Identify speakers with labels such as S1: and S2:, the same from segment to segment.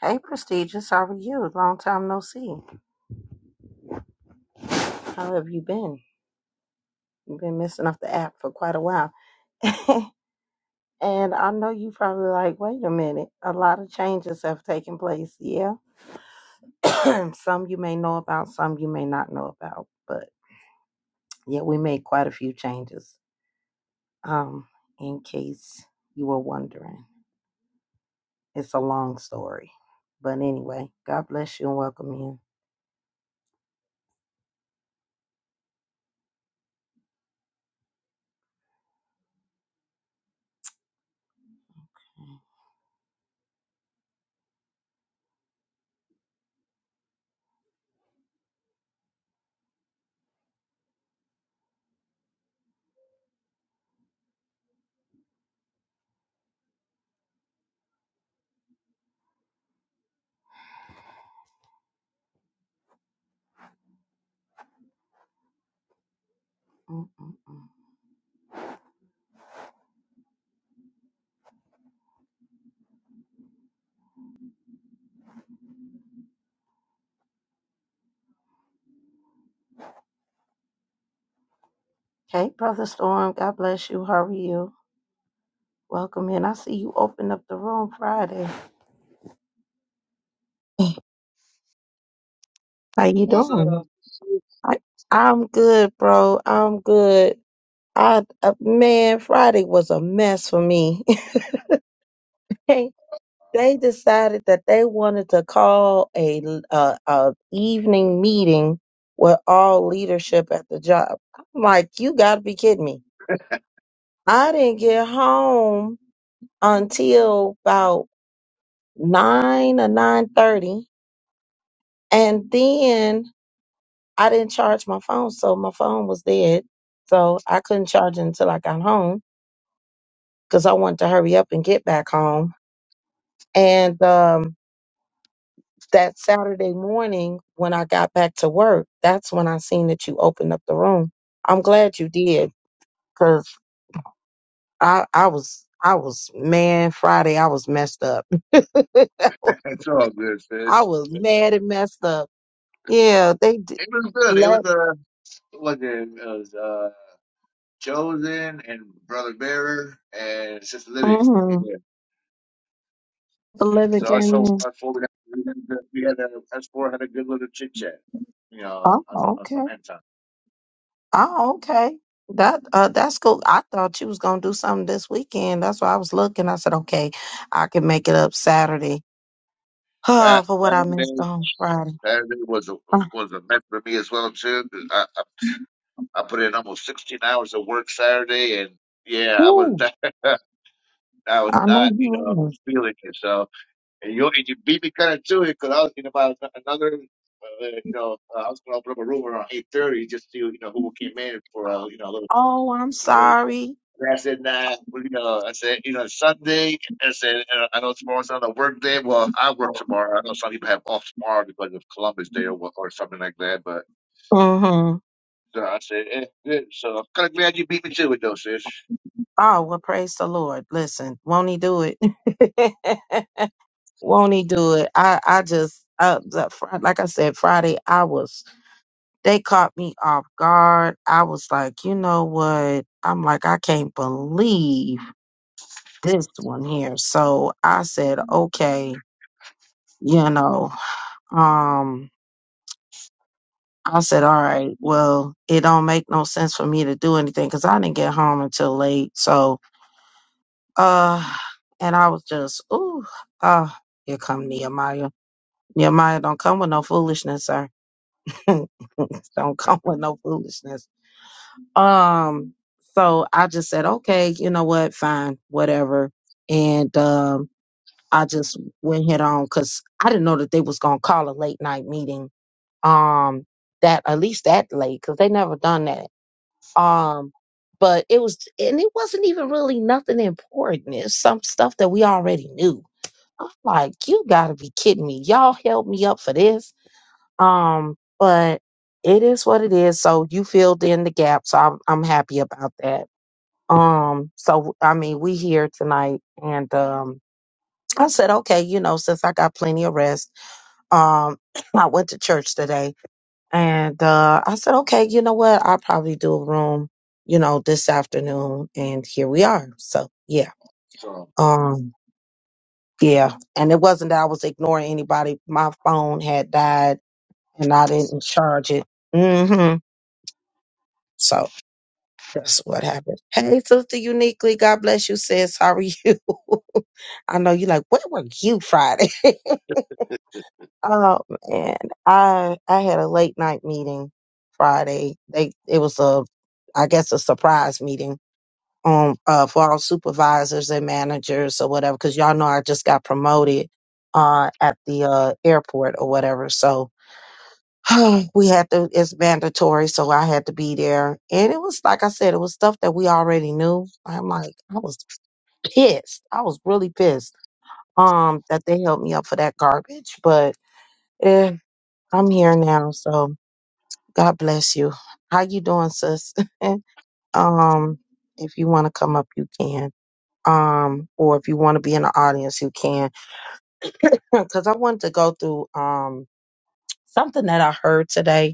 S1: Hey, prestigious, how are you? Long time no see. How have you been? You've been missing off the app for quite a while. and I know you probably like, wait a minute, a lot of changes have taken place. Yeah. some you may know about, some you may not know about. But yeah, we made quite a few changes. Um, in case you were wondering, it's a long story. But anyway, God bless you and welcome you. Mm-mm-mm. Hey, Brother Storm, God bless you. How are you? Welcome in. I see you opened up the room Friday. How you
S2: What's
S1: doing?
S2: up?
S1: I, I'm good, bro. I'm good. I uh, man, Friday was a mess for me. they decided that they wanted to call a, a a evening meeting with all leadership at the job. I'm like, you gotta be kidding me. I didn't get home until about nine or nine thirty, and then I didn't charge my phone, so my phone was dead. So I couldn't charge it until I got home because I wanted to hurry up and get back home. And um, that Saturday morning, when I got back to work, that's when I seen that you opened up the room. I'm glad you did because I, I was, I was, man, Friday, I was messed up. I was
S2: It's all good,
S1: I
S2: fish.
S1: was mad and messed up. Yeah, they did.
S2: It was good. It was
S1: Let,
S2: uh, what was it? It was uh, Chosen and Brother Bearer and Sister Living. Yeah.
S1: mm-hmm. 11
S2: So us
S1: came
S2: so us
S1: in.
S2: four we had we had a good- we had a- us four had a good little chit chat. You know,
S1: Oh,
S2: on some on
S1: okay.
S2: some end time.
S1: Oh, okay. That uh that's cool. I thought you was gonna do something this weekend. That's why I was looking. I said, okay, I can make it up Saturday.
S2: Uh,
S1: Uh, for what I missed
S2: Saturday
S1: on Friday.
S2: Saturday was a
S1: Uh,
S2: was a mess for me as well too. 'cause I, I I put in almost sixteen hours of work Saturday and yeah, I was
S1: woo,
S2: not I was
S1: I know
S2: not
S1: you
S2: you know
S1: was.
S2: feeling it. so. And you and you beat me kind of to it because I was in about another, uh, you know, uh, I was going to open up a room around eight thirty just to see, you know who came in for uh, you know a little.
S1: Oh, I'm
S2: You know,
S1: sorry.
S2: and I said, nah, well, you know, I said, you know, Sunday. I said, uh, I know tomorrow's not a work day. Well, I work tomorrow. I know some people have off tomorrow because of Columbus Day or what- or something like that. But
S1: Mm-hmm.
S2: so I said, eh, good. So I'm kind of glad you beat me to it, though, sis.
S1: Oh, well, praise the Lord. Listen, won't he do it? won't he do it? I, I just, uh, the fr- like I said, Friday, I was They caught me off guard. I was like, you know what? I'm like, I can't believe this one here. So I said, okay, you know, um, I said, all right, well, it don't make no sense for me to do anything because I didn't get home until late. So, uh, and I was just, ooh, uh, here come Nehemiah. Nehemiah don't come with no foolishness, sir. don't come with no foolishness. Um, so I just said, okay, you know what, fine, whatever. And um, I just went head on because I didn't know that they was gonna call a late night meeting. Um, that at least that late because they never done that. Um, but it was, and it wasn't even really nothing important. It's some stuff that we already knew. I'm like, you gotta be kidding me. Y'all held me up for this. Um, but it is what it is. So you filled in the gaps. so, I'm I'm happy about that um, so I mean, we here tonight, and um, I said, okay, you know, since I got plenty of rest, um, I went to church today, and uh, I said, okay, you know what, I'll probably do a room, you know, this afternoon, and here we are. So yeah,
S2: So.
S1: um, yeah, and it wasn't that I was ignoring anybody. My phone had died, and I didn't charge it. hmm So. That's what happened. Hey, sister, uniquely, God bless you, sis. How are you? I know you like, where were you Friday? oh man, I I had a late night meeting Friday. They it was a, I guess a surprise meeting um uh for all supervisors and managers or whatever. Because y'all know I just got promoted uh at the uh airport or whatever. So we had to it's mandatory so i had to be there and it was like i said it was stuff that we already knew i'm like i was pissed i was really pissed um that they held me up for that garbage but eh, i'm here now so god bless you how you doing sis um if you want to come up you can um or if you want to be in the audience you can because i wanted to go through um something that i heard today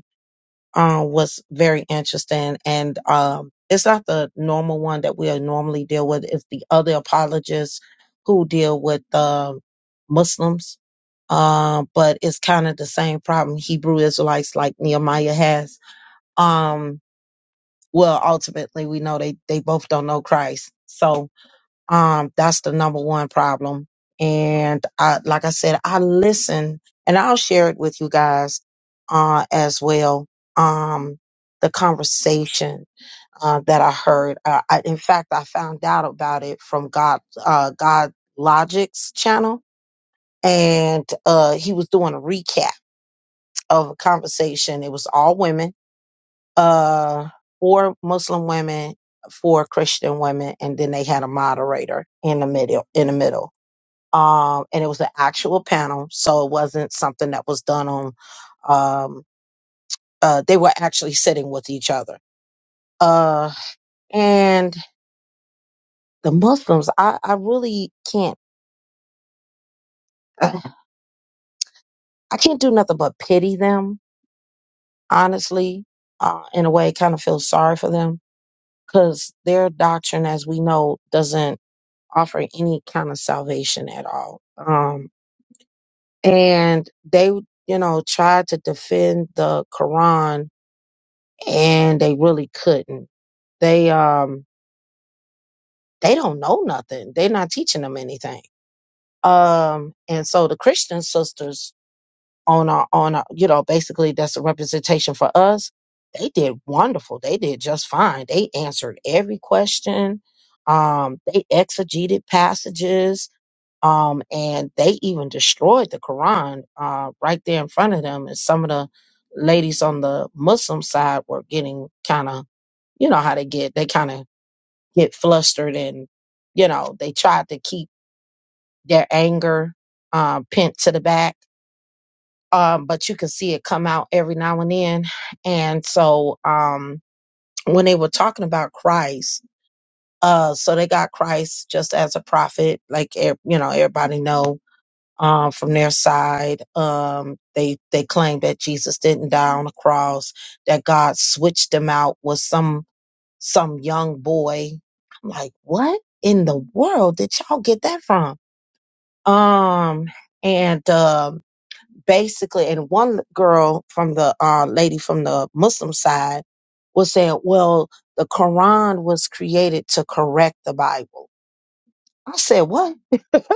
S1: um, was very interesting. And um, it's not the normal one that we normally deal with. It's the other apologists who deal with um Muslims. Um, but it's kind of the same problem Hebrew Israelites like Nehemiah has. Um, well, ultimately, we know they, they both don't know Christ. So um, that's the number one problem. And I, like I said, I listen and I'll share it with you guys, uh, as well. Um, the conversation, uh, that I heard, uh, I, in fact, I found out about it from God, uh, God Logic's channel and, uh, he was doing a recap of a conversation. It was all women, uh, four Muslim women, four Christian women, and then they had a moderator in the middle, in the middle um, and it was an actual panel, so it wasn't something that was done on. Um, uh, they were actually sitting with each other, uh, and the Muslims. I, I really can't. I can't do nothing but pity them, honestly. Uh, in a way, kind of feel sorry for them because their doctrine, as we know, doesn't offer any kind of salvation at all. Um, and they, you know, tried to defend the Quran and they really couldn't. They um they don't know nothing. They're not teaching them anything. Um and so the Christian sisters on our on our you know basically that's a representation for us. They did wonderful. They did just fine. They answered every question. Um they exegeted passages um, and they even destroyed the Quran uh, right there in front of them. And some of the ladies on the Muslim side were getting kind of, you know, how they get, they kind of get flustered and, you know, they tried to keep their anger uh, pent to the back. Um, but you could see it come out every now and then. And so um, when they were talking about Christ, uh, so they got Christ just as a prophet, like ev- you know, everybody know um, from their side. Um, they they claim that Jesus didn't die on the cross, that God switched him out with some some young boy. I'm like, what in the world did y'all get that from? Um, and um, basically, and one girl from the uh, lady from the Muslim side was saying, well, the Quran was created to correct the Bible. I said, what?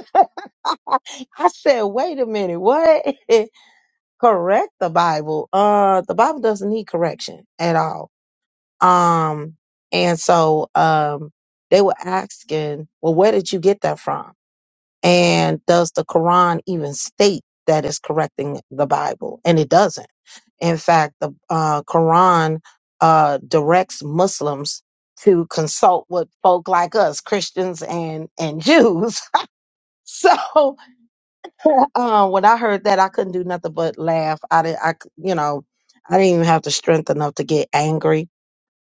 S1: I said, wait a minute, what? correct the Bible. Uh the Bible doesn't need correction at all. Um and so um they were asking, well, where did you get that from? And does the Quran even state that it's correcting the Bible? And it doesn't. In fact, the uh, Quran uh, directs Muslims to consult with folk like us, Christians and and Jews. so uh, when I heard that, I couldn't do nothing but laugh. I didn't, I, c- you know, I didn't even have the strength enough to get angry.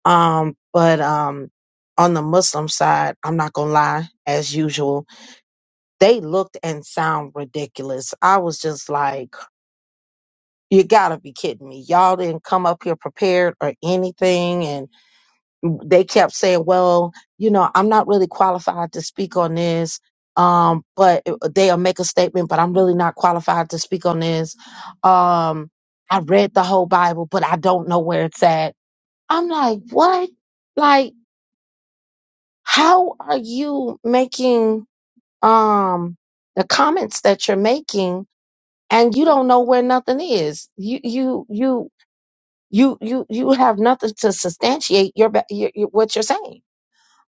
S1: Um, but um, on the Muslim side, I'm not gonna lie. As usual, they looked and sound ridiculous. I was just like, "You gotta be kidding me! Y'all didn't come up here prepared or anything." they kept saying, well, you know, I'm not really qualified to speak on this. Um, but they'll make a statement, but I'm really not qualified to speak on this. Um, I read the whole Bible, but I don't know where it's at. I'm like, what? Like, how are you making, um, the comments that you're making and you don't know where nothing is? You, you, you, you, you, you have nothing to substantiate your, ba- your, your what you're saying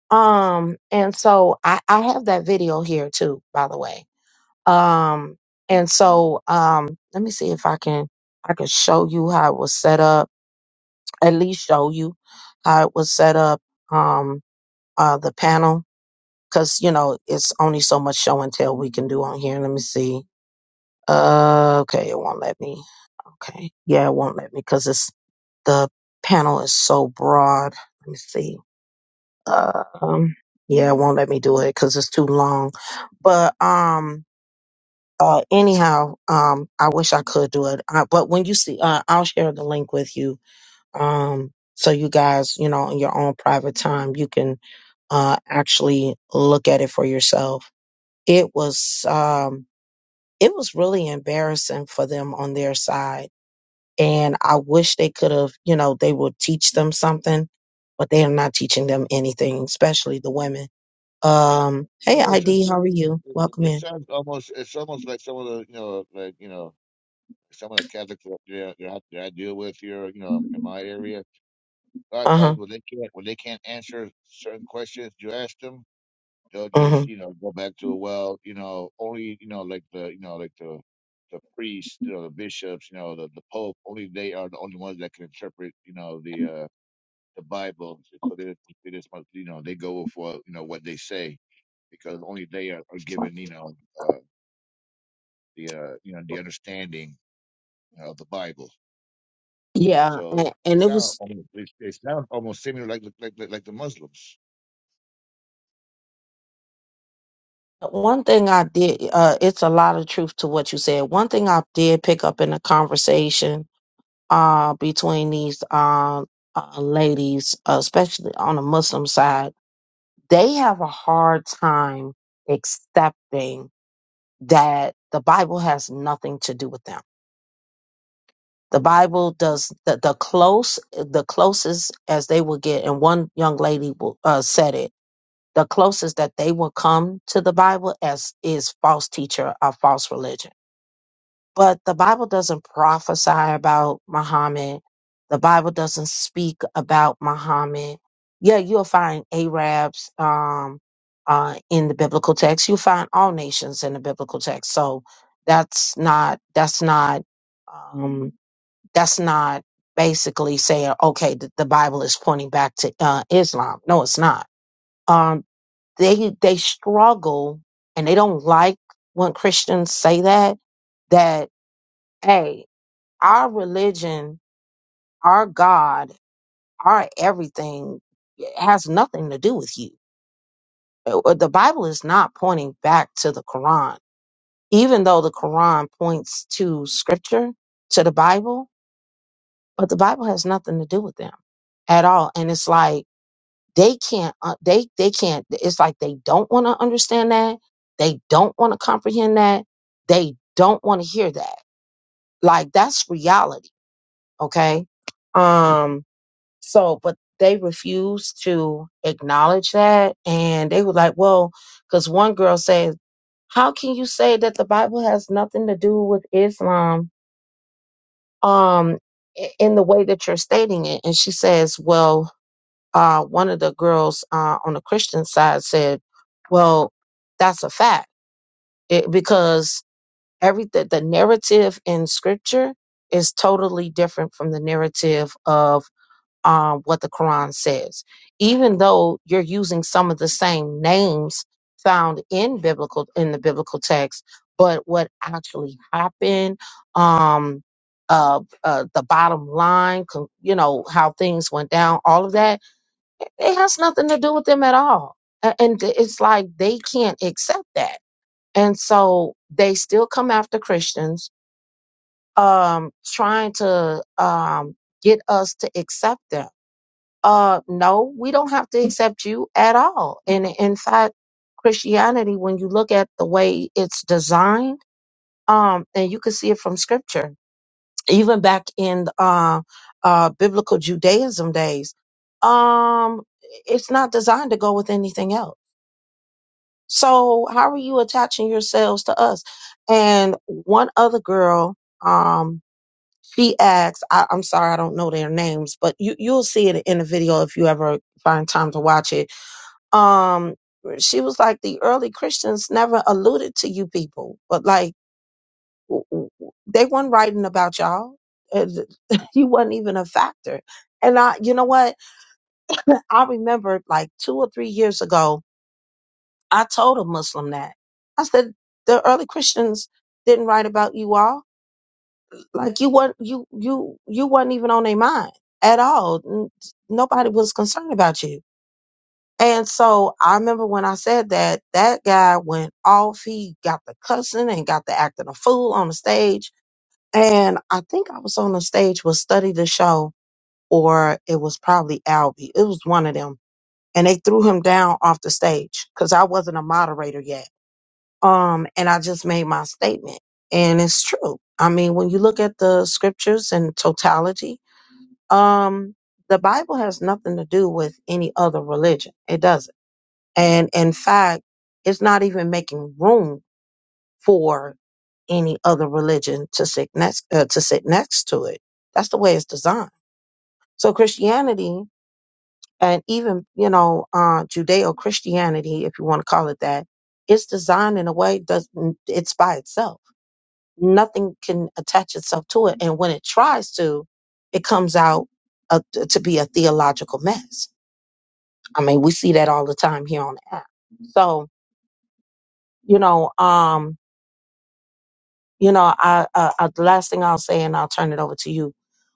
S1: Um, and so I, I have that video here too, by the way. Um, and so um, let me see if I can I can show you how it was set up. At least show you how it was set up. Um, uh, the panel because you know it's only so much show and tell we can do on here. Let me see. Uh, okay, it won't let me. Okay, yeah, it won't let me because it's the panel is so broad. Let me see um yeah it won't let me do it because it's too long but um uh anyhow um i wish i could do it uh, but when you see uh, i'll share the link with you um so you guys you know in your own private time you can uh actually look at it for yourself it was um it was really embarrassing for them on their side and i wish they could have you know they would teach them something but they are not teaching them anything especially the women
S2: uh,
S1: um, hey
S2: No, it's just,
S1: ID,
S2: uh,
S1: how are
S2: it,
S1: you?
S2: it
S1: Welcome
S2: it
S1: in.
S2: sounds almost it's almost like some of the you know like you know some of the Catholics that, that, that I, that I deal with here, you know, in my area, a lot of times
S1: Uh-huh.
S2: when they can't when they can't answer certain questions you ask them, they'll just
S1: Uh-huh.
S2: you know go back to a well, you know, only you know like the you know like the the priests, you know, the bishops, you know, the the pope, only they are the only ones that can interpret, you know, the uh the Bible. So they they just must you know they go for you know what they say because only they are, are given you know uh, the uh, you know the understanding you know, of the Bible.
S1: Yeah,
S2: So
S1: and,
S2: they
S1: and it
S2: sound
S1: was
S2: almost, they, they sound almost similar like, the- like like like the Muslims.
S1: one thing I did uh it's a lot of truth to what you said. One thing I did pick up in a conversation uh between these uh, uh ladies, uh, especially on the Muslim side, they have a hard time accepting that the Bible has nothing to do with them. The Bible does the, the close, the closest as they will get. And one young lady will, uh, said it: the closest that they will come to the Bible as is false teacher or false religion but the Bible doesn't prophesy about Muhammad. The Bible doesn't speak about Muhammad. Yeah, you'll find Arabs um, uh, in the biblical text. You'll find all nations in the biblical text. So that's not that's not um, that's not basically saying okay the, the Bible is pointing back to uh, Islam. No, it's not. Um, they they struggle and they don't like when Christians say that that. hey. Our religion, our God, our everything has nothing to do with you. Uh, uh, The Bible is not pointing back to the Quran, even though the Quran points to scripture, to the Bible, but the Bible has nothing to do with them at all. And it's like, they can't, uh, they, they can't, it's like they don't want to understand that. They don't want to comprehend that. They don't want to hear that like that's reality okay um So, but they refused to acknowledge that. And they were like, well, because one girl said, how can you say that the Bible has nothing to do with Islam um, i- in the way that you're stating it? And she says, well, uh, one of the girls uh, on the Christian side said, well, that's a fact it, because every the, the narrative in scripture is totally different from the narrative of um, what the Quran says, even though you're using some of the same names found in biblical in the biblical text, but what actually happened, um, uh, uh, the bottom line, con- you know how things went down, all of that, it has nothing to do with them at all, A- and it's like they can't accept that, and so they still come after Christians, um, trying to um, get us to accept them uh no we don't have to accept you at all and in fact christianity when you look at the way it's designed um and you can see it from scripture even back in uh uh biblical judaism days um it's not designed to go with anything else so how are you attaching yourselves to us and one other girl um she asked I, i'm sorry i don't know their names but you you'll see it in the video if you ever find time to watch it um she was like the early christians never alluded to you people but like w- w- they weren't writing about y'all And you wasn't even a factor and i you know what i remember like two or three years ago i told a muslim that i said the early christians didn't write about you all like you weren't you you you weren't even on their mind at all N- nobody was concerned about you And so I remember when I said that, that guy went off. He got the cussing and got the acting a fool on the stage. And I think I was on the stage with Study the Show, or it was probably Albie. It was one of them. And they threw him down off the stage because I wasn't a moderator yet. Um, and I just made my statement. And it's true. I mean, when you look at the scriptures in totality, um, the Bible has nothing to do with any other religion. It doesn't. And in fact, it's not even making room for any other religion to sit next uh, to sit next to it. That's the way it's designed. So Christianity and even you know uh, Judeo Christianity, if you want to call it that, it's designed in a way does it's by itself. Nothing can attach itself to it, and when it tries to, it comes out uh, to be a theological mess. I mean, we see that all the time here on the app. So you know, um, You know, I, I, I the last thing I'll say, and I'll turn it over to you.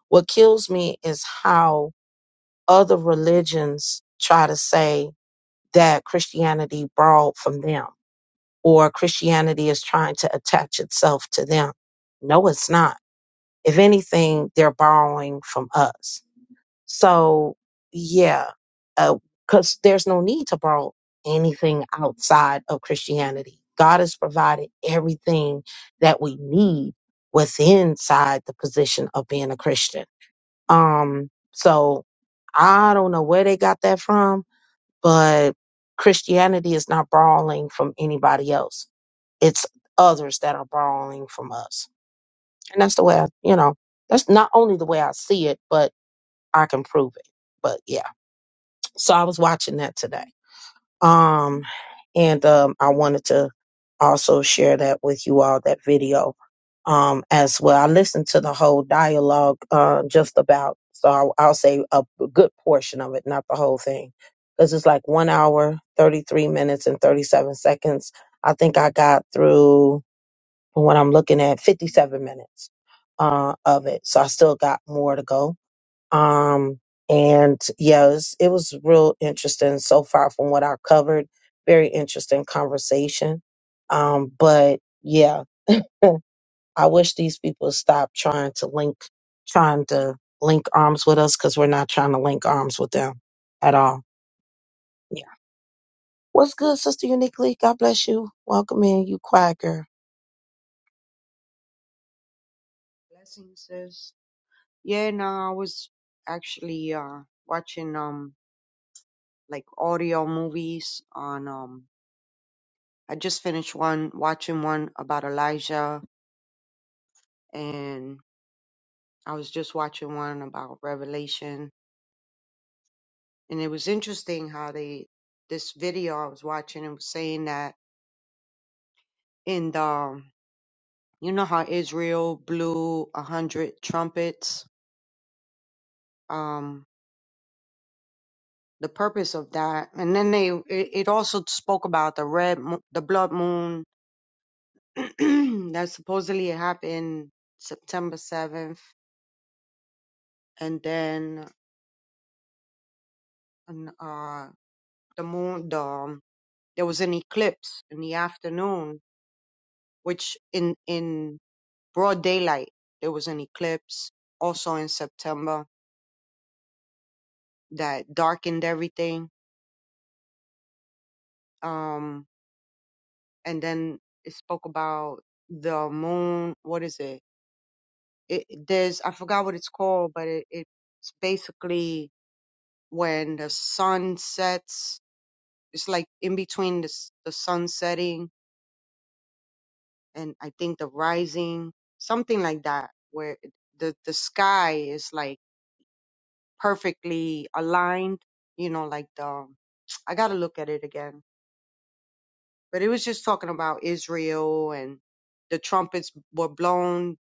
S1: What kills me is how other religions try to say that Christianity borrowed from them, or Christianity is trying to attach itself to them. No, it's not. If anything, they're borrowing from us so yeah, because there's no need to borrow anything outside of Christianity. God has provided everything that we need within inside the position of being a Christian. Um, so I don't know where they got that from, but Christianity is not borrowing from anybody else. It's others that are borrowing from us. And that's the way I, you know, that's not only the way I see it, but I can prove it. But yeah. So I was watching that today. Um, and um, I wanted to also share that with you all, that video um, as well. I listened to the whole dialogue uh, just about, so I'll, I'll say a good portion of it, not the whole thing, because it's like one hour, 33 minutes, and 37 seconds. I think I got through, from what I'm looking at, 57 minutes uh, of it. So I still got more to go um, and yeah, it was, it was real interesting so far from what I covered. Very interesting conversation. Um, but yeah, I wish these people stop trying to link, trying to link arms with us because we're not trying to link arms with them at all. Yeah. What's good, Sister Uniquely? God bless you. Welcome in, you quiet girl.
S3: Blessing says, yeah, no, I was actually uh watching um like audio movies on um I just finished one watching one about Elijah and I was just watching one about Revelation and it was interesting how they this video I was watching it was saying that in the you know how Israel blew a hundred trumpets. Um the purpose of that. And then they it, it also spoke about the red mo- the blood moon that supposedly happened September 7th and then an- uh the moon the um, there was an eclipse in the afternoon which in in broad daylight there was an eclipse also in September that darkened everything um and then it spoke about the moon what is it it, there's I forgot what it's called, but it, it's basically when the sun sets. It's like in between the s- the sun setting and I think the rising, something like that, where the the sky is like perfectly aligned. You know, like the um, I gotta look at it again. But it was just talking about Israel and the trumpets were blown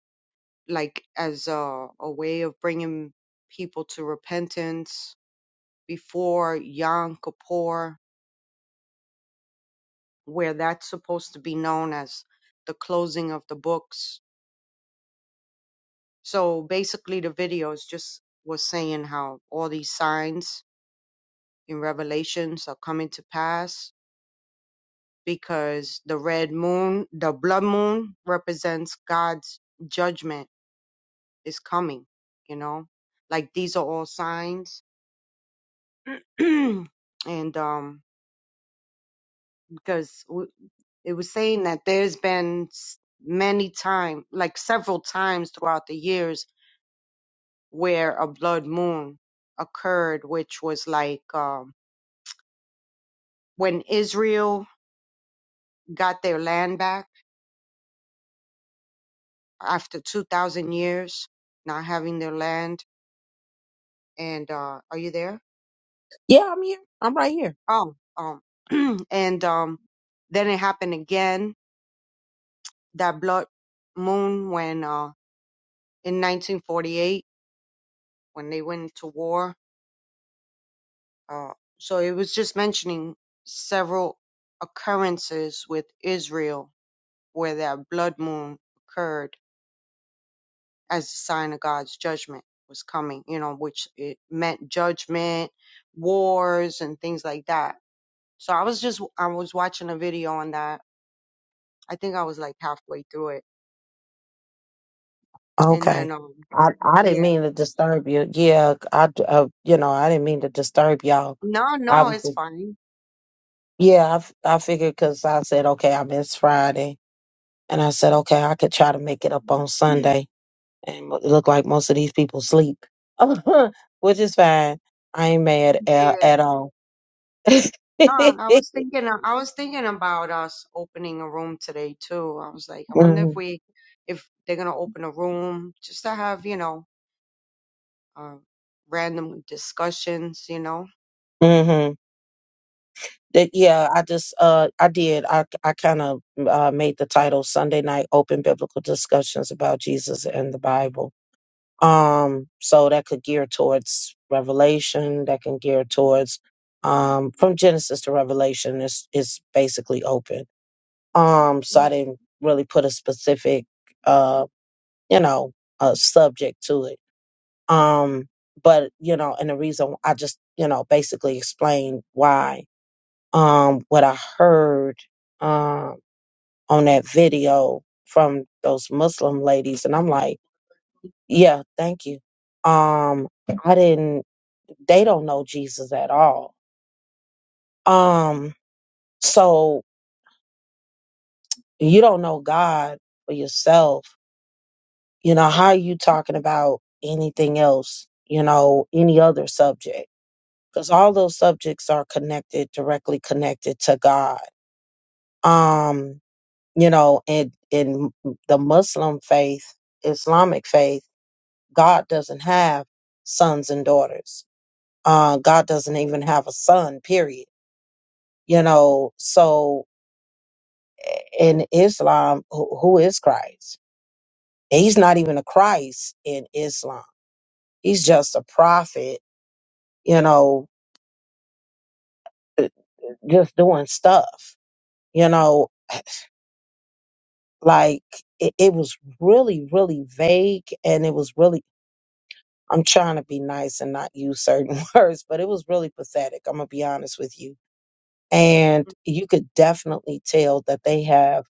S3: like as a, a way of bringing people to repentance before Yom Kippur, where that's supposed to be known as the closing of the books. So basically, the videos just was saying how all these signs in Revelations are coming to pass because the red moon, the blood moon, represents God's judgment is coming. You know, like these are all signs, and um, because It was saying that there's been s- many times, like several times throughout the years, where a blood moon occurred, which was like um, when Israel got their land back after 2,000 years not having their land. And uh, are you there?
S1: Yeah, I'm here. I'm right here.
S3: Oh, um, and um, then it happened again that blood moon when uh, in 1948 when they went to war Uh, so it was just mentioning several occurrences with Israel where that blood moon occurred as a sign of God's judgment was coming, you know, which it meant judgment, wars, and things like that. So I was just, I was watching a video on that. I think I was like halfway through it. And
S1: Okay.
S3: then, um,
S1: I, I didn't
S3: yeah,
S1: mean to disturb you. Yeah, I, uh, you know, I didn't mean to disturb y'all.
S3: no,
S1: I
S3: no,
S1: was
S3: it's
S1: just
S3: fine.
S1: Yeah, I, f- I figured because I said, okay, I missed Friday. And I said, okay, I could try to make it up on Sunday. And mo- it looked like most of these people sleep, which is fine. I ain't mad at,
S3: Yeah.
S1: at all.
S3: No, I was thinking, uh, I was thinking about us opening a room today too. I was like, I wonder if
S1: Mhm,
S3: we, if they're gonna open a room just to have, you know, uh, random discussions, you know.
S1: hmm That, Yeah, I just, uh, I did. I, I kind of uh, made the title Sunday Night Open Biblical Discussions about Jesus and the Bible. Um, so that could gear towards Revelation, that can gear towards um from Genesis to Revelation is is basically open. Um, so I
S3: Mm.
S1: didn't really put a specific uh, you know, uh subject to it. Um, but you know, and the reason I just, you know, basically explained why um what I heard um on that video from those Muslim ladies and I'm like, yeah, thank you. Um I didn't they don't know Jesus at all. Um, so you don't know God for yourself. You know, how are you talking about anything else, you know, any other subject? Because all those subjects are connected, directly connected to God. Um, you know, and in the Muslim faith, Islamic faith, God doesn't have sons and daughters. Uh, God doesn't even have a son, period. You know, so in Islam, who, who is Christ? And he's not even a Christ in Islam. He's just a prophet, you know, uh, just doing stuff, you know, like it, it was really, really vague. And it was really, I'm trying to be nice and not use certain words, but it was really pathetic. I'm going to be honest with you. And you could definitely tell that they have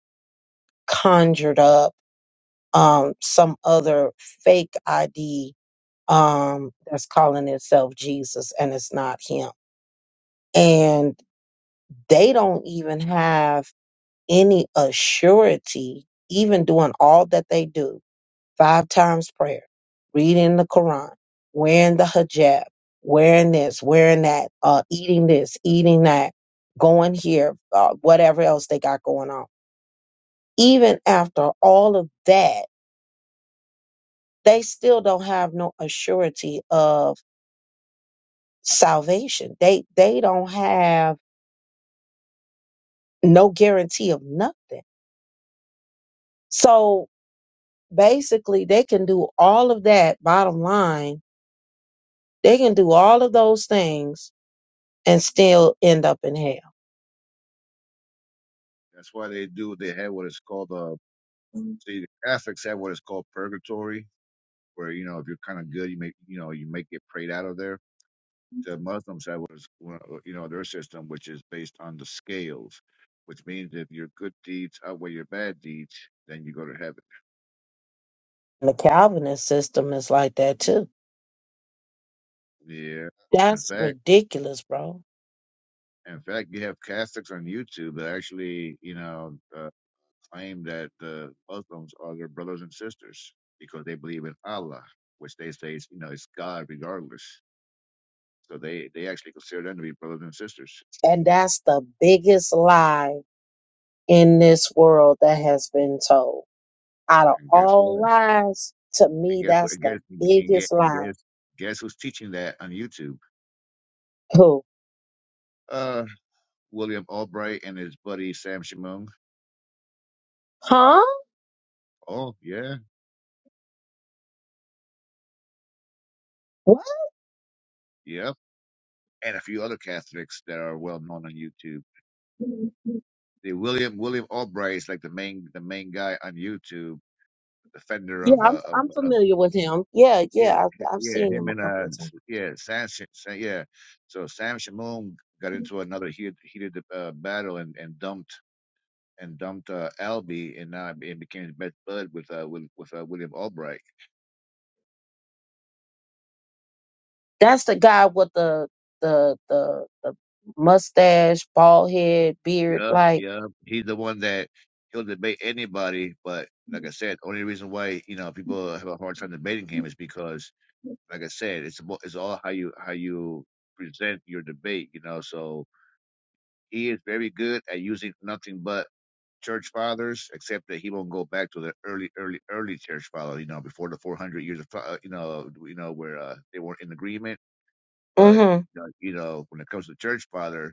S1: conjured up um, some other fake ID um, that's calling itself Jesus and it's not him. And they don't even have any assurity, even doing all that they do five times prayer, reading the Quran, wearing the hijab, wearing this, wearing that, uh, eating this, eating that, going here, uh, whatever else they got going on. Even after all of that, they still don't have no assurity of salvation. They they don't have no guarantee of nothing. So basically, they can do all of that, bottom line, they can do all of those things and still end up in hell.
S2: That's why they do they have what is called uh
S1: And
S2: see the Catholics have what is called purgatory, where you know if you're kind of good, you make you know you make get prayed out of there. The Muslims have what is well, uh, you know their system, which is based on the scales, which means if your good deeds outweigh your bad deeds, then you go to heaven.
S1: the Calvinist system is like that too.
S2: Yeah, in
S1: That's
S2: fact.
S1: ridiculous, bro.
S2: In fact, you have Catholics on YouTube that actually, you know, uh, claim that the Muslims are their brothers and sisters because they believe in Allah, which they say is you know it's God regardless. So they, they actually consider them to be brothers and sisters.
S1: And that's the biggest lie in this world that has been told. Out of
S2: And guess
S1: all
S2: what?
S1: lies, to
S2: And
S1: me,
S2: guess what?
S1: that's
S2: And
S1: the
S2: guess and guess
S1: biggest
S2: and
S1: lie.
S2: guess, guess who's teaching that on YouTube?
S1: Who?
S2: Uh, William Albright and his buddy Sam Shimon.
S1: Huh?
S2: Oh yeah, yep. And a few other Catholics that are well known on YouTube.
S1: What?
S2: The William William Albright is like the main the main guy on YouTube defender
S1: Yeah,
S2: of
S1: I'm
S2: uh,
S1: I'm
S2: of
S1: familiar with him. Yeah,
S2: Yeah,
S1: yeah, I've
S2: h-
S1: I've
S2: yeah,
S1: seen
S2: him
S1: him a
S2: and
S1: couple
S2: uh,
S1: of
S2: s-
S1: times.
S2: yeah, Sam, Sh- Sa- yeah. So Sam Shamoon got into another heated, heated uh, battle and, and dumped and dumped uh, Albie, and now it became his best bud with uh with, with uh, William Albright.
S1: That's the guy with the the the, the mustache, bald head, beard.
S2: Yup,
S1: Like,
S2: yup. He's the one that he'll debate anybody, but like I said, only reason why you know people have a hard time debating him is because, like I said, it's about, it's all how you how you present your debate, you know. So he is very good at using nothing but church fathers, except that he won't go back to the early, early, early church fathers. You know, before the 400 years of, uh, you know, you know where uh, they weren't in agreement. But
S1: mm-hmm,
S2: you know, you know, when it comes to church father,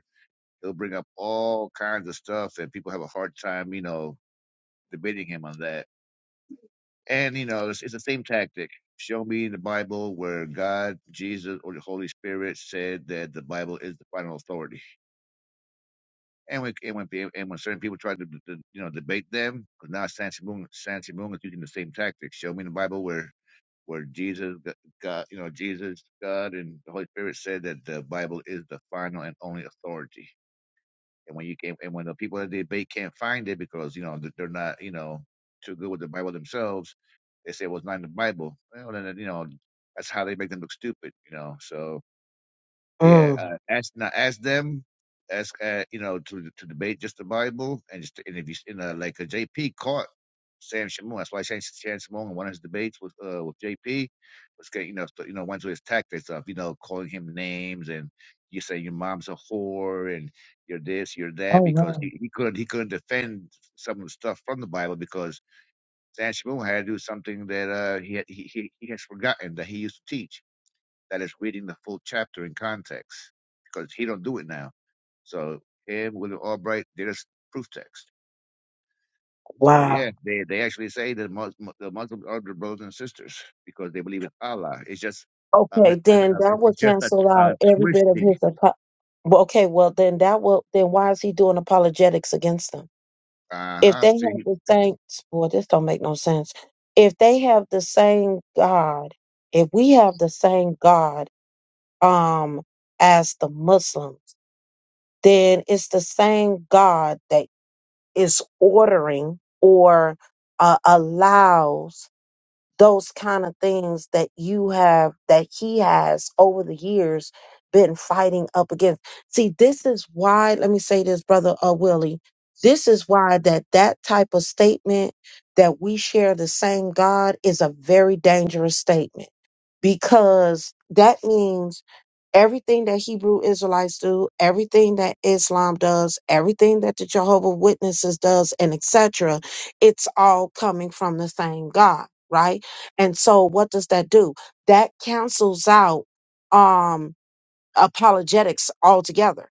S2: he'll bring up all kinds of stuff, and people have a hard time, you know, debating him on that. And you know, it's, it's the same tactic. Show me in the Bible where God, Jesus, or the Holy Spirit said that the Bible is the final authority And when and when, pe- and when certain people try to, to you know debate them, because now Santi Moon Santi Moon is using the same tactics. Show me in the Bible where where Jesus g- God you know Jesus God and the Holy Spirit said that the Bible is the final and only authority. And when you can and when the people that debate can't find it because you know th- they're not you know too good with the Bible themselves, they say well it's not in the Bible. Well then you know that's how they make them look stupid. You know so yeah,
S1: mm-hmm.
S2: uh, ask now ask them, ask uh, you know to to debate just the Bible and just and if you you know like a JP caught Sam Shimon. That's why Sam, Sam Shimon in one of his debates with uh with JP was getting you know so- you know went to his tactics of you know calling him names and you say your mom's a whore and you're this you're
S1: Oh,
S2: that because
S1: wow.
S2: he, he couldn't he couldn't defend some of the stuff from the Bible because Sam Shimon had to do something that uh he had, he he he has forgotten that he used to teach that is reading the full chapter in context because he don't do it now. So him, William Albright, did us proof text. So yeah,
S1: Wow.
S2: they, they actually say that Mus- the Muslims are their brothers and sisters because they believe in Allah. It's just um,
S1: Okay,
S2: it's, uh,
S1: then
S2: uh,
S1: that
S2: it's
S1: would
S2: just a
S1: cancel
S2: uh,
S1: out every bit of
S2: twisting.
S1: his. apo- Well, Okay, well then that will then why is he doing apologetics against them?
S2: Uh
S1: If
S2: huh.
S1: they
S2: See.
S1: have the same, boy, this don't make no sense. If they have the same God, if we have the same God, um, as the Muslims, then it's the same God that is ordering or uh, allows those kind of things that you have that he has over the years been fighting up against see this is why let me say this brother uh, willie this is why that that type of statement that we share the same god is a very dangerous statement because that means everything that Hebrew Israelites do, everything that Islam does, everything that the Jehovah Witnesses does, and etc. It's all coming from the same God, right? And so, what does that do? That cancels out um apologetics altogether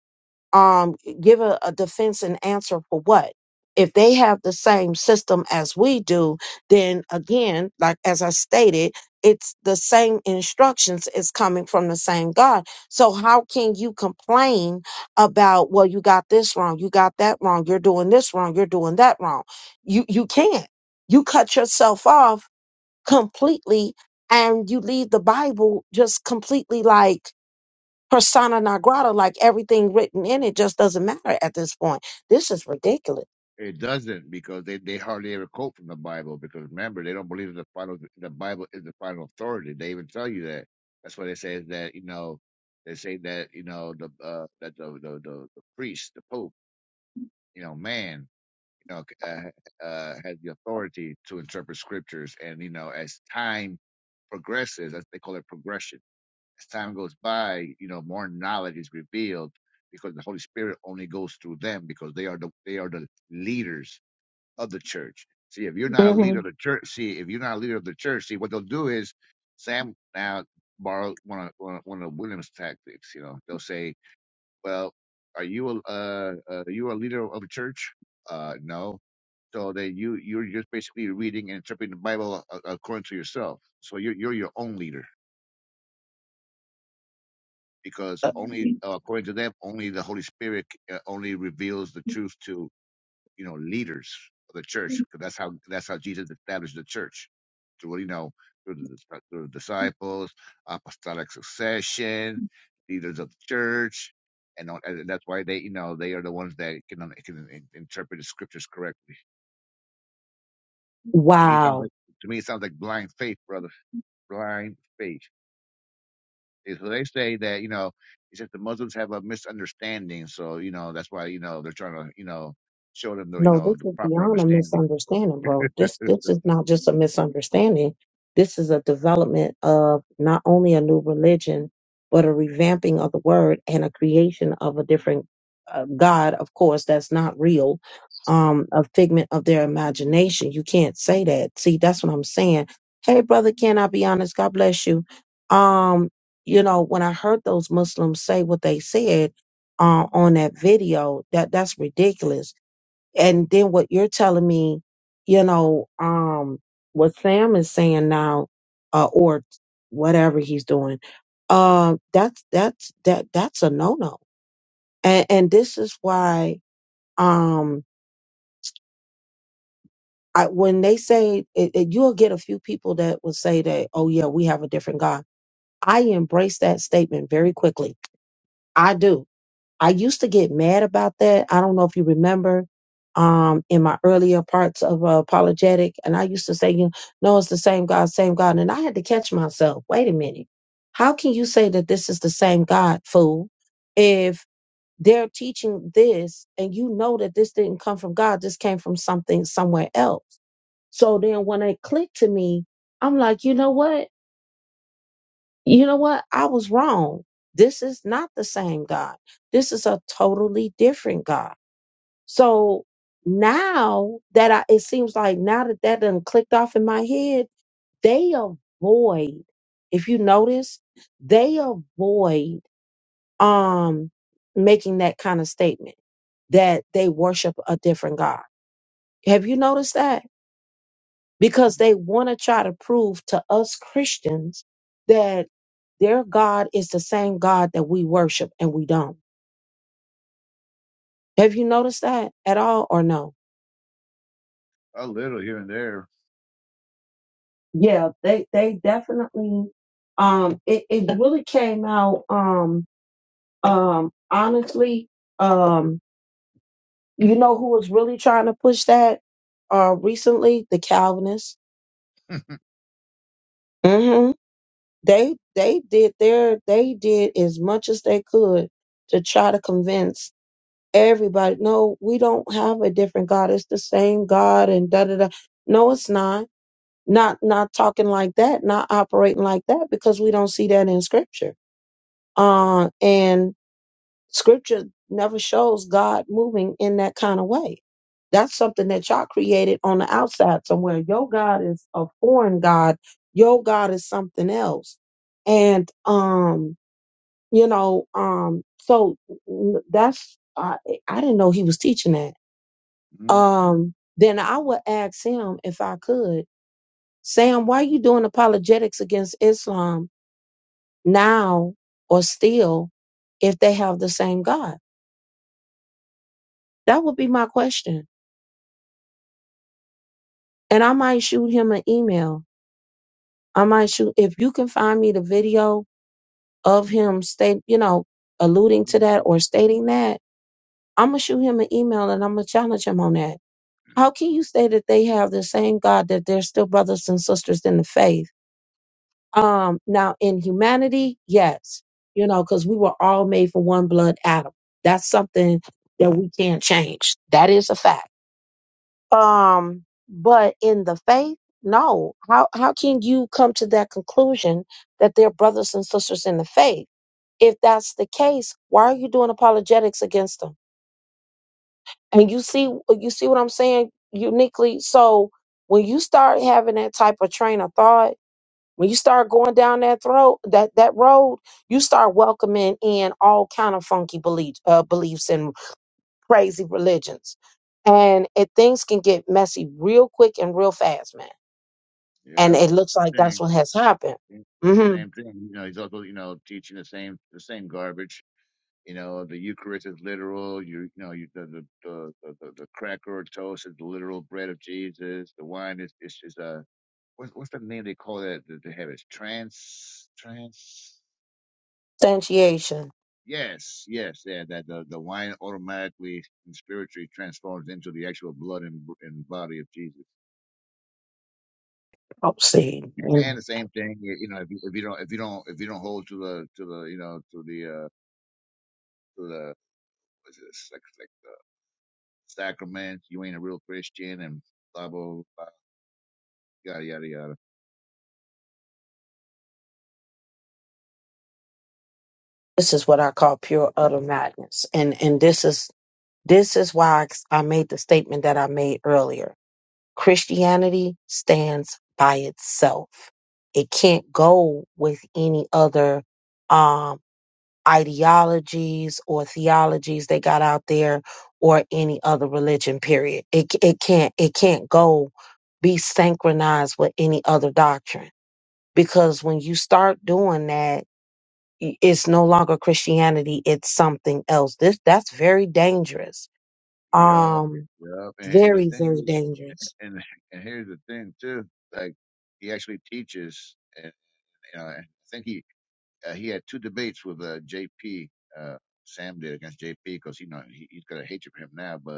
S1: um, give a, a defense and answer for what? If they have the same system as we do, then again, like as I stated, it's the same instructions is coming from the same God. So how can you complain about, well, you got this wrong, you got that wrong, you're doing this wrong, you're doing that wrong? You you can't. You cut yourself off completely and you leave the Bible just completely like persona non grata, like everything written in it just doesn't matter at this point. This is ridiculous.
S2: It doesn't because they, they hardly ever quote from the Bible because remember they don't believe the final the Bible is the final authority. They even tell you that. That's why they say is that you know they say that you know the uh, that the the, the the priest the pope you know man you know uh, uh, has the authority to interpret scriptures and you know as time progresses as they call it progression as time goes by you know more knowledge is revealed because the Holy Spirit only goes through them because they are the they are the leaders of the church. See, if you're not a
S1: hmm
S2: leader of the church, see, if you're not a leader of the church, see, what they'll do is Sam now borrow one of one of one of Williams' tactics. You know, they'll say, "Well, are you a uh, uh, are you a leader of a church? Uh, no." So then you you're just basically reading and interpreting the Bible a- according to yourself. So you're you're your own leader because
S1: Uh,
S2: only uh, according to them, only the Holy Spirit uh, only reveals the truth to. you know, leaders of the church, because that's how that's how Jesus established the church through you know through the, dis- through the disciples, apostolic succession, leaders of the church, and, all- and that's why they you know they are the ones that can uh, can in- interpret the scriptures correctly. To me, it
S1: Wow.
S2: sounds like to me it sounds like blind faith, brother, blind faith. And So they say that you know it's just the Muslims have a misunderstanding, so you know that's why you know they're trying to you know show them the you
S1: No,
S2: know
S1: this
S2: the
S1: is
S2: proper
S1: beyond a
S2: understanding.
S1: misunderstanding, bro. This this is not just a misunderstanding. This is a development of not only a new religion, but a revamping of the word and a creation of a different uh, God, of course, that's not real, um, a figment of their imagination. You can't say that. See, that's what I'm saying. Hey, brother, can I be honest? God bless you. Um, you know, when I heard those Muslims say what they said uh, on that video, that that's ridiculous and then what you're telling me, you know, um, what Sam is saying now, uh, or whatever he's doing, uh, that's that's that that's a no no, and and this is why, um, I when they say it, it, you'll get a few people that will say that, oh yeah, we have a different God. I embrace that statement very quickly. I do I used to get mad about that. I don't know if you remember um, in my earlier parts of uh, apologetic, and I used to say, you know, it's the same God, same God. And I had to catch myself. Wait a minute. How can you say that this is the same God, fool, if they're teaching this and you know that this didn't come from God, this came from something somewhere else? So then when it clicked to me, I'm like, you know what? you know what? I was wrong. This is not the same God. This is a totally different God. So now that I, it seems like now that that done clicked off in my head, they avoid, if you notice, they avoid, um, making that kind of statement that they worship a different God. Have you noticed that? because they want to try to prove to us Christians that their God is the same God that we worship and we don't. Have you noticed that at all or no?
S2: A little here and there,
S1: Yeah, they they definitely um it, it really came out um um honestly um you know who was really trying to push that uh recently the Calvinists. Mhm. They they did their they did as much as they could to try to convince everybody. No, we don't have a different God. It's the same God and da da da. No, it's not. Not not talking like that, not operating like that, because we don't see that in scripture. Uh and scripture never shows God moving in that kind of way. That's something that y'all created on the outside somewhere. Your God is a foreign God. Your God is something else. And um, you know, um, so that's I I didn't know he was teaching that
S2: Mhm.
S1: um, then I would ask him if I could, Sam, why are you doing apologetics against Islam now or still if they have the same God? That would be my question. And I might shoot him an email. I might shoot, if you can find me the video of him state, you know, alluding to that or stating that, I'm going to shoot him an email and I'm going to challenge him on that. How can you say that they have the same God, that they're still brothers and sisters in the faith? Um, now in humanity, yes, you know, because we were all made for one blood atom. That's something that we can't change. That is a fact. Um, but in the faith, no. How how can you come to that conclusion that they're brothers and sisters in the faith? If that's the case, why are you doing apologetics against them? And you see you see what I'm saying uniquely. So when you start having that type of train of thought when you start going down that throat that that road you start welcoming in all kind of funky belief, uh, beliefs and crazy religions and it things can get messy real quick and real fast man and
S2: Yeah, but
S1: it looks
S2: same
S1: like that's
S2: thing.
S1: what has happened
S2: Same
S1: hmm
S2: same thing. You know, he's also you know teaching the same the same garbage. You know, the Eucharist is literal. You, you know, you, the, the the the the the cracker or toast is the literal bread of Jesus. The wine is is is a what's what's the name they call that that they have? It's trans trans.
S1: instantiation
S2: Yes, yes, yeah. That the the wine automatically and spiritually transforms into the actual blood and and body of Jesus.
S1: oh see
S2: And
S1: and
S2: the same thing, y- you know, if you, if you don't if you don't if you don't hold to the to the you know to the uh to the what's this, like like the sacraments, you ain't a real Christian, and blah blah blah, yada yada yada.
S1: this is what i call pure utter madness and and this is this is why I I made the statement that i made earlier Christianity stands by itself. It can't go with any other um, ideologies or theologies they got out there or any other religion period. It it can't it can't go be synchronized with any other doctrine because when you start doing that i- it's no longer Christianity, it's something else. This that's very dangerous.
S2: Yep,
S1: Um
S2: yep. And, and the
S1: very
S2: thing,
S1: very
S2: is-
S1: dangerous.
S2: and and here's the thing too, like he actually teaches, and you know, and I think he uh, he had two debates with uh, J.P. Uh, Sam did against J.P. because you know he, he's got a hatred for him now, but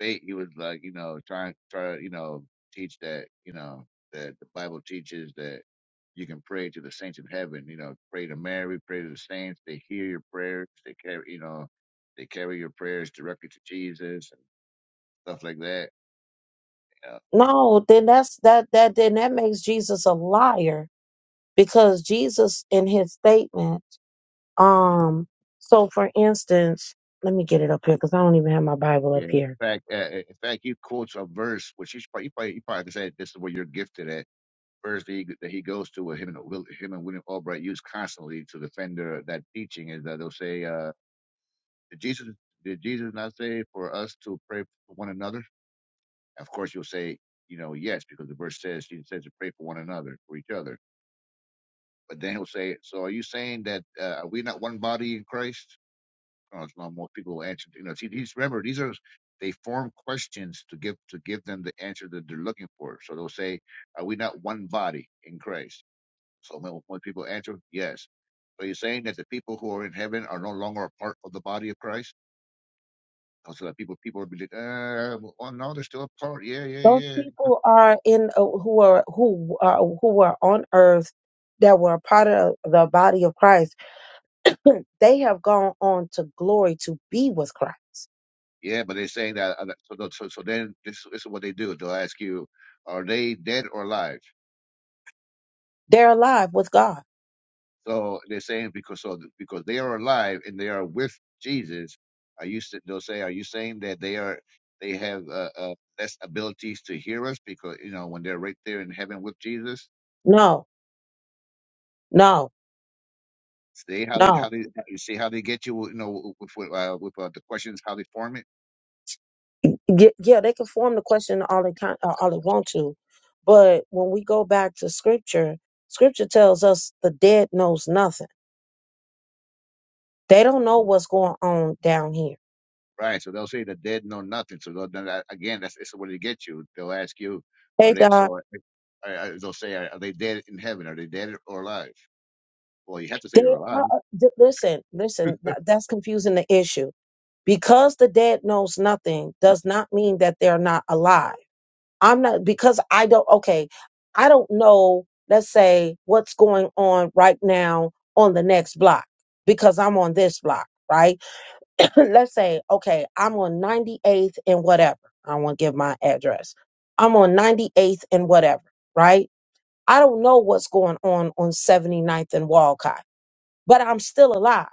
S2: state, he was like, you know, trying try to, you know, teach that, you know, that the Bible teaches that you can pray to the saints in heaven, you know, pray to Mary, pray to the saints, they hear your prayers, they carry you know, they carry your prayers directly to Jesus and stuff like that. You know.
S1: No, then that's that that then that makes Jesus a liar because Jesus in his statement, um, so for instance, let me get it up here because I don't even have my Bible
S2: Yeah.
S1: up
S2: In
S1: here.
S2: fact, uh, uh, in fact, he quotes a verse which he probably, you probably, you probably could this is where you're gifted at. Verse that he, that he goes to, with him and Will, him and William Albright use constantly to defend their, that teaching is that they'll say, uh, Did Jesus did Jesus not say for us to pray for one another? Of course, you'll say, you know, yes, because the verse says he says to pray for one another, for each other. But then he'll say, so are you saying that uh, are we not one body in Christ? Oh, it's not more people will answer. You know, see, these remember these are they form questions to give to give them the answer that they're looking for. So they'll say, are we not one body in Christ? So when, when people answer, yes. So you're saying that the people who are in heaven are no longer a part of the body of Christ? So that people, people would be like, uh, well, oh no, they're still apart. Yeah, yeah,
S1: Those
S2: yeah,
S1: people are in uh, who are who are who are on earth that were a part of the body of Christ. They have gone on to glory to be with Christ.
S2: yeah. But they're saying that. uh, that- So, the- so, so then this, this is what they do. They'll ask you, are they dead or alive?
S1: They're alive with God.
S2: So they're saying because so th- because they are alive and they are with Jesus. Are you? s- They'll say, are you saying that they are? They have uh, uh, less abilities to hear us because you know when they're right there in heaven with Jesus.
S1: No, no,
S2: See how they
S1: no.
S2: how they you see how they get you you know with with, uh, with uh, the questions how they form it.
S1: Ye- yeah, they can form the question all they kind, all they want to, but when we go back to scripture, scripture tells us the dead knows nothing. They don't know what's going on down here.
S2: Right. So they'll say the dead know nothing. So they'll, then that, again, that's, that's what they get you. They'll ask you,
S1: Hey,
S2: are they,
S1: Doc,
S2: so uh, uh, they'll say, are, are they dead in heaven? Are they dead or alive? Well, you have to say
S1: they
S2: they're alive.
S1: are. uh, d- Listen, listen. tha- That's confusing the issue because the dead knows nothing does not mean that they're not alive. I'm not because I don't. Okay, I don't know. Let's say what's going on right now on the next block because I'm on this block, right? let's say, okay, I'm on 98th and whatever. I won't give my address. I'm on 98th and whatever, right? I don't know what's going on on 79th and Walcott, but I'm still alive.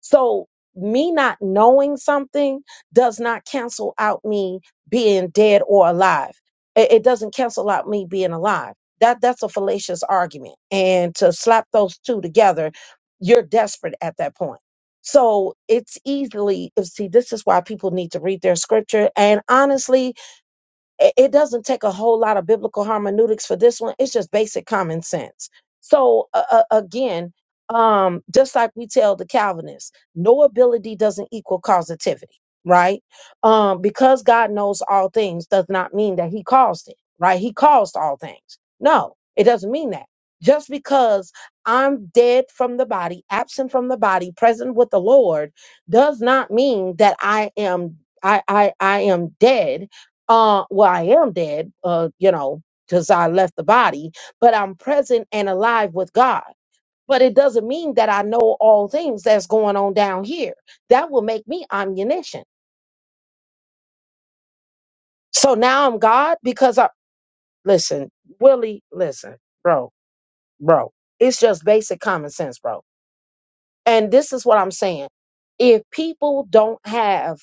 S1: So me not knowing something does not cancel out me being dead or alive. It, it doesn't cancel out me being alive. That that's a fallacious argument. And to slap those two together, you're desperate at that point. So it's easily see. This is why people need to read their scripture. And honestly, it it doesn't take a whole lot of biblical hermeneutics for this one. It's just basic common sense. So uh, uh, again, um, just like we tell the Calvinists, no ability doesn't equal causativity, right? Um, because God knows all things does not mean that He caused it, right? He caused all things. No, it doesn't mean that. Just because I'm dead from the body, absent from the body, present with the Lord, does not mean that I am I I, I am dead uh well i am dead uh you know because i left the body but i'm present and alive with god but it doesn't mean that i know all things that's going on down here that will make me omniscient so now i'm god because i listen willie listen bro bro it's just basic common sense bro and this is what i'm saying if people don't have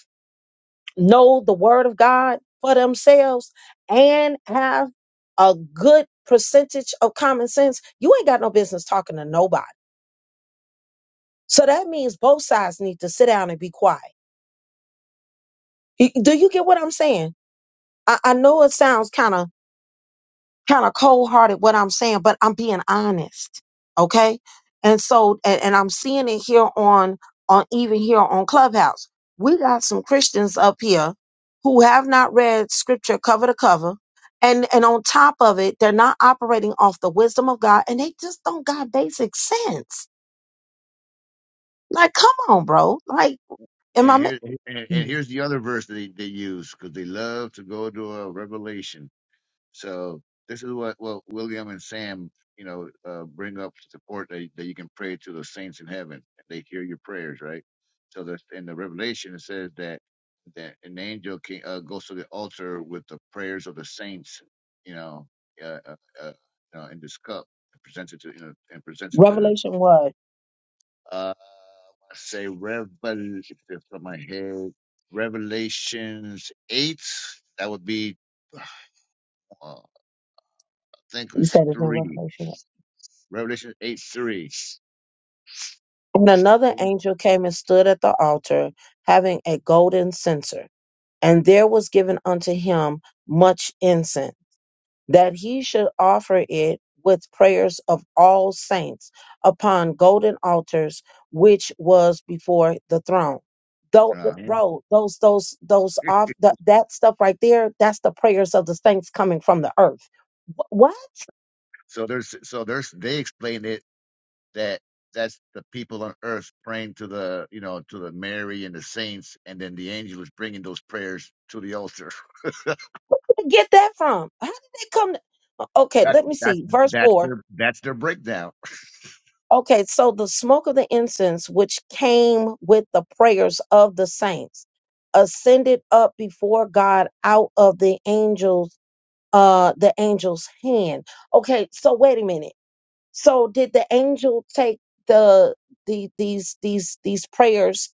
S1: know the word of God for themselves and have a good percentage of common sense, you ain't got no business talking to nobody. So that means both sides need to sit down and be quiet. Y- Do you get what I'm saying? I, I know it sounds kind of kind of cold hearted what I'm saying, but I'm being honest. Okay. And so, and, and I'm seeing it here on, on even here on Clubhouse. We got some Christians up here who have not read scripture cover to cover. And, and on top of it, they're not operating off the wisdom of God and they just don't got basic sense. Like, come on, bro. Like, am I,
S2: Yeah.
S1: mi-
S2: Here, and, and
S1: Mm.
S2: here's the other verse that they, they use because they love to go to a revelation. So this is what well William and Sam, you know, uh, bring up to support that, that you can pray to the saints in heaven. They hear your prayers, right? So the in the Revelation it says that that an angel can, uh, goes to the altar with the prayers of the saints, you know, uh, uh, uh, uh, in this cup and presents it to you know and presents it to
S1: Revelation what?
S2: uh I say Revel from my head Revelations eight that would be uh, I think
S1: You
S2: it's
S1: said it's in
S2: three
S1: Revelation.
S2: Revelation 8 3.
S1: And another angel came and stood at the altar having a golden censer. and there was given unto him much incense, that he should offer it with prayers of all saints upon golden altars, which was before the throne. Though,
S2: Uh,
S1: bro, those, those, those off that that stuff right there, that's the prayers of the saints coming from the earth. Wh- Where
S2: so there's so there's they explained it that that's the people on earth praying to the you know to the Mary and the saints, and then the angel is bringing those prayers to the altar.
S1: did they get that from? How did they come? okay,
S2: That's
S1: let me
S2: that's
S1: see. Verse
S2: that's
S1: 4
S2: their that's their breakdown.
S1: Okay, so the smoke of the incense, which came with the prayers of the saints, ascended up before God out of the angels, uh, the angel's hand. Okay, so wait a minute so did the angel take the the these these these prayers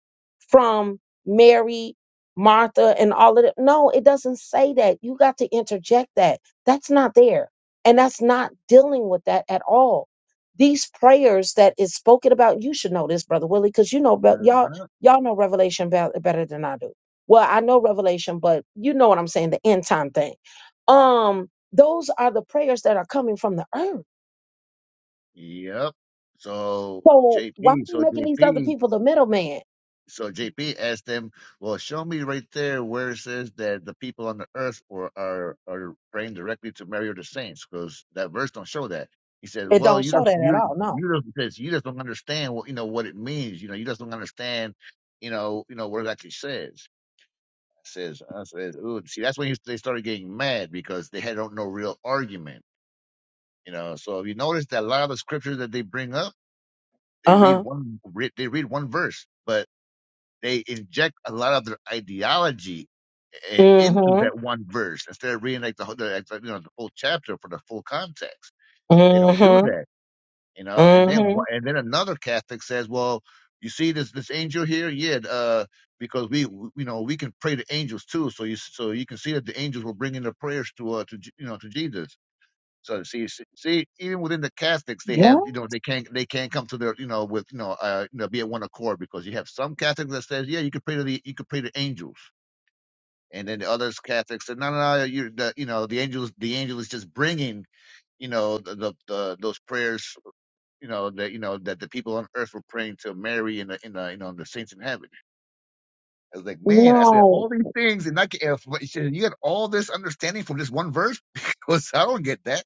S1: from Mary, Martha, and all of them? No, it doesn't say that. You got to interject that. That's not there. And that's not dealing with that at all. These prayers that is spoken about, you should know this, brother Willie, because you know about y'all
S2: Uh-huh.
S1: y'all know Revelation be- better than I do. Well, I know Revelation, but you know what I'm saying, the end time thing. Um, those are the prayers that are coming from the earth
S2: Yep. So
S1: so why are
S2: JP,
S1: we
S2: so
S1: making these other
S2: JP
S1: people the middleman?
S2: So JP asked them, "Well, show me right there where it says that the people on the earth or are are praying directly to Mary or the saints, because that verse don't show that." He said,
S1: It
S2: "Well,
S1: don't
S2: you
S1: show
S2: just
S1: that at
S2: you
S1: all. No.
S2: you just says you just don't understand what you know what it means. You know, you just don't understand, you know, you know what it actually says." I says I says, "Ooh, see, that's when he, they started getting mad because they had no no real argument." You know, so if you notice that a lot of the scriptures that they bring up, they
S1: Uh
S2: read
S1: huh.
S2: one re- they read one verse, but they inject a lot of their ideology uh, into
S1: Mm-hmm.
S2: that one verse instead of reading like the whole, the, like, you know, the whole chapter for the full context. They don't do
S1: Mm-hmm.
S2: that, you know. And then
S1: Mm-hmm.
S2: and then another Catholic says, "Well, you see this this angel here, yeah, uh, because we, we you know we can pray to angels too. So you so you can see that the angels were bringing their prayers to uh to you know to Jesus." So see, see, even within the Catholics, they have
S1: What?
S2: you know they can't they can't come to their you know with you know uh you know be at one accord because you have some Catholics that says yeah you can pray to the you can pray to angels and then the others Catholics said no no no you the you know the angels the angel is just bringing you know the, the, the those prayers you know that you know that the people on earth were praying to Mary and the in the you know the saints in heaven. I was like man I said
S1: No.
S2: all these things and I can, you had all this understanding from this one verse because I don't get that.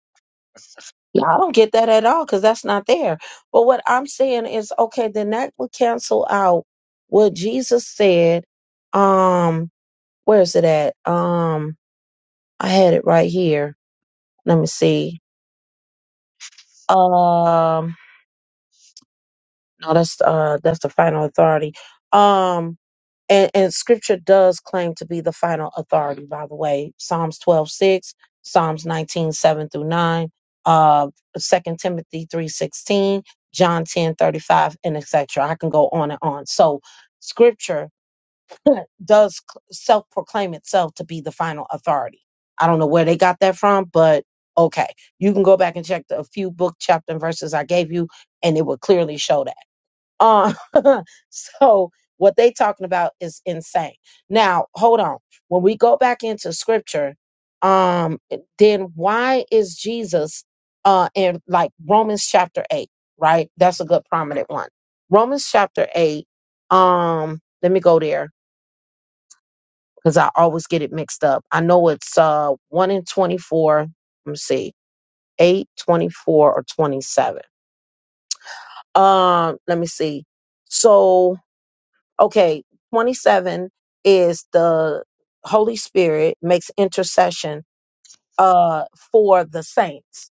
S1: Yeah, I don't get that at all because that's not there. But what I'm saying is, okay, then that would cancel out what Jesus said. Um, where is it at? Um, I had it right here. Let me see. Um, no, that's uh that's the final authority. Um, and, and scripture does claim to be the final authority by the way psalms 12 6, psalms 19 7 through 9 uh 2 timothy three sixteen, john ten thirty five, and etc i can go on and on so scripture does self proclaim itself to be the final authority i don't know where they got that from but okay you can go back and check the a few book chapter and verses i gave you and it will clearly show that uh, so what they talking about is insane. Now, hold on. When we go back into scripture, um, then why is Jesus uh in like Romans chapter eight, right? That's a good prominent one. Romans chapter eight. Um, let me go there because I always get it mixed up. I know it's uh one in twenty-four. Let me see, eight, twenty-four, or twenty-seven. Um, let me see. So okay, 27 is the Holy Spirit makes intercession uh for the saints,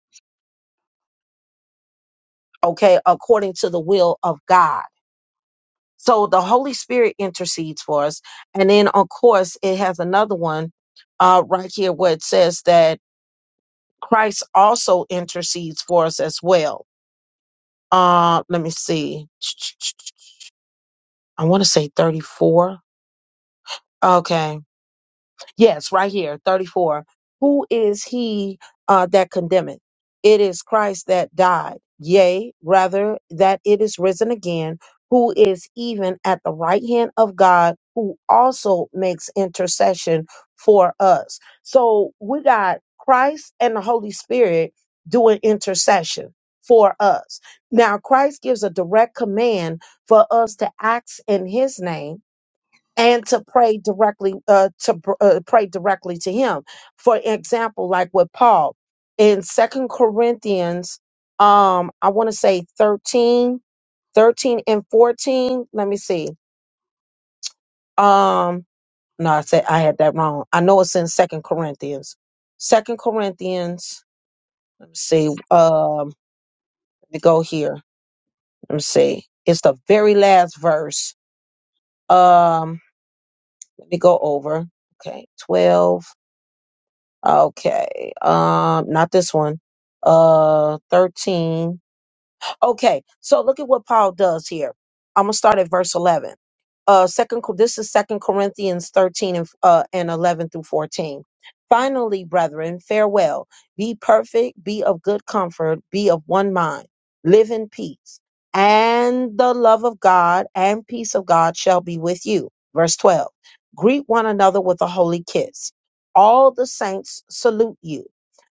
S1: okay, according to the will of God. So the Holy Spirit intercedes for us. And then of course it has another one uh right here where it says that Christ also intercedes for us as well. Uh let me see. I want to say 34. Okay. Yes, right here, 34. Who is he uh, that condemneth? It is Christ that died, yea, rather that it is risen again, who is even at the right hand of God, who also makes intercession for us. So we got Christ and the Holy Spirit doing intercession for us. Now, Christ gives a direct command for us to act in his name and to pray directly uh, to pr- uh, pray directly to him for example like with paul in second corinthians um i want to say 13, 13, and 14 let me see um no i said i had that wrong i know it's in second corinthians second corinthians let me see um let me go here let me see it's the very last verse um let me go over okay 12 Okay. Um, not this one. Uh, 13. Okay, so look at what Paul does here. I'm gonna start at verse 11. Uh, second, Cor- this is Second Corinthians 13 and uh, and 11 through 14. Finally, brethren, farewell. Be perfect. Be of good comfort. Be of one mind. Live in peace, and the love of God and peace of God shall be with you. Verse 12. Greet one another with a holy kiss. All the saints salute you.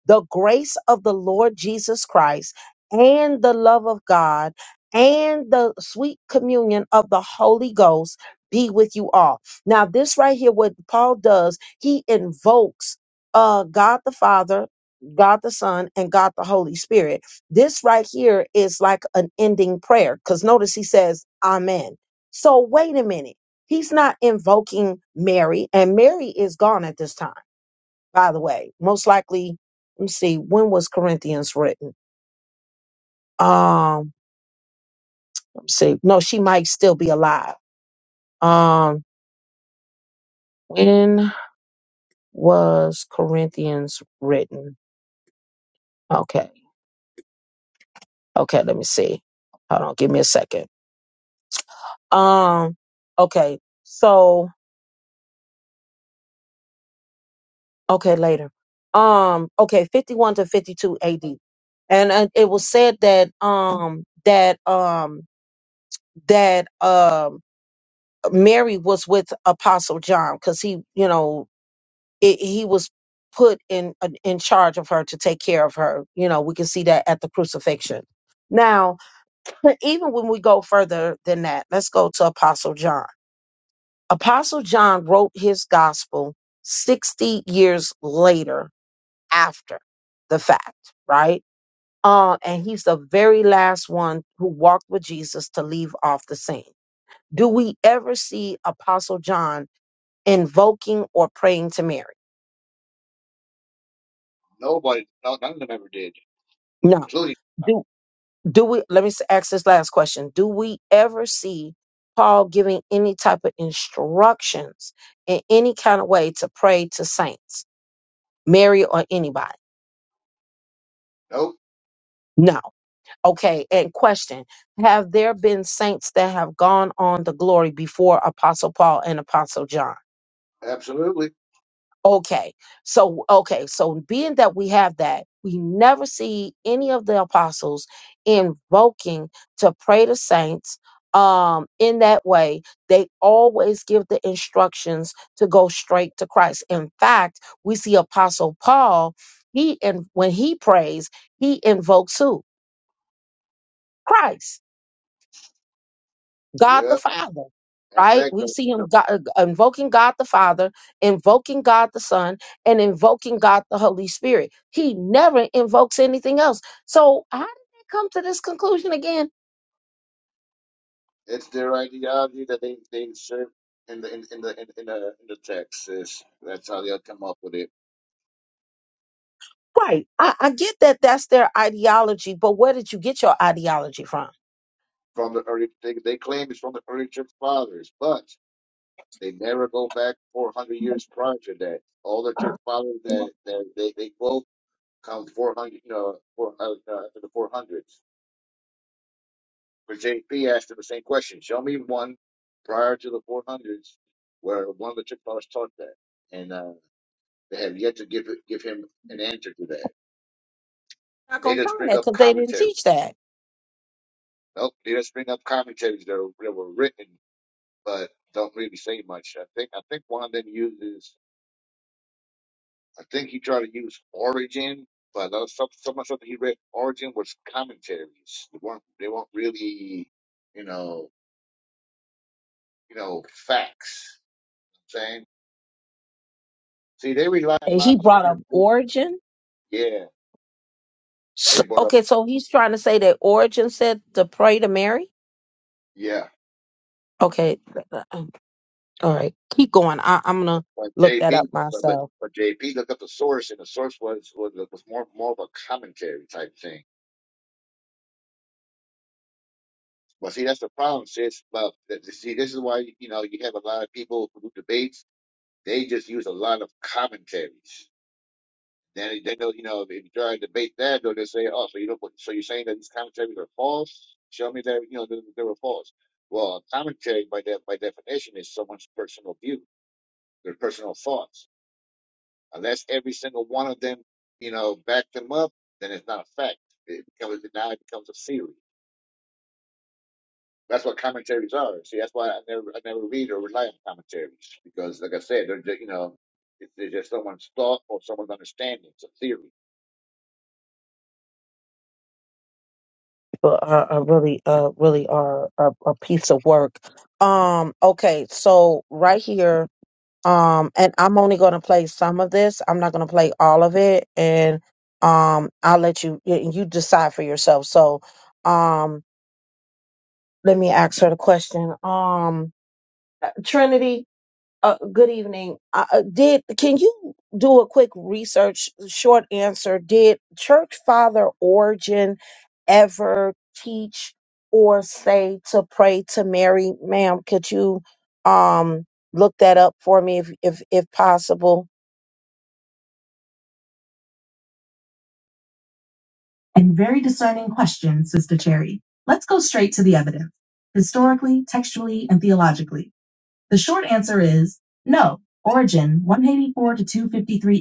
S1: The grace of the Lord Jesus Christ and the love of God and the sweet communion of the Holy Ghost be with you all. Now, this right here, what Paul does, he invokes uh, God the Father, God the Son, and God the Holy Spirit. This right here is like an ending prayer because notice he says, Amen. So, wait a minute. He's not invoking Mary, and Mary is gone at this time, by the way. Most likely, let me see, when was Corinthians written? Um, see, no, she might still be alive. Um, when was Corinthians written? Okay, okay, let me see. Hold on, give me a second. Um, okay, so okay, later. Um, okay, fifty-one to fifty-two A.D. And, and uh, it was said that um that um that um Mary was with Apostle John because he, you know, it, he was put in uh, in charge of her to take care of her. You know, we can see that at the crucifixion. Now, but even when we go further than that, let's go to Apostle John. Apostle John wrote his gospel 60 years later after the fact, right? Uh, and he's the very last one who walked with Jesus to leave off the scene. Do we ever see Apostle John invoking or praying to Mary?
S2: Nobody, no, none of them ever did.
S1: No
S2: including.
S1: do we let me s- ask this last question do we ever see paul giving any type of instructions in any kind of way to pray to saints mary or anybody
S2: Nope,
S1: no okay and question have there been saints that have gone on to glory before apostle paul and apostle john
S2: absolutely.
S1: Okay. So, okay. So, being that we have that, we never see any of the apostles invoking to pray to saints um in that way they always give the instructions to go straight to christ in fact we see apostle paul he and when he prays he invokes who christ God the
S2: Yep.
S1: Father,
S2: In
S1: right?
S2: fact,
S1: We
S2: the,
S1: see
S2: the,
S1: him God, invoking God the Father, invoking God the Son, and invoking God the Holy Spirit. He never invokes anything else. So, how did they come to this conclusion again?
S2: it's their ideology that they they insert in the in, in the in, in the in the text. Is that's how they'll come up with it
S1: Right. I, I get that that's their ideology, but where did you get your ideology from?
S2: from the early. They, they claim it's from the early church fathers, but they never go back 400 years prior to that. All the church fathers that, that they they quote come 400, you know, four, uh, uh, to the 400s. But JP asked him the same question. Show me one prior to the 400s where one of the Chippewas taught that, and uh, they have yet to give it- give him an answer to that.
S1: Not
S2: They
S1: gonna
S2: just
S1: find
S2: bring
S1: that
S2: up
S1: because they didn't teach
S2: commentaries.
S1: that.
S2: Nope, they just bring up commentaries that, are, that were written, but don't really say much. I think I think one of them uses. I think he tried to use Origin, but uh, some some of the stuff that he read Origin was commentaries. They weren't they weren't really, you know, you know, facts. You know what I'm saying See, they rely a
S1: And he
S2: lot on the
S1: brought
S2: church.
S1: up origin.
S2: Yeah,
S1: So,
S2: they brought up.
S1: okay, so he's trying to say that Origin said to pray to Mary.
S2: Yeah,
S1: Okay, um, all right, keep going. I, I'm gonna
S2: but
S1: look that
S2: JP,
S1: up
S2: but but
S1: myself.
S2: but JP looked up the source, and the source was was, was more more of a commentary type thing. But see, that's the problem, sis. But th- see, this is why you know you have a lot of people who do debates. They just use a lot of commentaries. Then they know, you know, if you try to debate that, they'll just say, "Oh, so you don't, so you're saying that these commentaries are false? Show me that you know they, they were false." Well, a commentary by that by definition is someone's personal view their personal thoughts. Unless every single one of them, you know, back them up, then it's not a fact. It becomes now it becomes a theory. That's what commentaries are. See, that's why I never I never read or rely on commentaries because, like I said, they're just, you know, it's, it's just someone's thought or someone's understanding. It's a theory.
S1: But uh, I really, uh, really are a, a piece of work. Um, okay, so right here, um, and I'm only gonna play some of this. I'm not gonna play all of it, and um, I'll let you y- you decide for yourself. So, um, let me ask her the question. Um, Trinity, uh, good evening. Uh, uh, did can you do a quick research? Short answer: Did Church Father Origen ever teach or say to pray to Mary, ma'am? Could you um look that up for me if if if possible? And very discerning question, Sister Cherry. Let's go straight to the evidence, historically, textually, and theologically. The short answer is no. Origen, 184 to 253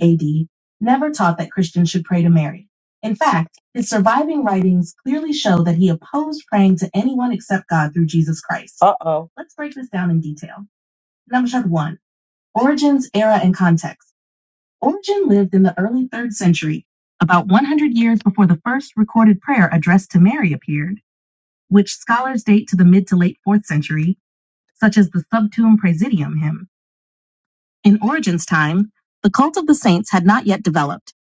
S1: AD, never taught that Christians should pray to Mary. In fact, his surviving writings clearly show that he opposed praying to anyone except God through Jesus Christ. Uh oh. Let's break this down in detail. Number one, Origen's era and context. Origen lived in the early third century, about 100 years before the first recorded prayer addressed to Mary appeared, which scholars date to the mid to late fourth century, such as the Subtuum Praesidium hymn. In Origen's time, the cult of the saints had not yet developed.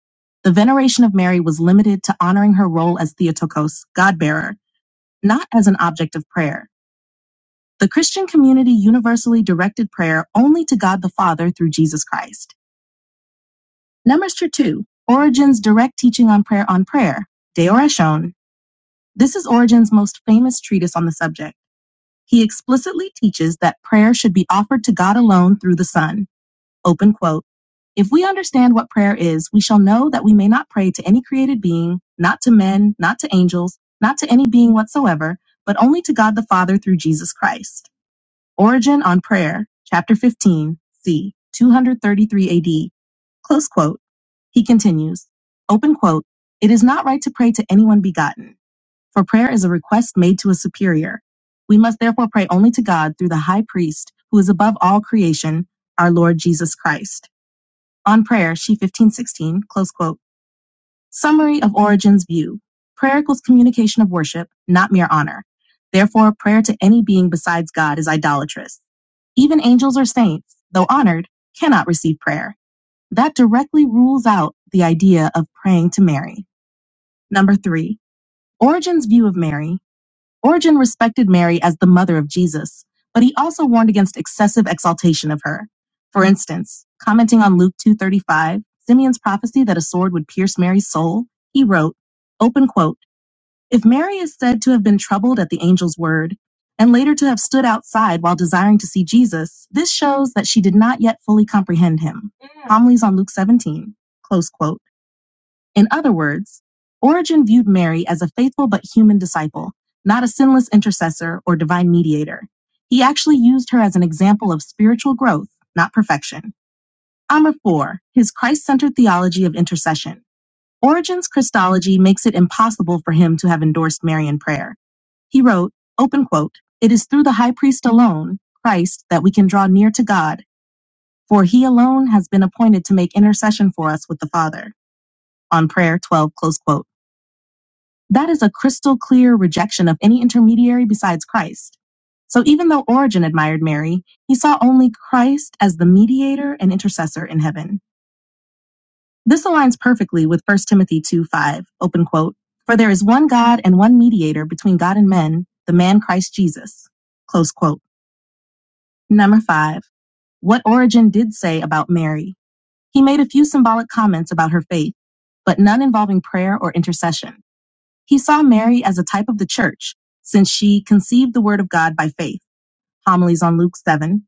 S1: The veneration of Mary was limited to honoring her role as Theotokos, God bearer, not as an object of prayer. The Christian community universally directed prayer only to God the Father through Jesus Christ. Number 2, Origen's direct teaching on prayer on prayer, De Oratione. This is Origen's most famous treatise on the subject. He explicitly teaches that prayer should be offered to God alone through the Son. Open quote. If we understand what prayer is, we shall know that we may not pray to any created being, not to men, not to angels, not to any being whatsoever, but only to God the Father through Jesus Christ. Origin on Prayer, Chapter 15, c. 233 AD. Close quote. He continues, open quote, It is not right to pray to anyone begotten, for prayer is a request made to a superior. We must therefore pray only to God through the high priest, who is above all creation, our Lord Jesus Christ. On Prayer, she 1516, close quote. Summary of Origen's view. Prayer equals communication of worship, not mere honor. Therefore, prayer to any being besides God is idolatrous. Even angels or saints, though honored, cannot receive prayer. That directly rules out the idea of praying to Mary. Number three, Origen's view of Mary Origen respected Mary as the mother of Jesus, but he also warned against excessive exaltation of her. For instance, commenting on Luke 2:35, Simeon's prophecy that a sword would pierce Mary's soul, he wrote, open quote, if Mary is said to have been troubled at the angel's word and later to have stood outside while desiring to see Jesus, this shows that she did not yet fully comprehend him. Homilies on Luke 17, close quote. In other words, Origen viewed Mary as a faithful but human disciple, not a sinless intercessor or divine mediator. He actually used her as an example of spiritual growth, not perfection. Number four, his Christ centered theology of intercession. Origen's Christology makes it impossible for him to have endorsed Marian prayer. He wrote, open quote, It is through the high priest alone, Christ, that we can draw near to God, for he alone has been appointed to make intercession for us with the Father. On prayer 12, close quote. That is a crystal clear rejection of any intermediary besides Christ. So even though Origen admired Mary, he saw only Christ as the mediator and intercessor in heaven. This aligns perfectly with First Timothy 2 5, open quote, For there is one God and one mediator between God and men, the man Christ Jesus. Close quote. Number five, what Origen did say about Mary. He made a few symbolic comments about her faith, but none involving prayer or intercession. He saw Mary as a type of the church, since she conceived the word of God by faith. Homilies on Luke 7.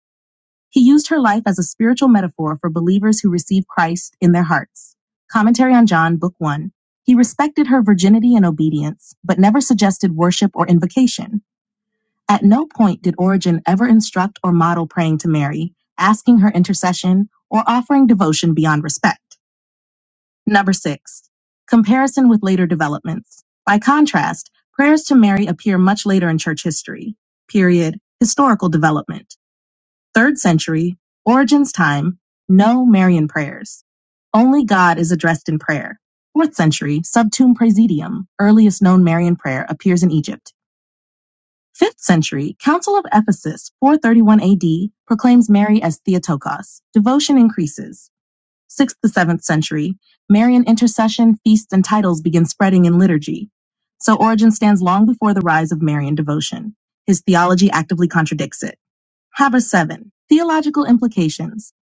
S1: He used her life as a spiritual metaphor for believers who receive Christ in their hearts. Commentary on John, Book 1. He respected her virginity and obedience, but never suggested worship or invocation. At no point did Origen ever instruct or model praying to Mary, asking her intercession, or offering devotion beyond respect. Number six, comparison with later developments. By contrast, prayers to Mary appear much later in church history. Period. Historical development. Third century, Origen's time, no Marian prayers. Only God is addressed in prayer. Fourth century, Subtum Praesidium, earliest known Marian prayer, appears in Egypt. Fifth century, Council of Ephesus, 431 AD, proclaims Mary as Theotokos. Devotion increases. 6th to 7th century, Marian intercession, feasts, and titles begin spreading in liturgy. So Origen stands long before the rise of Marian devotion. His theology actively contradicts it. Haber 7. Theological implications.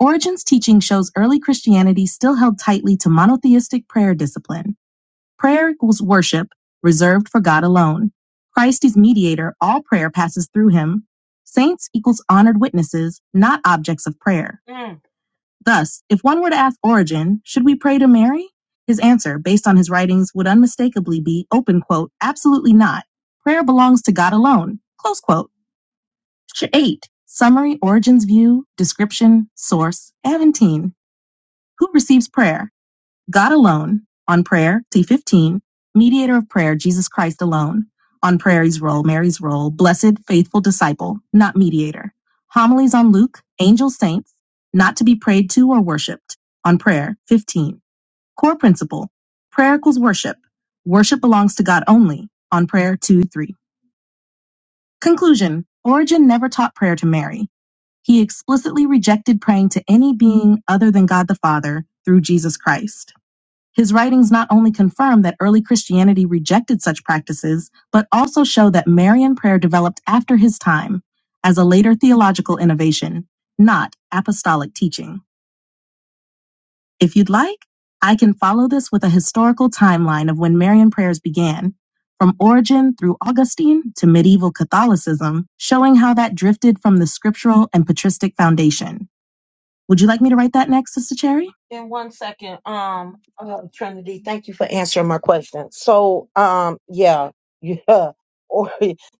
S1: Origen's teaching shows early Christianity still held tightly to monotheistic prayer discipline. Prayer equals worship, reserved for God alone. Christ is mediator, all prayer passes through him. Saints equals honored witnesses, not objects of prayer. Mm. Thus, if one were to ask Origen, should we pray to Mary? His answer, based on his writings, would unmistakably be, open quote, absolutely not. Prayer belongs to God alone, close quote. Ch- 8. Summary, Origen's view, description, source, Aventine. Who receives prayer? God alone, on prayer, T15, mediator of prayer, Jesus Christ alone, on prayer's role, Mary's role, blessed, faithful disciple, not mediator. Homilies on Luke, angel saints, not to be prayed to or worshiped, on prayer, 15. Core principle, prayer equals worship. Worship belongs to God only, on prayer, 2, 3. Conclusion, Origen never taught prayer to Mary. He explicitly rejected praying to any being other than God the Father through Jesus Christ. His writings not only confirm that early Christianity rejected such practices, but also show that Marian prayer developed after his time as a later theological innovation, not apostolic teaching. If you'd like, I can follow this with a historical timeline of when Marian prayers began, from Origen through Augustine to medieval Catholicism, showing how that drifted from the scriptural and patristic foundation. Would you like me to write that next, Sister Cherry? In one second, um, uh, Trinity, thank you for answering my question. So, um, yeah, yeah, or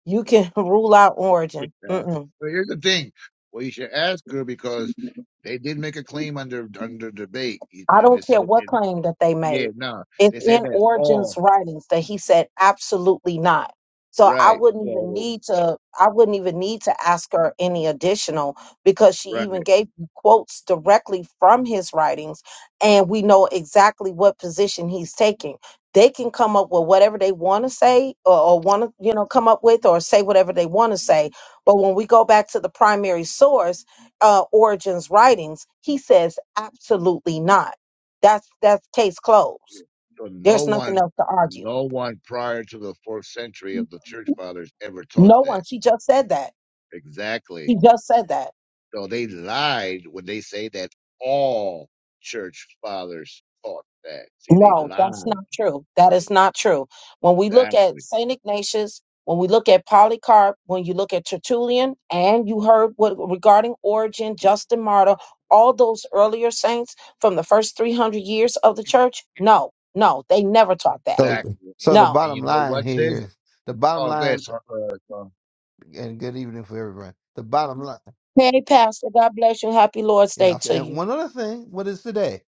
S1: you can rule out
S2: Yeah.
S1: origin. Mm-mm.
S2: But here's the thing. Well, you should ask her because they did make a claim under under debate. It,
S1: I
S2: it, it,
S1: don't care
S2: said-
S1: what
S2: it,
S1: claim that they
S2: yeah,
S1: made.
S2: no,
S1: It's
S2: they said
S1: in
S2: that's
S1: Origen's
S2: all
S1: writings that he said absolutely not. So I
S2: right.
S1: wouldn't even
S2: So
S1: need to I wouldn't even need to ask her any additional because she
S2: right.
S1: even gave you quotes directly from his writings and we know exactly what position he's taking. They can come up with whatever they want to say or, or want to, you know, come up with or say whatever they want to say. But when we go back to the primary source, uh, Origen's writings, he says absolutely not. That's that's case closed.
S2: So no
S1: There's
S2: one,
S1: nothing else to argue.
S2: no one prior to the fourth century of the church fathers ever taught
S1: No
S2: that.
S1: one. She just said that. He
S2: Exactly.
S1: just said that.
S2: So they lied when they say that all church fathers taught that. See, they
S1: No, that's
S2: lied.
S1: not true. That is not true. When we look at
S2: Exactly.
S1: Saint Ignatius, when we look at Polycarp, when you look at Tertullian, and you heard what regarding Origin, Justin Martyr, all those earlier saints from the first three hundred years of the church. No, no, they never taught that.
S4: So,
S2: Exactly. And
S4: so
S2: you,
S4: the
S1: No.
S2: and
S4: bottom
S2: you know
S4: line
S2: what,
S4: here
S2: sis?
S4: is the bottom
S2: Oh,
S4: line,
S2: this. Uh, uh, so-
S4: and good evening for everyone. The bottom line,
S1: Hey, Pastor, God bless you. Happy Lord's Day
S4: yeah.
S1: to
S4: And
S1: you.
S4: one other thing, what is today?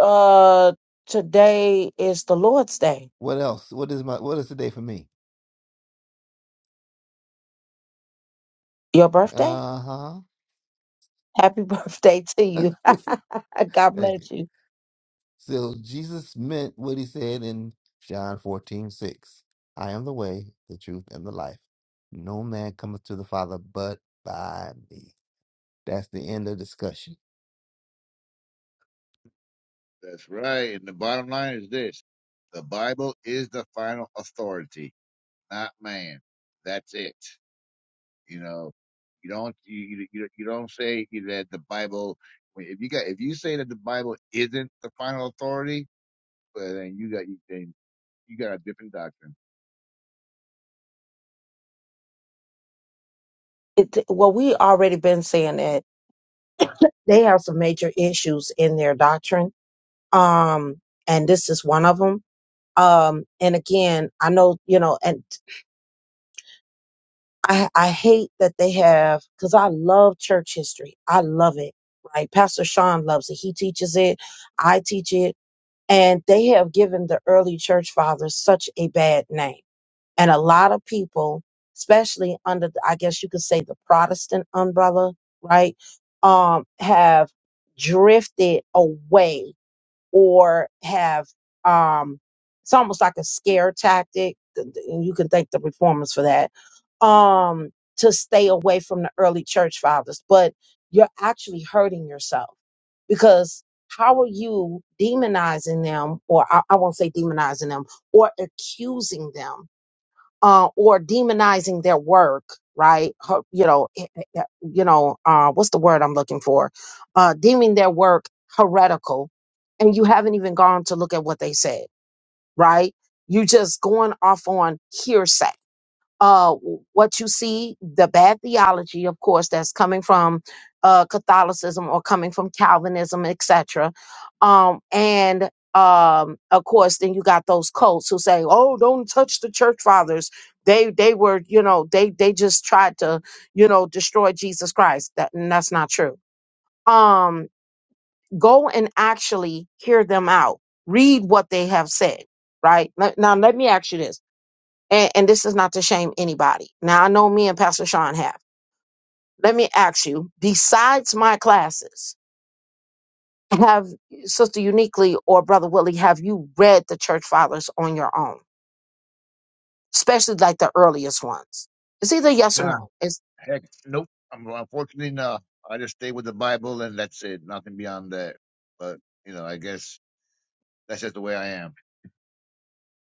S1: Uh, today is the Lord's Day
S4: What else? What is my? What is today for me?
S1: Your birthday?
S4: Uh
S1: Happy birthday to
S4: huh.
S1: you. God
S4: Thank you.
S1: bless you.
S4: So Jesus meant what he said in John fourteen six. I am the way, the truth, and the life. No man cometh to the Father but by me. That's the end of discussion.
S2: that's right. And the bottom line is this. The Bible is the final authority, not man. That's it. You know, you don't you you, you you don't say that the Bible. If you got if you say that the Bible isn't the final authority, well, then you got then you got a different doctrine.
S1: It, well, we already been saying that they have some major issues in their doctrine. Um, and this is one of them. Um, and again, I know, you know, and I, I hate that they have, cause I love church history. I love it. Right. Pastor Sean loves it. He teaches it. I teach it. And they have given the early church fathers such a bad name And a lot of people, especially under, the- I guess you could say the Protestant umbrella, right, um, have drifted away or have, um, it's almost like a scare tactic, th- th- and you can thank the reformers for that, um, to stay away from the early church fathers. But you're actually hurting yourself because how are you demonizing them, or I, I won't say demonizing them, or accusing them? uh, or demonizing their work, right? Ho- You know, eh, eh, eh, you know, uh, what's the word I'm looking for? Uh, deeming their work heretical, and you haven't even gone to look at what they said, right? You just going off on hearsay uh, what you see, the bad theology, of course, that's coming from uh, Catholicism or coming from Calvinism, etc. Um, and um, of course, then you got those cults who say, "Oh, don't touch the church fathers. They they were, you know, they they just tried to, you know, destroy Jesus Christ." That and that's not true. Um, go and actually hear them out. Read what they have said. Right now, now let me ask you this and, and this is not to shame anybody. Now I know me and Pastor Sean have. Let me ask you, besides my classes, have Sister Uniquely or Brother Willie, have you read the church fathers on your own? Especially like the earliest ones. It's either yes or
S2: Nah,
S1: no. It's
S2: Heck, nope. I'm unfortunately no. I just stay with the Bible and that's it. Nothing beyond that. But you know, I guess that's just the way I am.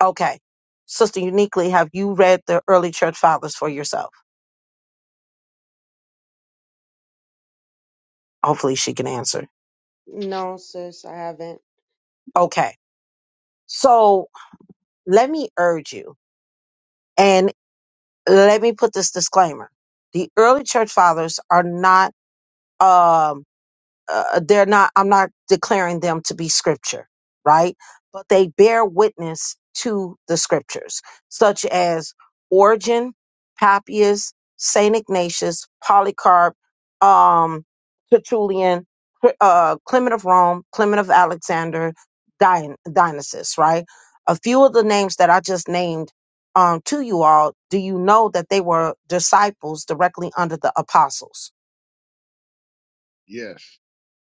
S1: okay. Sister Uniquely, have you read the early church fathers for yourself? Hopefully she can answer.
S3: No, sis, I haven't.
S1: Okay. So let me urge you and let me put this disclaimer. The early church fathers are not um uh, they're not i'm not declaring them to be scripture right but they bear witness to the scriptures such as origen papias saint ignatius polycarp um tertullian Cl- uh, clement of rome clement of alexander Dion- dionysius right a few of the names that i just named um, to you all do you know that they were disciples directly under the apostles
S2: Yes,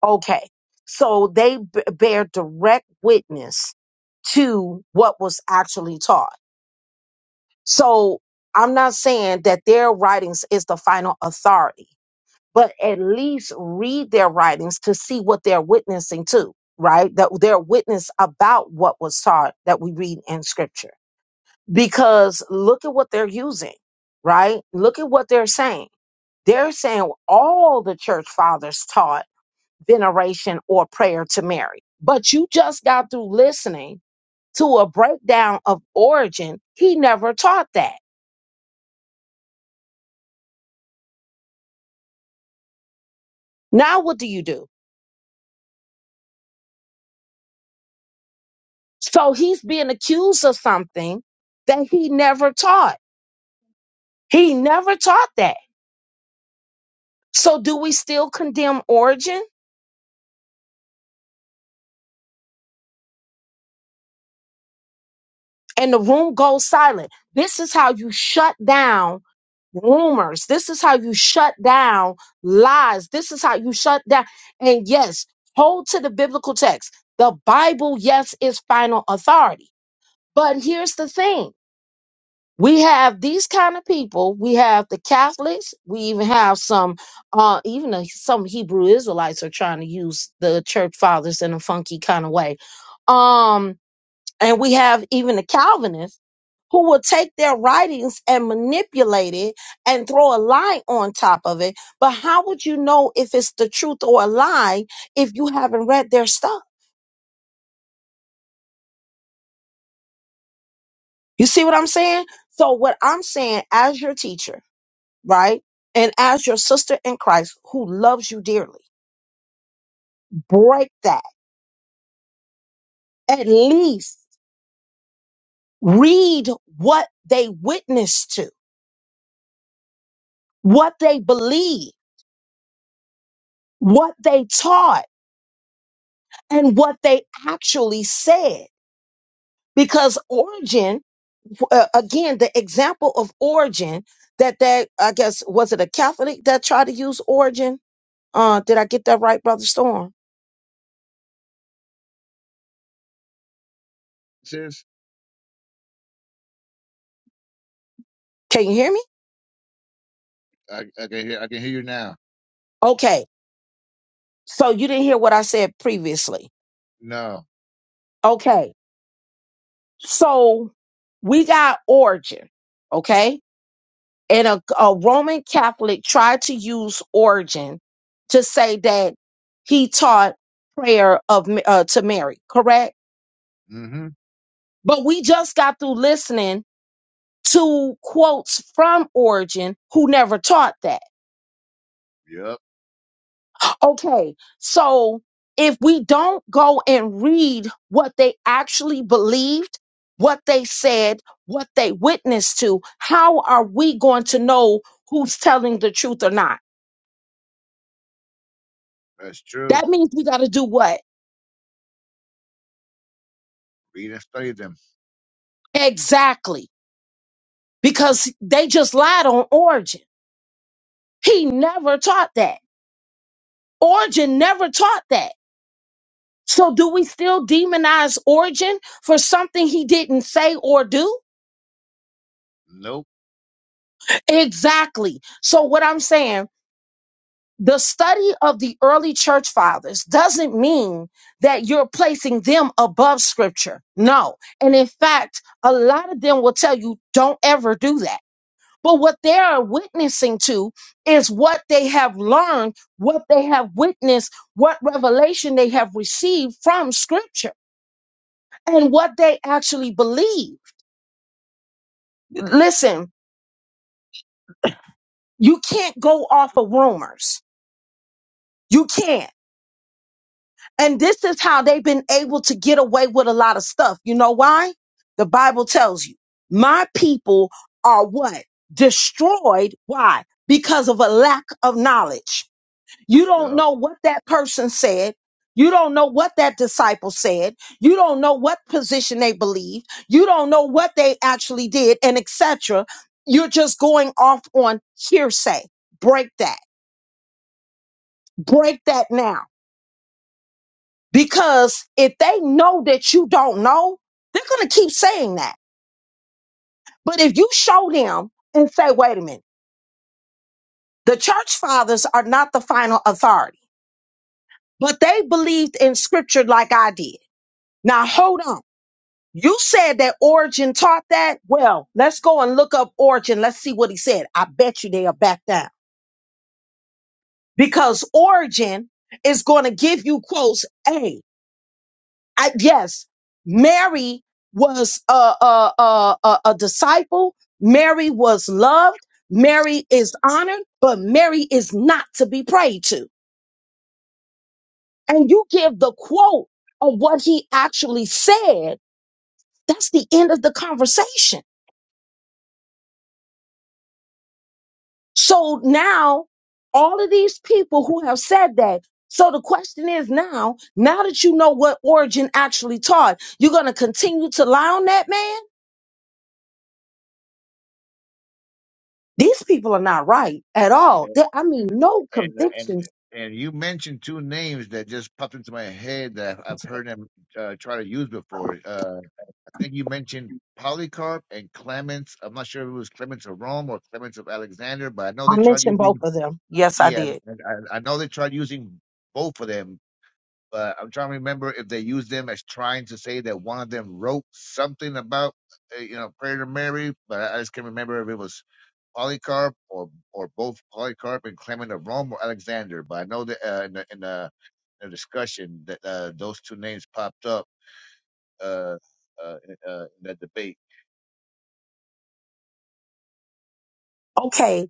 S1: Okay. So they b- bear direct witness to what was actually taught. So I'm not saying that their writings is the final authority, but at least read their writings to see what they're witnessing to, right? That they're witness about what was taught that we read in scripture. Because look at what they're using, right? Look at what they're saying. They're saying all the church fathers taught veneration, or prayer to Mary. But you just got through listening to a breakdown of origin. He never taught that. Now, what do you do? So he's being accused of something that he never taught. He never taught that. So do we still condemn origin? and the room goes silent. This is how you shut down rumors. This is how you shut down lies. This is how you shut down. And yes, hold to the biblical text. The Bible, yes, is final authority. But here's the thing. We have these kind of people. We have the Catholics. We even have some, uh, even uh, some Hebrew Israelites are trying to use the church fathers in a funky kind of way. Um, and we have even the Calvinists who will take their writings and manipulate it and throw a lie on top of it. But how would you know if it's the truth or a lie if you haven't read their stuff? You see what I'm saying? So, what I'm saying as your teacher, right? And as your sister in Christ who loves you dearly, break that. At least read what they witnessed to, what they believe, what they taught and what they actually said. Because Origin, uh, again, the example of Origin that that I guess was it a Catholic that tried to use Origin? Uh, did I get that right, Brother Storm?
S2: sis.
S1: Can you hear me?
S2: I, I can hear I can hear you now.
S1: Okay, so you didn't hear what I said previously.
S2: No.
S1: Okay, so we got Origin, okay, and a, a Roman Catholic tried to use Origin to say that he taught prayer of Ma- uh, to Mary, correct?
S2: Mm-hmm.
S1: But we just got through listening to quotes from Origin who never taught that.
S2: Yep.
S1: Okay, so if we don't go and read what they actually believed, what they said, what they witnessed to, how are we going to know who's telling the truth or not?
S2: That's true.
S1: That means we got to do what?
S2: Read and study them.
S1: Exactly. Because they just lied on Origin. He never taught that. Origin never taught that. So, do we still demonize Origin for something he didn't say or do?
S2: Nope.
S1: Exactly. So, what I'm saying, the study of the early church fathers doesn't mean that you're placing them above scripture. No. And in fact, a lot of them will tell you, don't ever do that. But what they are witnessing to is what they have learned, what they have witnessed, what revelation they have received from scripture, and what they actually believe. listen, you can't go off of rumors. You can't. And this is how they've been able to get away with a lot of stuff. You know why? The Bible tells you, my people are what? Destroyed. Why? Because of a lack of knowledge. You
S2: Yep.
S1: don't know what that person said. You don't know what that disciple said. You don't know what position they believed. You don't know what they actually did and etc. You're just going off on hearsay. Break that. break that now because if they know that you don't know they're going to keep saying that but if you show them and say wait a minute the church fathers are not the final authority but they believed in scripture like i did now hold on you said that origin taught that well let's go and look up origin let's see what he said i bet you they'll back down because origin is going to give you quotes Hey, I, yes, Mary was a, a, a, a, a disciple. Mary was loved. Mary is honored, but Mary is not to be prayed to. And you give the quote of what he actually said. That's the end of the conversation. So now all of these people who have said that. So the question is now, now that you know what Origin actually taught, you're going to continue to lie on that man? These people are not right at
S2: Yeah.
S1: all. They- I mean,
S2: And
S1: no
S2: and and
S1: convictions.
S2: and you mentioned two names that just popped into my head that I've heard them uh, try to use before. Uh, I think you mentioned Polycarp and Clements. I'm not sure if it was Clements of Rome or Clements of Alexander, but I know
S1: I
S2: they tried
S1: mentioned
S2: using.
S1: both of them.
S2: Yeah,
S1: Yeah.
S2: and I, I know they tried using both of them. But I'm trying to remember if they used them as trying to say that one of them wrote something about, uh, you know, prayer to Mary. But I I just can't remember if it was Polycarp or or both Polycarp and Clement of Rome or Alexander. But I know that uh, in the in the, in the discussion that uh, those two names popped up uh, uh, in, uh, in that debate.
S1: Okay,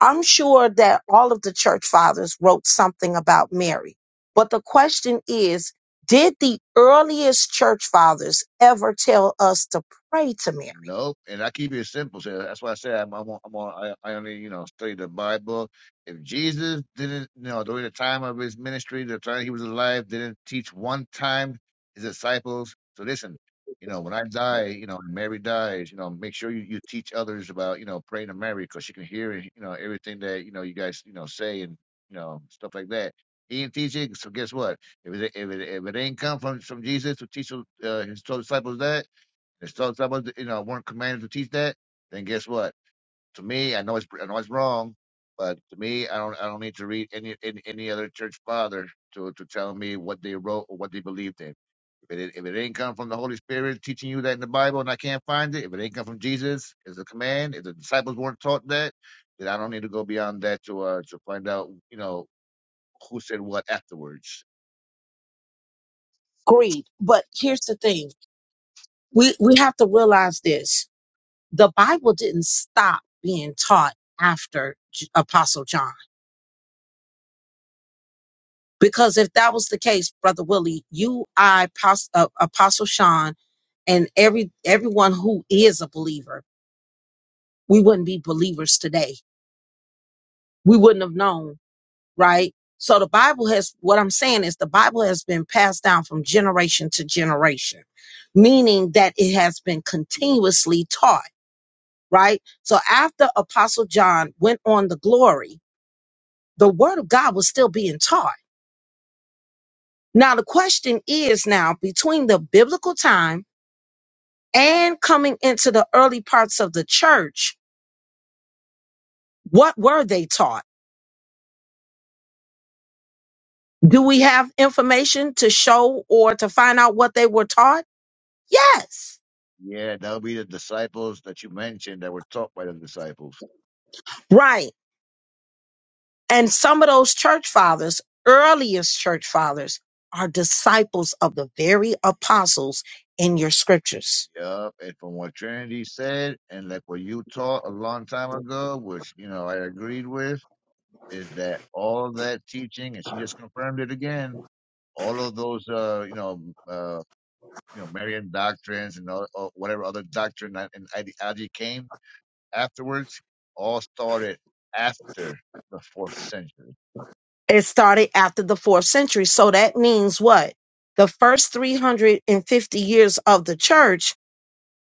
S1: I'm sure that all of the church fathers wrote something about Mary. But the question is, did the earliest church fathers ever tell us to pray to Mary?
S2: Nope. And I keep it simple. So that's why I said I'm, I'm, on, I'm on, I, I only, you know, study the Bible. If Jesus didn't, you know, during the time of his ministry, the time he was alive, didn't teach one time his disciples. So listen, you know, when I die, you know, and Mary dies, you know, make sure you, you teach others about, you know, praying to Mary because she can hear, you know, everything that, you know, you guys, you know, say and, you know, stuff like that. He didn't teach it. So guess what? If it, if it, if it ain't come from, from Jesus to teach uh, his disciples that, and so someone that, you know weren't commanded to teach that, then guess what? To me, I know it's I know it's wrong, but to me, I don't I don't need to read any any, any other church father to to tell me what they wrote or what they believed in. If it if it ain't come from the Holy Spirit teaching you that in the Bible and I can't find it, if it ain't come from Jesus as a command, if the disciples weren't taught that, then I don't need to go beyond that to uh to find out you know who said what afterwards.
S1: Agreed. But here's the thing. We we have to realize this. The Bible didn't stop being taught after J- Apostle John. Because if that was the case, Brother Willie, you, I, Pos- uh, Apostle Sean, and every everyone who is a believer, we wouldn't be believers today. We wouldn't have known, right? So the Bible has what I'm saying is the Bible has been passed down from generation to generation, meaning that it has been continuously taught, right? So after Apostle John went on the glory, the word of God was still being taught. Now the question is now between the biblical time and coming into the early parts of the church, what were they taught? Do we have information to show or to find out what they were taught? Yes.
S2: Yeah, that would be the disciples that you mentioned that were taught by the disciples.
S1: Right. And some of those church fathers, earliest church fathers, are disciples of the very apostles in your scriptures.
S2: Yep, and from what Trinity said, and like what you taught a long time ago, which you know I agreed with, is that all of that teaching, and she just confirmed it again. All of those, uh, you know, uh, you know, Marian doctrines and all, or whatever other doctrine that and ideology came afterwards, all started after the fourth century,
S1: It started after the fourth century. So that means what? The first 350 years of the church,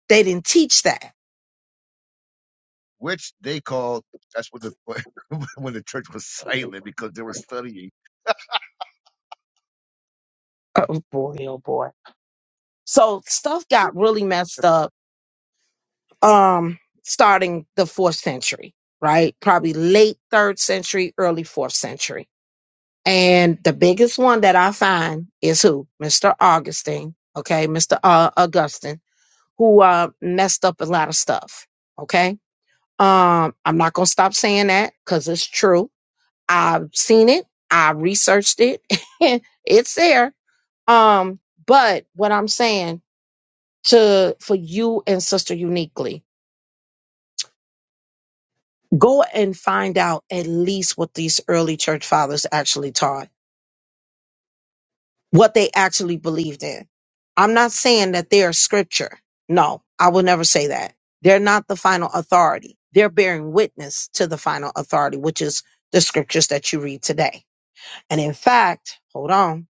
S1: they didn't teach that.
S2: which they called. That's what the when the church was silent because they were studying.
S1: Oh boy, oh boy So stuff got really messed up um starting the 4th century, right? Probably late 3rd century, early 4th century. And the biggest one that I find is who? Mr. Augustine, okay? Mr. Uh, Augustine, who uh messed up a lot of stuff, okay? Um I'm not going to stop saying that cuz it's true. I've seen it, I researched it. it's there. Um but what I'm saying to for you and sister uniquely go and find out at least what these early church fathers actually taught what they actually believed in i'm not saying that they are scripture no i will never say that they're not the final authority they're bearing witness to the final authority which is the scriptures that you read today and in fact hold on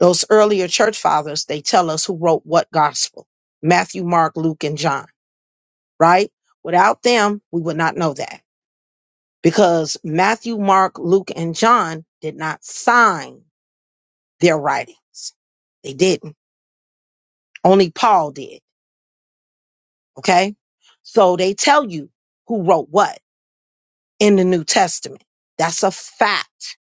S1: those earlier church fathers they tell us who wrote what gospel matthew mark luke and john right without them we would not know that because Matthew, Mark, Luke, and John did not sign their writings. They didn't. Only Paul did. Okay. So they tell you who wrote what in the New Testament. That's a fact.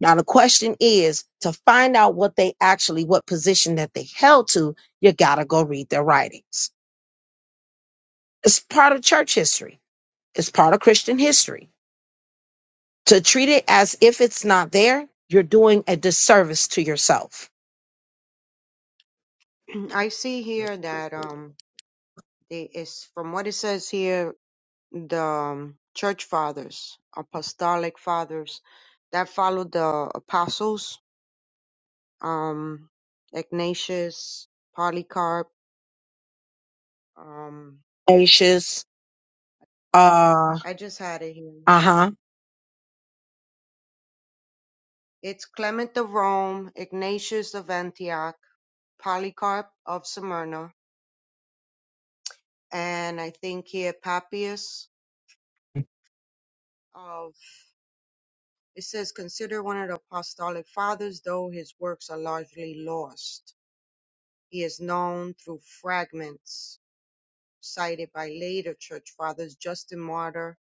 S1: Now the question is to find out what they actually, what position that they held to, you gotta go read their writings. It's part of church history. It's part of Christian history. To treat it as if it's not there, you're doing a disservice to yourself
S3: I see here that um, they is from what it says here, the um, church fathers, apostolic fathers that followed the apostles, um, Ignatius, Polycarp, um.
S1: Anxious. Uh,
S3: I just had it here.
S1: uh huh.
S3: It's Clement of Rome, Ignatius of Antioch, Polycarp of Smyrna, and I think here Papias of. It says, consider one of the apostolic fathers, though his works are largely lost. He is known through fragments cited by later church fathers, Justin Martyr.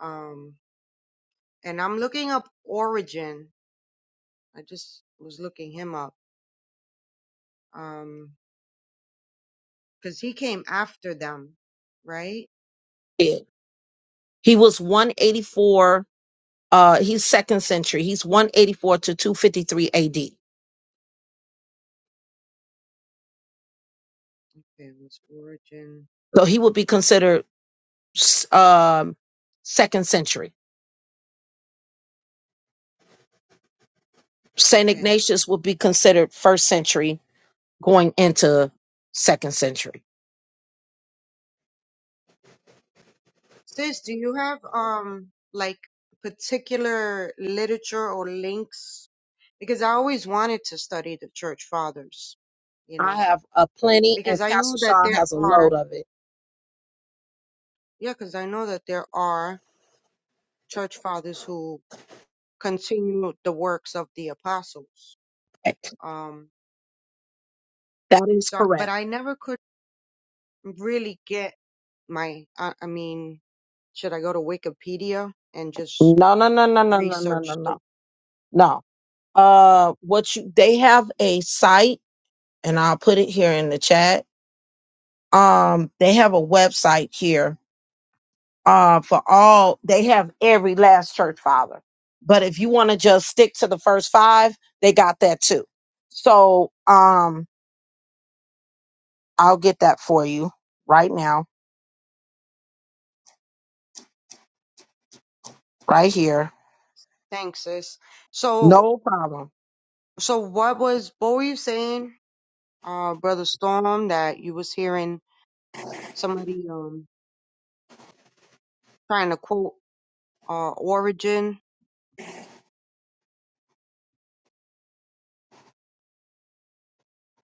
S3: Um, and I'm looking up Origin. I just was looking him up. Um, Because he came after them, right?
S1: He was 184. Uh, he's second century. He's 184 to 253 AD.
S3: Okay, was origin.
S1: So he would be considered s- um, second century. St.
S3: Okay.
S1: Ignatius would be considered first century going into second century.
S3: Sis, do you have um like particular literature or links? Because I always wanted to study the church fathers, you know,
S1: I have a plenty,
S3: because
S1: and
S3: I
S1: Pastor
S3: know that
S1: Shaw
S3: there
S1: has a load
S3: are,
S1: of it.
S3: yeah, because I know that there are church fathers who continue the works of the apostles. Um,
S1: That is
S3: so, but
S1: correct.
S3: I never could really get my, I, I mean, Should I go to Wikipedia and just
S1: No, no, no, no, no, no, no, no,
S3: research the
S1: no. No. Uh, what you they have a site, and I'll put it here in the chat. Um, they have a website here. Uh, for all they have every last church father, but if you want to just stick to the first five, they got that too. So, um, I'll get that for you right now, right here.
S3: thanks, sis? So
S1: No problem.
S3: so what was what were you saying, uh, Brother Storm, that you was hearing somebody um trying to quote uh origin?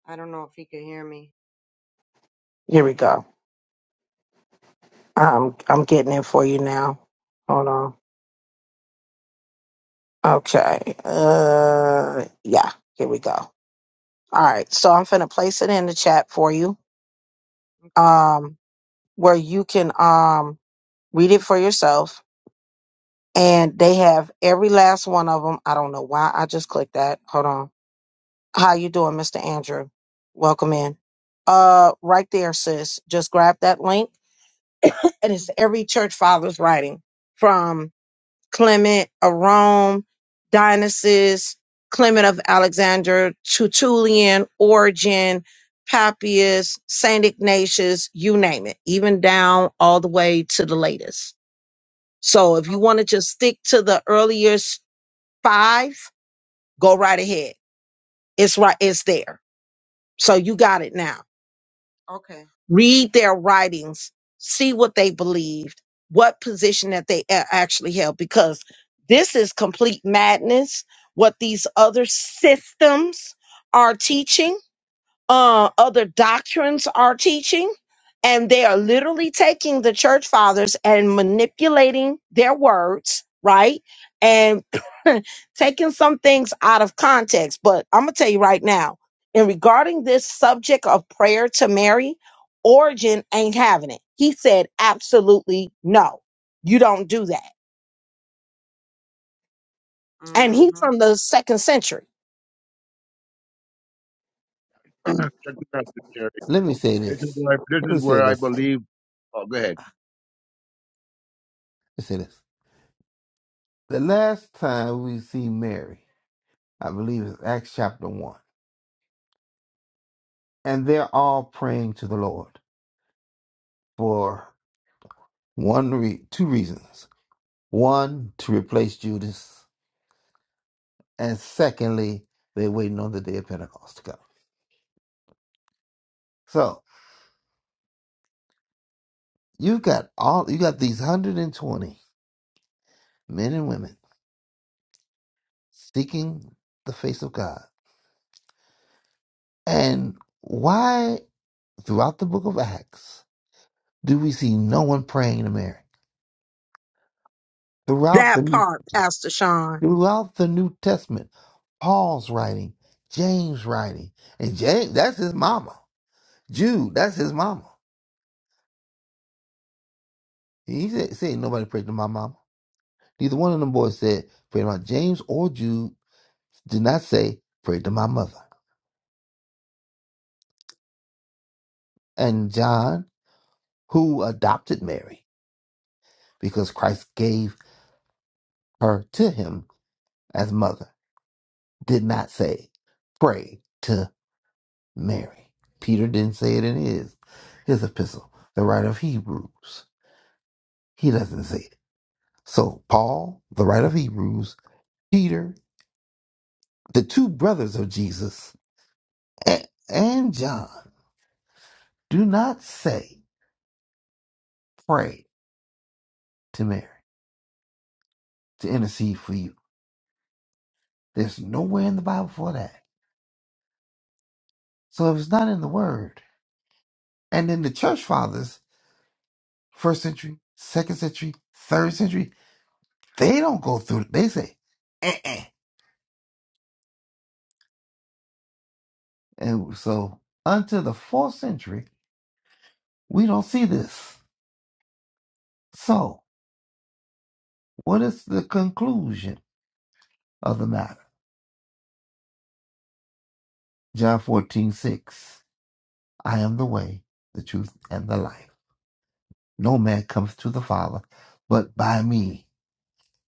S3: I don't know if he could hear me.
S1: Here we go. I'm I'm getting it for you now. Hold on. Okay. Uh yeah, here we go. All right. So I'm finna place it in the chat for you.
S3: Okay.
S1: Um where you can um read it for yourself. And they have every last one of them. I don't know why I just clicked that. Hold on. How you doing, Mr. Andrew? Welcome in. Uh right there, sis. Just grab that link and
S3: Mhm.
S1: it's every church father's writing from Clement of Rome, Dionysius, Clement of Alexandria, Tertullian, Origen, Papias, Saint Ignatius, you name it, even down all the way to the latest. So if you
S3: O-
S1: want to just stick to the earliest five, go right ahead. It's right, it's there. So you got it now.
S3: Okay.
S1: read their writings, see what they believed, what position that they a- actually held, because this is complete madness what these other systems are teaching uh, other doctrines are teaching, and they are literally taking the church fathers and manipulating their words, right? And taking some things out of context. But I'm going to tell you right now, in regarding this subject of prayer to Mary, Origin ain't having it. He said, absolutely no, you don't do that. And he's
S3: Mm-hmm.
S1: from the second century.
S2: Check this out, Terry.
S4: Let me say
S2: This is
S4: this.
S2: where I, this
S4: Let
S2: is
S4: me say
S2: where I
S4: this.
S2: believe Oh, go ahead.
S4: Let me say this. The last time we see Mary, I believe is Acts chapter 1. And they're all praying to the Lord for one re- two reasons. One, to replace Judas, and secondly, they're waiting on the day of Pentecost to come. So you've got all you got these 120 men and women seeking the face of God. And why throughout the book of Acts do we see no one praying to Mary? Throughout
S1: That
S4: the
S1: part, Pastor Sean.
S4: Throughout the New Testament, Paul's writing, James writing, and James, that's his mama. Jude, that's his mama. He said, say ain't nobody prayed to my mama. Neither one of them boys said, pray to my James or Jude did not say, pray to my mother. And John, who adopted Mary because Christ gave her to him as mother, did not say, pray to Mary. Peter didn't say it in his, his epistle, the writer of Hebrews. He doesn't say it. So, Paul, the writer of Hebrews, Peter, the two brothers of Jesus, a- and John do not say, pray to Mary to intercede for you. There's nowhere in the Bible for that. So, if it's not in the Word, and then the church fathers, first century, second century, third century, they don't go through it. They say, eh. eh." And so, until the fourth century, we don't see this. So, what is the conclusion of the matter? John fourteen six. I am the way, the truth, and the life. No man comes to the Father but by me.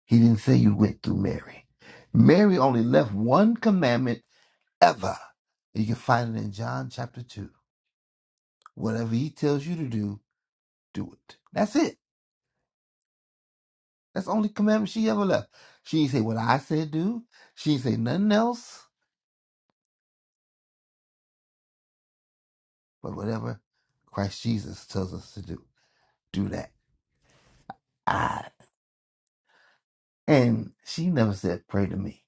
S4: He didn't say you went through Mary. Mary only left one commandment ever. You can find it in John chapter 2. Whatever he tells you to do, do it. That's it. That's the only commandment she ever left. She didn't say what I said do. She didn't say nothing else but whatever Christ Jesus tells us to do. Do that. I. And she never said pray to me.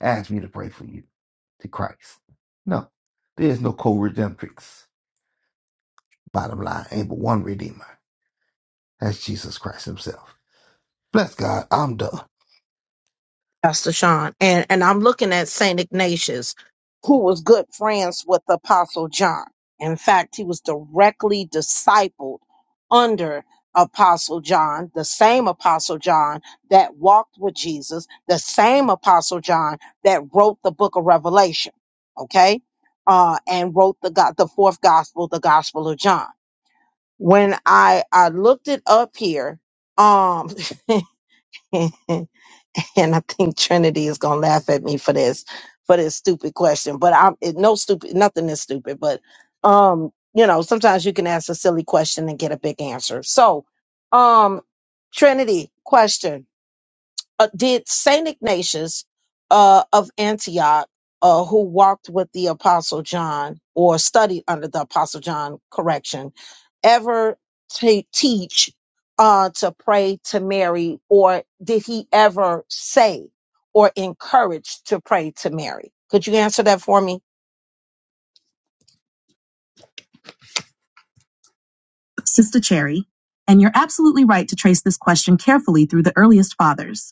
S4: ask me to pray for you to Christ. No, there is no co redemptrix. Bottom line, ain't but one redeemer. That's Jesus Christ himself. Bless God, I'm done.
S1: Pastor Sean, and, and I'm looking at St. Ignatius, who was good friends with Apostle John. In fact, he was directly discipled under Apostle John, the same Apostle John that walked with Jesus, the same Apostle John that wrote the book of Revelation, okay? Uh, and wrote the God, the fourth gospel, the Gospel of John. When I, I looked it up here, um, and I think Trinity is gonna laugh at me for this for this stupid question. But I'm it, no stupid, nothing is stupid. But um, you know, sometimes you can ask a silly question and get a big answer. So, um, Trinity, question uh, did Saint Ignatius uh, of Antioch, uh, who walked with the Apostle John or studied under the Apostle John, correction, ever ta- teach uh, to pray to Mary, or did he ever say or encourage to pray to Mary? Could you answer that for me? Sister Cherry, and you're absolutely right to trace this question carefully through the earliest fathers.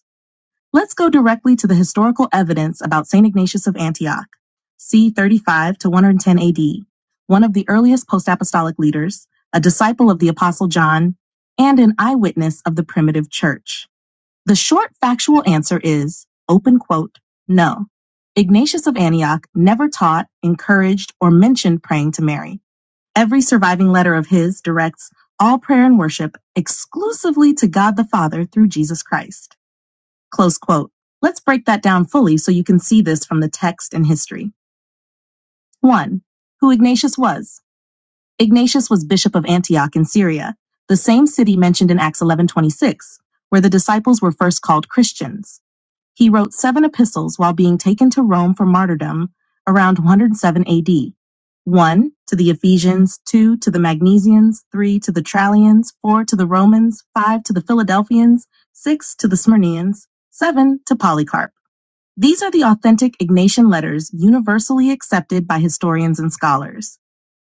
S1: Let's go directly to the historical evidence about St. Ignatius of Antioch, c. 35 to 110 AD, one of the earliest post apostolic leaders, a disciple of the Apostle John, and an eyewitness of the primitive church. The short factual answer is open quote, no. Ignatius of Antioch never taught, encouraged, or mentioned praying to Mary. Every surviving letter of his directs all prayer and worship exclusively to God the Father through Jesus Christ. Close quote. Let's break that down fully so you can see this from the text and history. 1. Who Ignatius was. Ignatius was bishop of Antioch in Syria, the same city mentioned in Acts 11:26, where the disciples were first called Christians. He wrote 7 epistles while being taken to Rome for martyrdom around 107 AD. 1 to the Ephesians, 2 to the Magnesians, 3 to the Trallians, 4 to the Romans, 5 to the Philadelphians, 6 to the Smyrnians, 7 to Polycarp. These are the authentic Ignatian letters universally accepted by historians and scholars.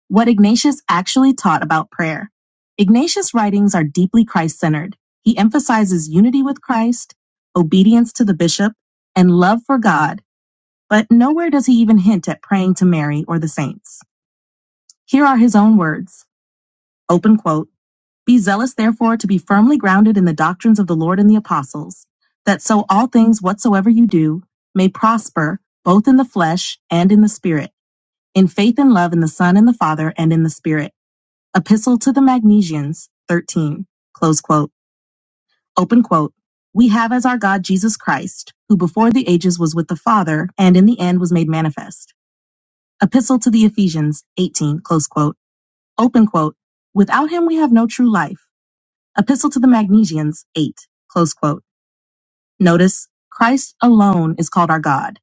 S1: What Ignatius actually taught about prayer. Ignatius' writings are deeply Christ centered. He emphasizes unity with Christ, obedience to the bishop, and love for God, but nowhere does he even hint at praying to Mary or the saints. Here are his own words open quote be zealous, therefore, to be firmly grounded in the doctrines of the Lord and the apostles, that so all things whatsoever you do may prosper, both in the flesh and in the spirit, in faith and love in the Son and the Father and in the Spirit. Epistle to the Magnesians, 13. Close quote. Open quote. We have as our God Jesus Christ, who before the ages was with the Father and in the end was made manifest. Epistle to the Ephesians, 18. Close quote. Open quote. Without him we have no true life Epistle to the Magnesians 8, close quote. Notice, Christ alone is called our God.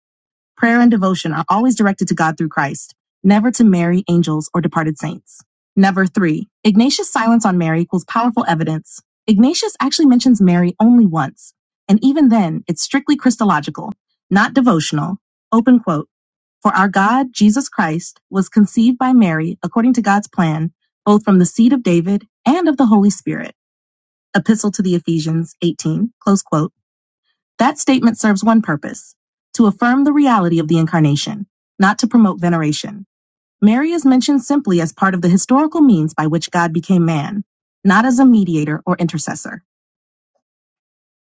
S1: Prayer and devotion are always directed to God through Christ, never to Mary, angels, or departed saints. Number three. Ignatius' silence on Mary equals powerful evidence. Ignatius actually mentions Mary only once, and even then, it's strictly Christological, not devotional. Open quote. For our God, Jesus Christ, was conceived by Mary according to God's plan, both from the seed of David and of the Holy Spirit. Epistle to the Ephesians 18, close quote, that statement serves one purpose to affirm the reality of the incarnation, not to promote veneration. Mary is mentioned simply as part of the historical means by which God became man, not as a mediator or intercessor.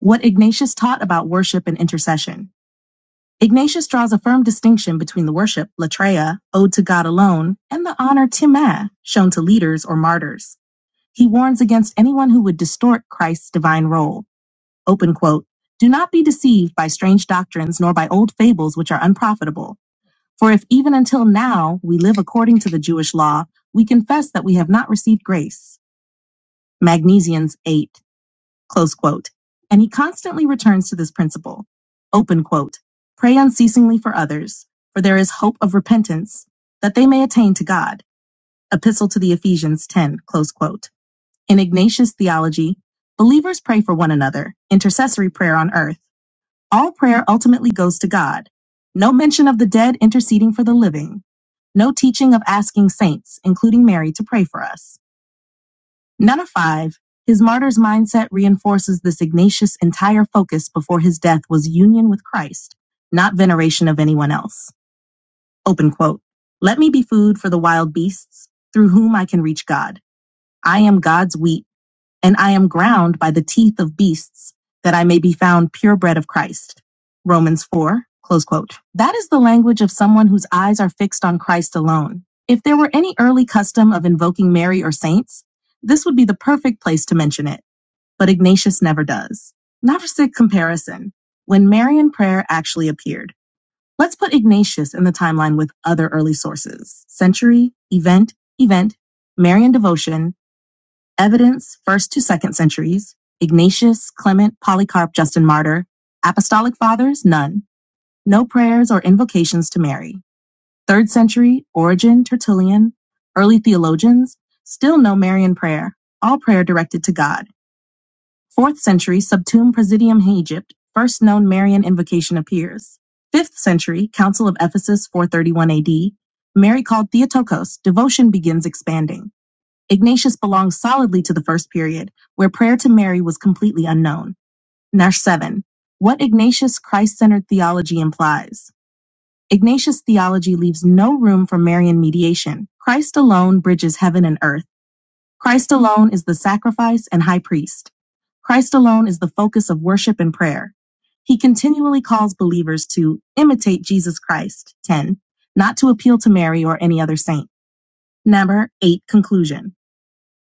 S1: What Ignatius taught about worship and intercession. Ignatius draws a firm distinction between the worship, latreia, owed to God alone, and the honor, timah, shown to leaders or martyrs. He warns against anyone who would distort Christ's divine role open quote, do not be deceived by strange doctrines nor by old fables which are unprofitable. For if even until now we live according to the Jewish law, we confess that we have not received grace. Magnesians 8, close quote. And he constantly returns to this principle, open quote, pray unceasingly for others, for there is hope of repentance, that they may attain to God. Epistle to the Ephesians 10, close quote. In Ignatius theology, believers pray for one another, intercessory prayer on earth all prayer ultimately goes to God. No mention of the dead interceding for the living. No teaching of asking saints, including Mary, to pray for us. None of five, his martyr's mindset reinforces this Ignatius' entire focus before his death was union with Christ, not veneration of anyone else. Open quote. Let me be food for the wild beasts, through whom I can reach God. I am God's wheat and I am ground by the teeth of beasts, that I may be found purebred of Christ. Romans 4, close quote. That is the language of someone whose eyes are fixed on Christ alone. If there were any early custom of invoking Mary or saints, this would be the perfect place to mention it, but Ignatius never does. Not a sick comparison. When Marian prayer actually appeared, let's put Ignatius in the timeline with other early sources. Century, event, event, Marian devotion, Evidence, first to second centuries, Ignatius, Clement, Polycarp, Justin Martyr. Apostolic fathers, none. No prayers or invocations to Mary. Third century, Origen, Tertullian. Early theologians, still no Marian prayer. All prayer directed to God. Fourth century, Subtum Presidium Egypt. First known Marian invocation appears. Fifth century, Council of Ephesus, 431 AD. Mary called Theotokos. Devotion begins expanding. Ignatius belongs solidly to the first period, where prayer to Mary was completely unknown. Nash 7. What Ignatius Christ centered theology implies. Ignatius' theology leaves no room for Marian mediation. Christ alone bridges heaven and earth. Christ alone is the sacrifice and high priest. Christ alone is the focus of worship and prayer. He continually calls believers to imitate Jesus Christ, 10, not to appeal to Mary or any other saint. Number 8, conclusion.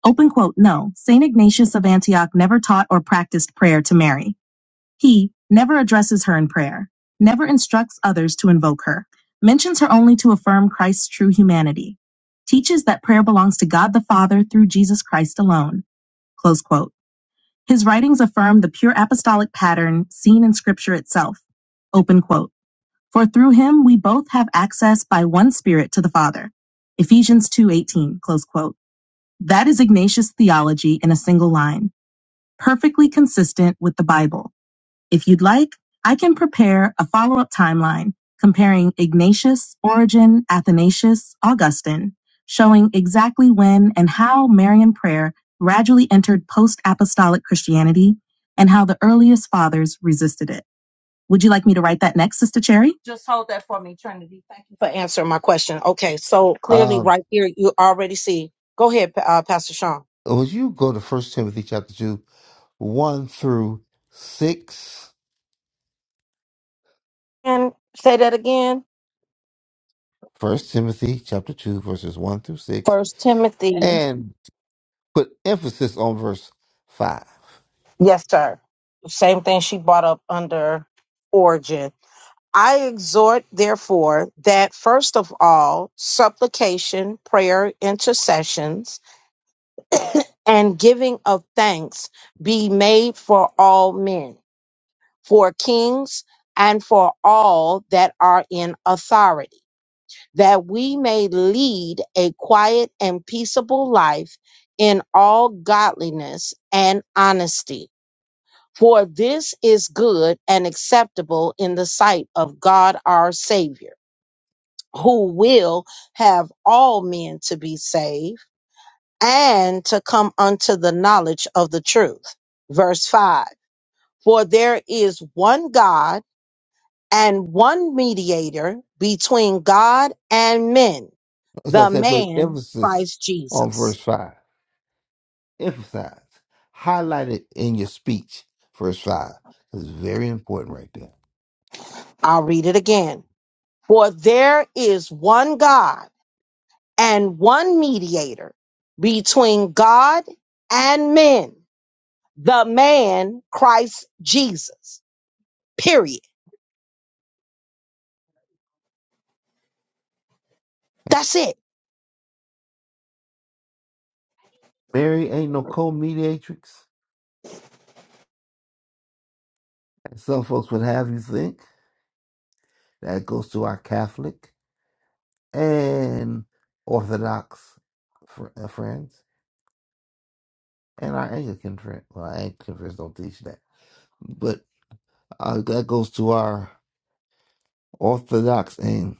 S1: Open quote, no, St. Ignatius of Antioch never taught or practiced prayer to Mary. He never addresses her in prayer, never instructs others to invoke her, mentions her only to affirm Christ's true humanity, teaches that prayer belongs to God the Father through Jesus Christ alone, close quote. His writings affirm the pure apostolic pattern seen in scripture itself, open quote. For through him we both have access by one spirit to the Father, Ephesians 2.18, close quote. That is Ignatius theology in a single line, perfectly consistent with the Bible. If you'd like, I can prepare a follow up timeline comparing Ignatius, Origen, Athanasius, Augustine, showing exactly when and how Marian prayer gradually entered post apostolic Christianity and how the earliest fathers resisted it. Would you like me to write that next, Sister Cherry? Just hold that for me, Trinity. Thank you for answering my question. Okay, so clearly,
S4: Um,
S1: right here, you already see. Go ahead, uh, Pastor Sean.
S4: would you go to First Timothy chapter 2, 1 through 6?
S1: And say that again.
S4: First Timothy chapter 2, verses 1 through 6,
S1: First Timothy.
S4: and put emphasis on verse 5.
S1: Yes, sir. Same thing she brought up under origin. I exhort, therefore, that first of all, supplication, prayer, intercessions, and giving of thanks be made for all men, for kings, and for all that are in authority that we may lead a quiet and peaceable life in all godliness and honesty. For this is good and acceptable in the sight of God our Savior, who will have all men to be saved and to come unto the knowledge of the truth. Verse 5 For there is one God and one mediator between God and men,
S4: As I
S1: the
S4: said, put
S1: man
S4: emphasis
S1: Christ
S4: on
S1: Jesus.
S4: verse 5. emphasize, highlight it in your speech, verse 5. It's very important right there.
S1: I'll read it again. For there is one God and one mediator between God and men, the man Christ Jesus. Period. That's it.
S4: Mary ain't no co mediatrix, as some folks would have you think. That goes to our Catholic and Orthodox fr- uh, friends and our Anglican friends. Well, our Anglican friends don't teach that, but uh, that goes to our Orthodox and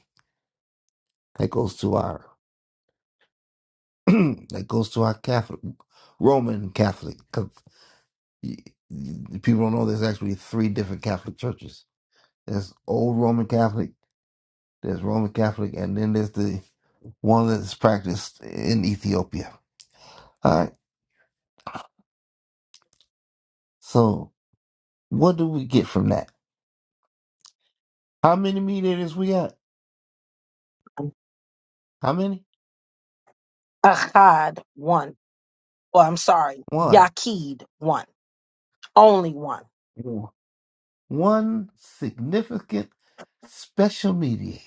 S4: that goes to our that goes to our Catholic, Roman Catholic. 'cause y- y- people don't know there's actually three different Catholic churches. There's old Roman Catholic, there's Roman Catholic, and then there's the one that's practiced in Ethiopia. All right, so. What do we get from that? How many mediators we got? How many?
S1: Ahad one. Oh, I'm sorry.
S4: One.
S1: Yakid one. Only one.
S4: One significant special mediator.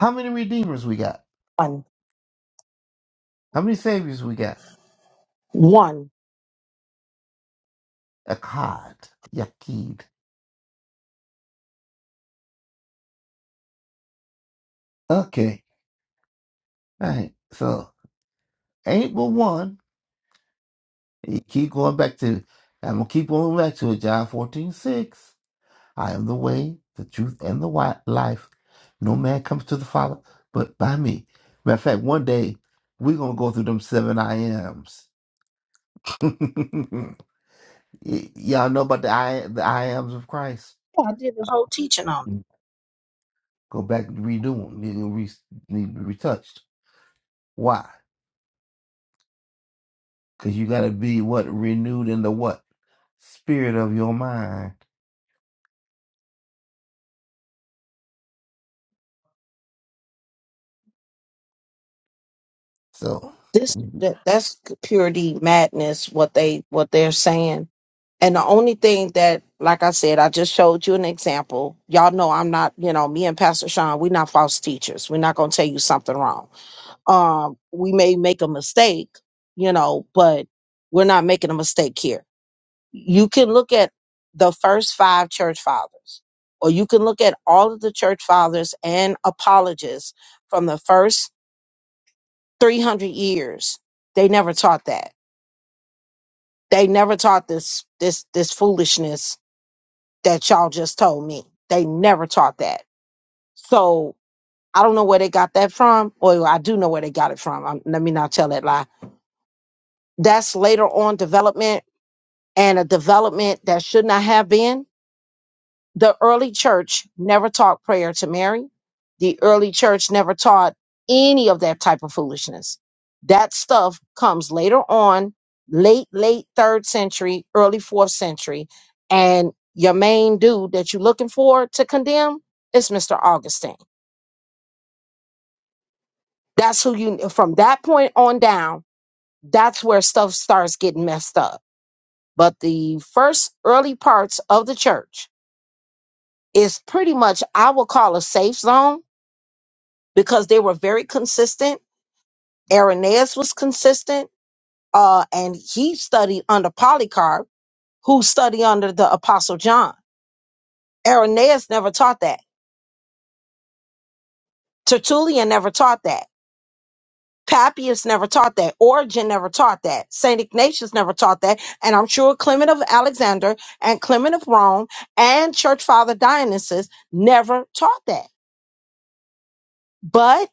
S4: How many redeemers we got?
S1: One.
S4: How many saviors we got?
S1: One.
S4: Akkad. Yakid. Okay. All right. So ain't but one. You keep going back to I'm gonna keep going back to it, John 14 6. I am the way, the truth, and the wi- life. No man comes to the Father but by me. Matter of fact, one day we're gonna go through them seven I ams. Y- y'all know about the I the I ams of Christ.
S1: Yeah, I did the whole teaching on it.
S4: Go back and redo them. Need to re, need to be retouched. Why? Because you gotta be what renewed in the what spirit of your mind. So
S1: this that, that's purity madness what they what they're saying and the only thing that like i said i just showed you an example y'all know i'm not you know me and pastor sean we're not false teachers we're not going to tell you something wrong um we may make a mistake you know but we're not making a mistake here you can look at the first five church fathers or you can look at all of the church fathers and apologists from the first 300 years they never taught that They never taught this this this foolishness that y'all just told me. They never taught that. So I don't know where they got that from. Or I do know where they got it from. Um let me not tell that lie. That's later on development and a development that should not have been The early church never taught prayer to Mary. The early church never taught any of that type of foolishness. That stuff comes later on, late, late third century, early fourth century. And your main dude that you're looking for to condemn is Mr. Augustine. That's who you, from that point on down, that's where stuff starts getting messed up. But the first early parts of the church is pretty much, I will call a safe zone because they were very consistent. Irenaeus was consistent, uh, and he studied under Polycarp, who studied under the Apostle John. Irenaeus never taught that. Tertullian never taught that. Papias never taught that. Origen never taught that. St. Ignatius never taught that. And I'm sure Clement of Alexander and Clement of Rome and Church Father Dionysius never taught that. But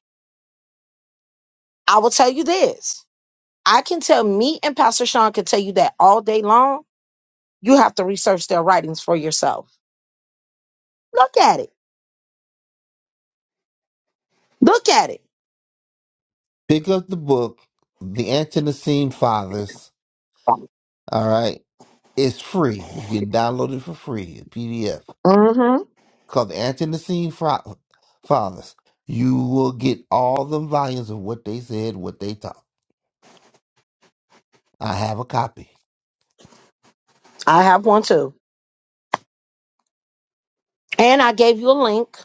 S1: I will tell you this I can tell me and Pastor Sean can tell you that all day long You have to research their writings for yourself. Look at it. Look at it.
S4: pick up the book, The Antonicene Fathers. All right. It's free. You can download it for free, a PDF
S1: hmm
S4: called the Anti-Nicene Fa- Fathers. You will get all the volumes of what they said, what they taught. I have a copy.
S1: I have one too. And I gave you a link.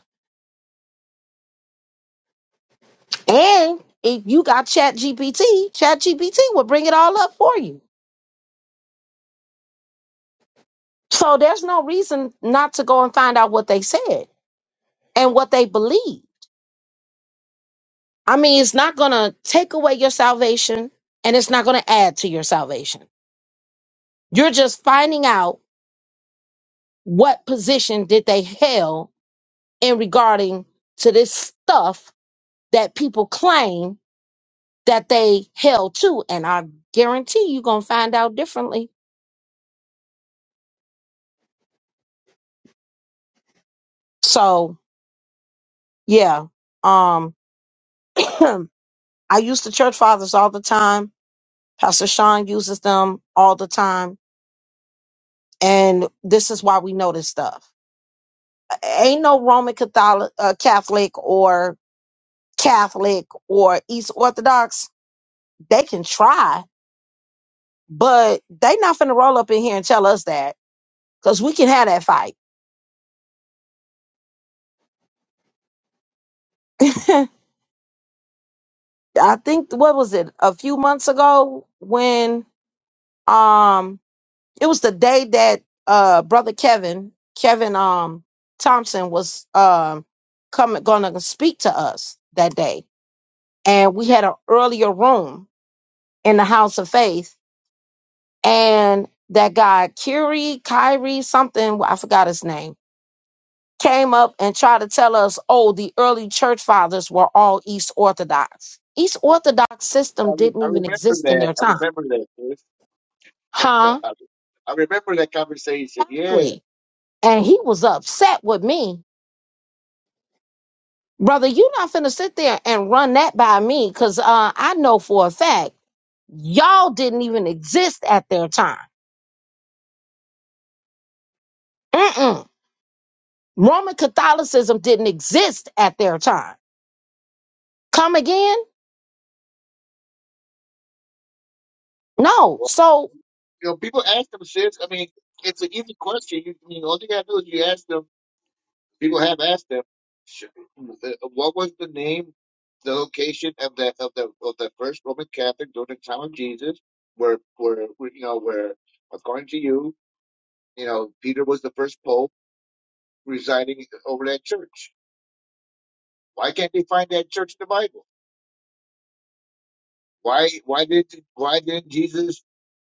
S1: And if you got ChatGPT, ChatGPT will bring it all up for you. So there's no reason not to go and find out what they said and what they believe. I mean, it's not going to take away your salvation and it's not going to add to your salvation. You're just finding out what position did they held in regarding to this stuff that people claim that they held to and i guarantee you're gonna find out differently so yeah um i use the church fathers all the time pastor sean uses them all the time and this is why we know this stuff ain't no roman catholic uh, catholic or catholic or east orthodox they can try but they not finna roll up in here and tell us that because we can have that fight I think what was it a few months ago when um it was the day that uh brother Kevin Kevin um Thompson was um coming going to speak to us that day and we had an earlier room in the house of faith and that guy Curie Kyrie something I forgot his name came up and tried to tell us oh the early church fathers were all East Orthodox East Orthodox
S2: I,
S1: system
S2: re-
S1: didn't
S2: I
S1: even
S2: remember
S1: exist in
S2: that.
S1: their
S2: I
S1: time
S2: remember that. Sis.
S1: Huh?
S2: I, re- I remember that conversation. Yeah.
S1: Exactly. And he was upset with me. Brother, you not finna sit there and run that by me because uh, I know for a fact y'all didn't even exist at their time. Mm-mm. Roman Catholicism didn't exist at their time. Come again? No.
S2: Well,
S1: So,
S2: you know, people ask them, sis. I mean, it's an easy question. You, I mean, all you gotta do is you ask them. People have asked them, sh- the- what was the name, the location of the of the of the first Roman Catholic during the time of Jesus, where where where, you know where, according to you, you know Peter was the first pope residing over that church. Why can't they find that church in the Bible? Why why did why did not Jesus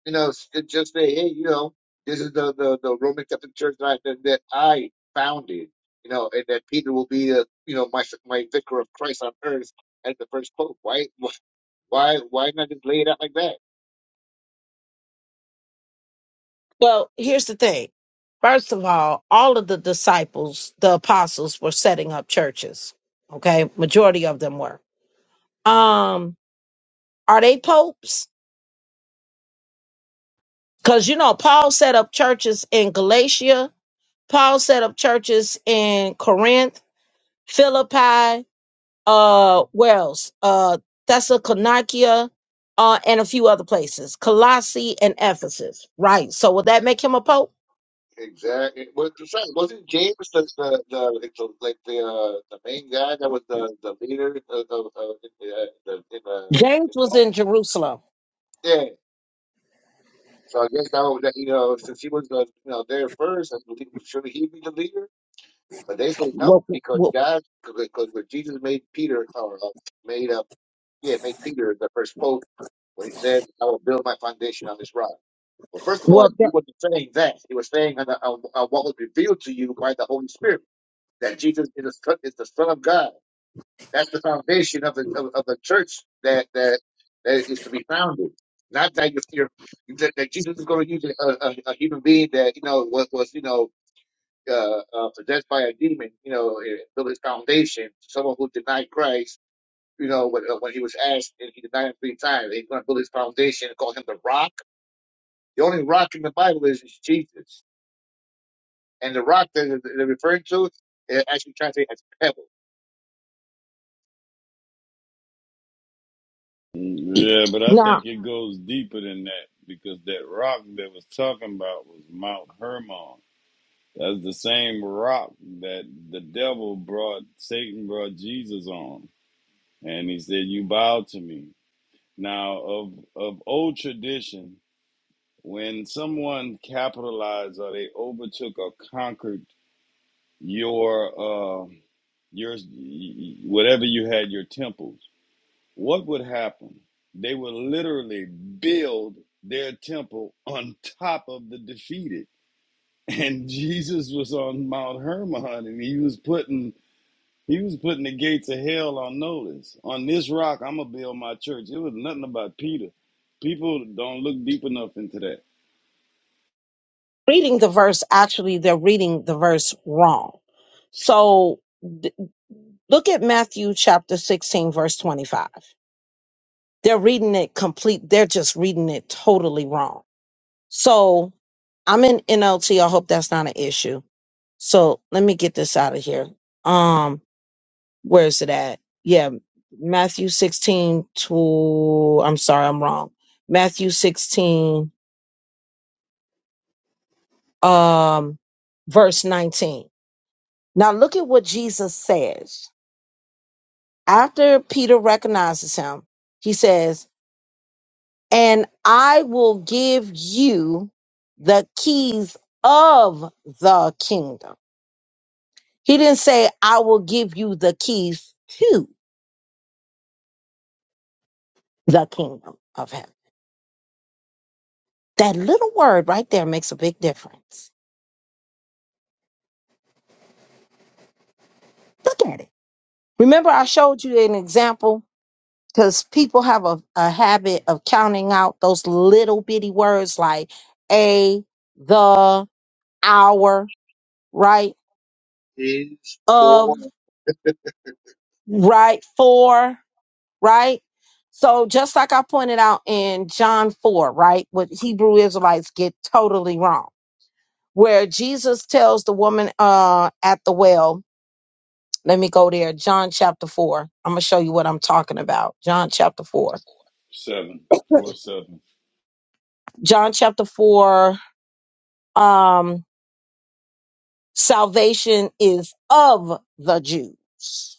S2: you know s- just say hey you know this is the the, the Roman Catholic Church that I, that that I founded you know and that Peter will be a, you know my my vicar of Christ on earth as the first pope why why why not just lay it out like that
S1: well, here's the thing. First of all, all of the disciples, the apostles, were setting up churches. Okay. Majority of them were. Um, are they popes? Because, you know, Paul set up churches in Galatia, Paul set up churches in Corinth, Philippi, uh, where else? Uh, Thessalonica, uh, and a few other places, Colossae and Ephesus, right? So, would that make him a pope?
S2: exactly what you said wasn't James the the, the like the like the, uh, the main guy that was the the leader of, of, of in the, uh, the in uh
S1: James
S2: in
S1: was
S2: Rome?
S1: in Jerusalem.
S2: Yeah. So I guess that was that you know since he was the you know there first, I believe should he be the leader? But they said no
S1: Well,
S2: because
S1: well,
S2: God because when Jesus made Peter or uh, made up yeah made Peter the first pope when he says I will build my foundation on this rock. Well, first of all,
S1: well
S2: he wasn't saying that. He was saying on, the, on, on what was revealed to you by the Holy Spirit that Jesus is the Son, is the Son of God. That's the foundation of the of, of the church that, that that is to be founded. Not that you're, you're that, that Jesus is going to use a, a, a human being that you know was, was you know uh, uh, possessed by a demon, you know, and build his foundation. Someone who denied Christ, you know, when, uh, when he was asked and he denied him three times, he's going to build his foundation and call him the rock. The only rock in the Bible is, is Jesus, and the rock that they're they're referring to, it actually translated as pebble.
S1: that,
S5: Yeah, but I
S1: now,
S5: think it goes deeper than that because that rock that was talking about was Mount Hermon. That's the same rock that the devil brought, Satan brought Jesus on. And he said, You bow to me. Now, of, of old tradition, when someone capitalized or they overtook or conquered your, uh, your, whatever you had, your temple. what would happen? They would literally build their temple on top of the defeated. And Jesus was on Mount Hermon and he was putting he was putting the gates of hell on notice. On this rock, I'm gonna build my church. It was nothing about Peter. People don't look deep enough into that.
S1: reading the verse, actually, they're reading the verse wrong. So, th- look at Matthew chapter 16, verse 25. They're reading it complete. They're just reading it totally wrong. So I'm in NLT. I hope that's not an issue. So let me get this out of here. Um, where is it at? Yeah, Matthew 16 to I'm sorry, I'm wrong. Matthew 16, um, verse 19. Now look at what Jesus says. After Peter recognizes him, he says, and I will give you the keys of the kingdom. He didn't say, I will give you the keys to the kingdom of heaven. That little word right there makes a big difference. Look at it. Remember, I
S2: Yep.
S1: showed you an example because people have a, a habit of counting out those little bitty words like a, the, our, right,
S2: Is
S1: of,
S2: for
S1: right, for. right? So just like I pointed out in John 4, right? What Hebrew Israelites get totally wrong, where Jesus tells the woman uh at the well, let me go there, John chapter 4. I'm gonna show you what I'm talking about. John chapter 4.
S5: Seven four seven.
S1: John chapter 4, um, salvation is of the Jews.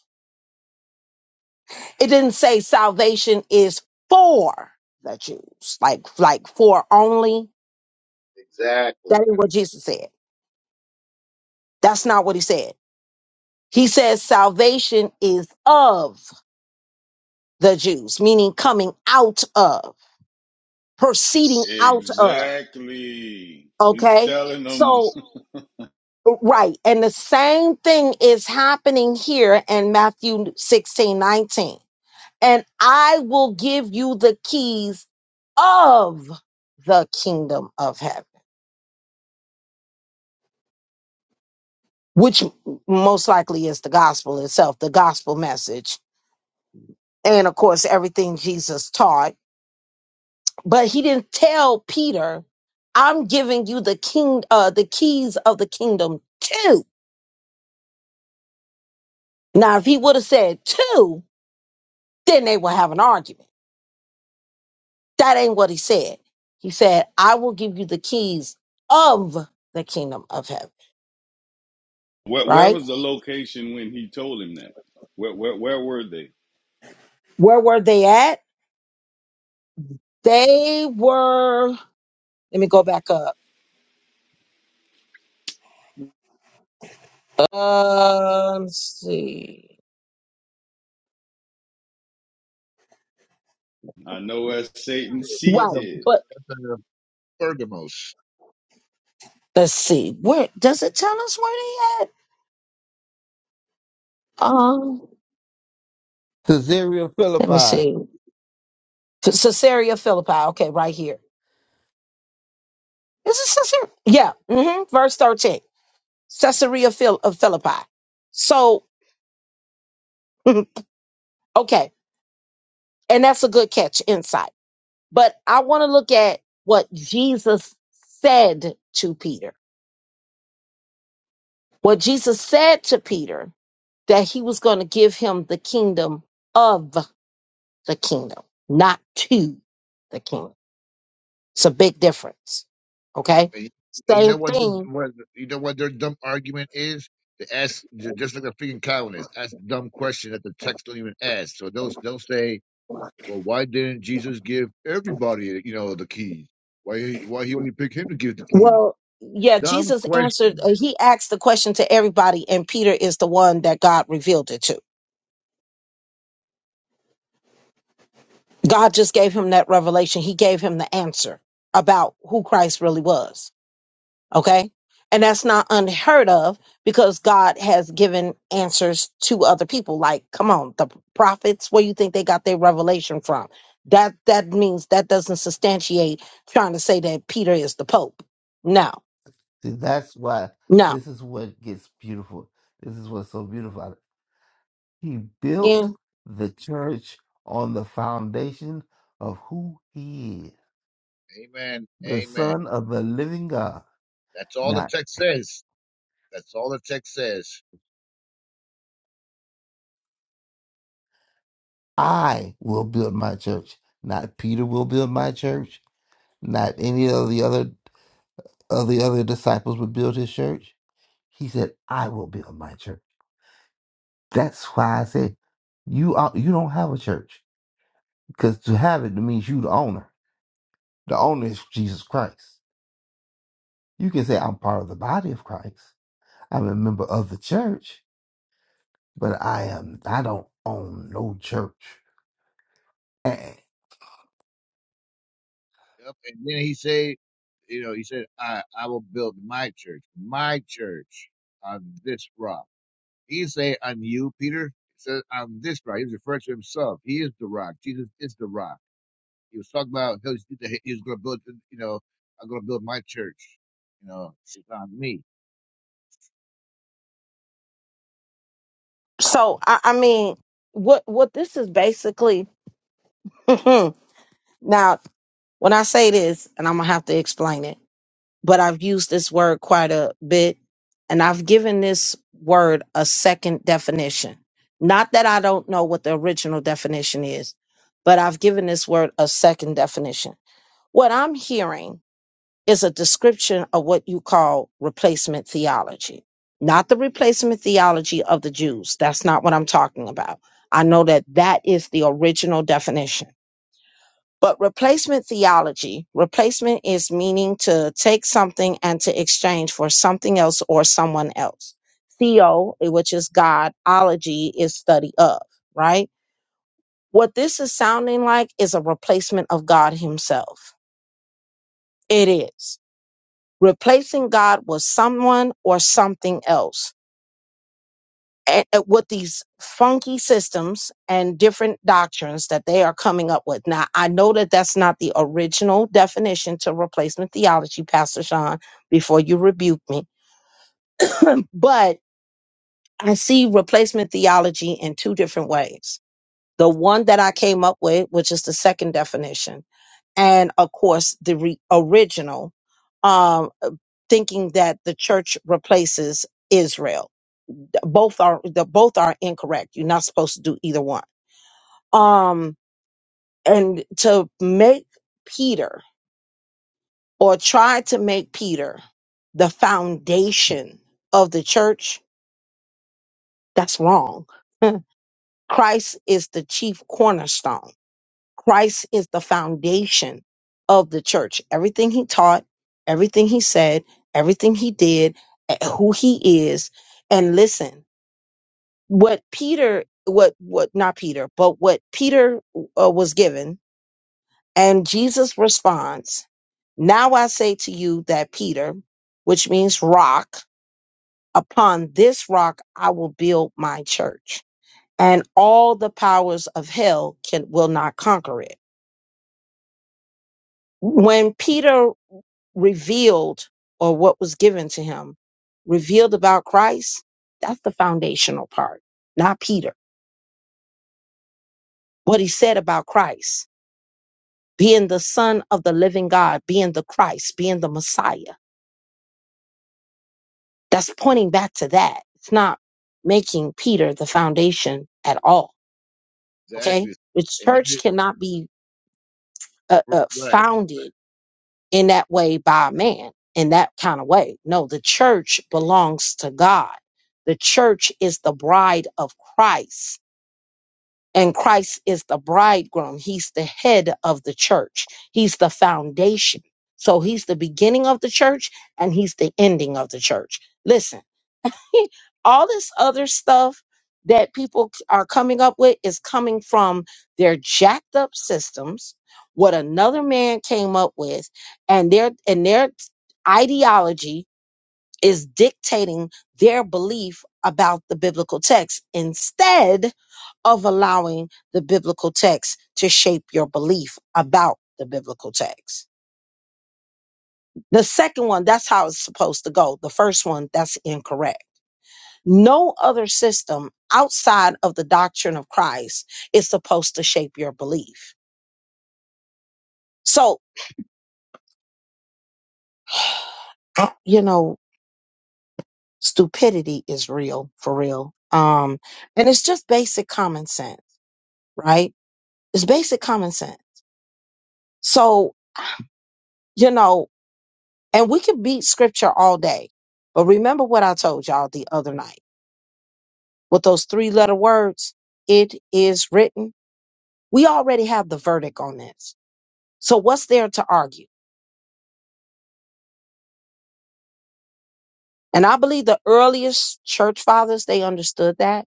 S1: It didn't say salvation is for the Jews, like like for only. That
S2: exactly.
S1: ain't what Jesus said. That's not what he said. He says salvation is of the Jews, meaning coming out of, proceeding out of.
S5: Exactly. He's
S1: Okay.
S5: telling them
S1: So, right. And the same thing is happening here in Matthew 16 19, And I will give you the keys of the kingdom of heaven, which most likely is the gospel itself, the gospel message. And of course, everything Jesus taught but he didn't tell Peter, "I'm giving you the king, uh, the keys of the kingdom too." Now, if he would have said two, then they would have an argument. That ain't what he said. He said, "I will give you the keys of the kingdom of heaven."
S5: where, where
S1: Right?
S5: was the location when he told him that? Where where where were they?
S1: Where were they at? They were. Let me go back up. Um, let's see.
S5: I know where Satan's seat
S1: Right,
S2: Pergam,
S5: is.
S1: but
S2: that's, uh, Pergamos.
S1: let's see. Where does it tell us where they at? Um,
S4: Caesarea
S1: let me
S4: Philippi.
S1: see. to Caesarea Philippi. Okay, right here. Is it Caesarea? Yeah. hmm Verse 13. Caesarea Phil- of Philippi. So, okay. And that's a good catch, insight. But I want to look at what Jesus said to Peter. What Jesus said to Peter that he was going to give him the kingdom of the kingdom, not to the kingdom. It's a big difference.
S2: Yep.
S1: Okay.
S2: And, and you
S1: Same
S2: know what?
S1: thing
S2: What you know what their dumb argument is? They ask ju- just like the freaking Calvinists ask dumb question that the text don't even ask. So they'll they'll say, well, why didn't Jesus give everybody you know the keys? Why he- why he only picked him to give the keys?
S1: Well, yeah,
S2: Dumb
S1: Jesus answered, uh,
S2: question.
S1: he asked the question to everybody, and Peter is the one that God revealed it to. God just gave him that revelation. He gave him the answer about who Christ really was. Okay. And that's not unheard of because God has given answers to other people. Like, come on, the prophets, where you think they got their revelation from? That that means that doesn't substantiate trying to say that Peter is the Pope. No,
S4: See, that's why
S1: no.
S4: this is what gets beautiful. This is what's so beautiful. about it. He built the church on the foundation of who he is,
S2: Amen.
S4: the
S2: Amen.
S4: Son of the Living God.
S2: That's all the
S4: Not
S2: text says. That's all the text says.
S4: I will build my church. Not Peter will build my church Not any of the other of the other disciples would build his church. He said, "I will build my church." That's why I said, "You are, you don't have a church because to have it means you the owner. The owner is Jesus Christ. You can say I'm part of the body of Christ. I'm a member of the church, but I am I don't own no church."
S2: Yep. And then he said, you know, he said, I, I will build my church, my church on this rock. He didn't say on you, Peter. He said on this rock. He was referring to himself. He is the rock. Jesus is the rock. He was talking about he was, he was going to build, you know, I'm going to build my church. You know, it's on me.
S1: So I, I mean, what what this is basically now. When I say this, and I'm gonna have to explain it, but I've used this word quite a bit, and I've given this word a second definition. Not that I don't know what the original definition is, but I've given this word a second definition. What I'm hearing is a description of what you call replacement theology. Not the replacement theology of the Jews. That's not what I'm talking about. I know that that is the original definition. But replacement theology, replacement is meaning to take something and to exchange for something else or someone else. Theo, which is God, ology is study of, right? What this is sounding like is a replacement of God Himself. It is. replacing God with someone or something else. And and with these funky systems and different doctrines that they are coming up with. Now, I know that that's not the original definition to replacement theology, Pastor Sean, before you rebuke me, but I see replacement theology in two different ways. The one that I came up with, which is the second definition, and of course, the re- original, um, thinking that the church replaces Israel both are the both are incorrect. You're not supposed to do either one. Um, and to make Peter or try to make Peter the foundation of the church, that's wrong. Christ is the chief cornerstone. Christ is the foundation of the church. Everything he taught, everything he said, everything he did, eh, who he is. And listen, what Peter, what what not Peter, but what Peter uh, was given, and Jesus responds, "Now I say to you that Peter, which means rock, upon this rock I will build my church, and all the powers of hell can will not conquer it." When Peter revealed, or what was given to him, revealed about Christ, that's the foundational part, not Peter. What he said about Christ being the son of the living God, being the Christ, being the Messiah. That's pointing back to that. It's not making Peter the foundation at all. Okay.
S2: Exactly.
S1: The
S2: And then,
S1: church
S2: they-
S1: cannot be uh, uh,
S2: right,
S1: founded in that way by a man in that kind of way. No, the church belongs to God. The church is the bride of Christ And Christ is the bridegroom. He's the head of the church. He's the foundation. So he's the beginning of the church and he's the ending of the church. Listen, all this other stuff that people c- are coming up with is coming from their jacked up systems, what another man came up with and their and their ideology is dictating their belief about the biblical text instead of allowing the biblical text to shape your belief about the biblical text. The second one, that's how it's supposed to go. The first one, that's incorrect. No other system outside of the doctrine of Christ is supposed to shape your belief. So, I- you know, stupidity is real for real. Um, and it's just basic common sense, right? It's basic common sense So, you know, and we can beat scripture all day. But remember what I told y'all the other night with those three letter words, it is written. We already have the verdict on this. So what's there to argue? And I believe the earliest church fathers, they understood that.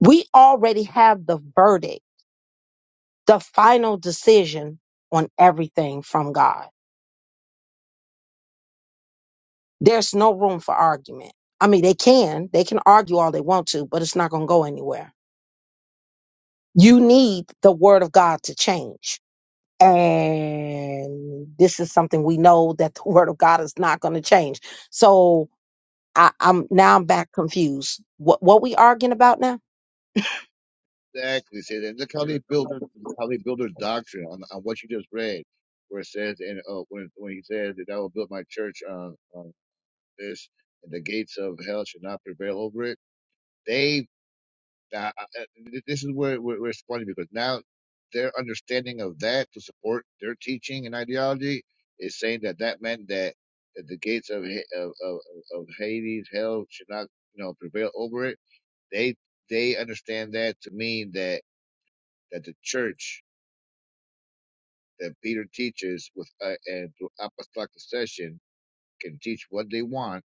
S1: We already have the verdict, the final decision on everything from God. There's no room for argument. I mean, they can, they can argue all they want to, but it's not going to go anywhere you need the word of God to change. And this is something we know that the word of God is not going to change. So I, I'm now I'm back confused. What what we arguing about now?
S2: exactly. See, then look how they build their, how they build their doctrine on, on what you just read, where it says, and uh, when when he says that I will build my church on this, and the gates of hell should not prevail over it. They, uh, uh, this is where, where, where it's funny because now their understanding of that to support their teaching and ideology is saying that that meant that, that the gates of, Ha- of of of Hades, hell, should not you know prevail over it. They they understand that to mean that that the church that Peter teaches with uh, and through apostolic succession can teach what they want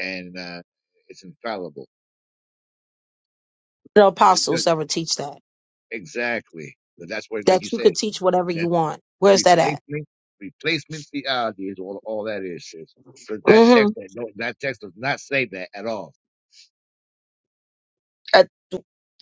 S2: and uh, it's infallible.
S1: The
S2: Well,
S1: apostles ever teach that
S2: Exactly. But that's what, like you
S1: that you could
S2: said,
S1: teach whatever you
S2: that
S1: want. Where's that at?
S2: replacement, replacement theology is all, all that is, sis. Because that
S1: Mm-hmm.
S2: text, that, no, that text does not say that at all.
S1: Uh,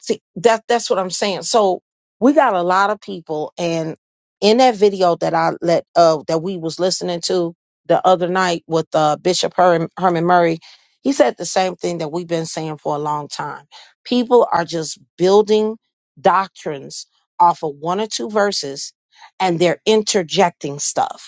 S1: see, that that's what I'm saying. So we got a lot of people, and in that video that I let uh that we was listening to the other night with uh Bishop Herman, Herman Murray, he said the same thing that we've been saying for a long time. People are just building doctrines off of one or two verses, and they're interjecting stuff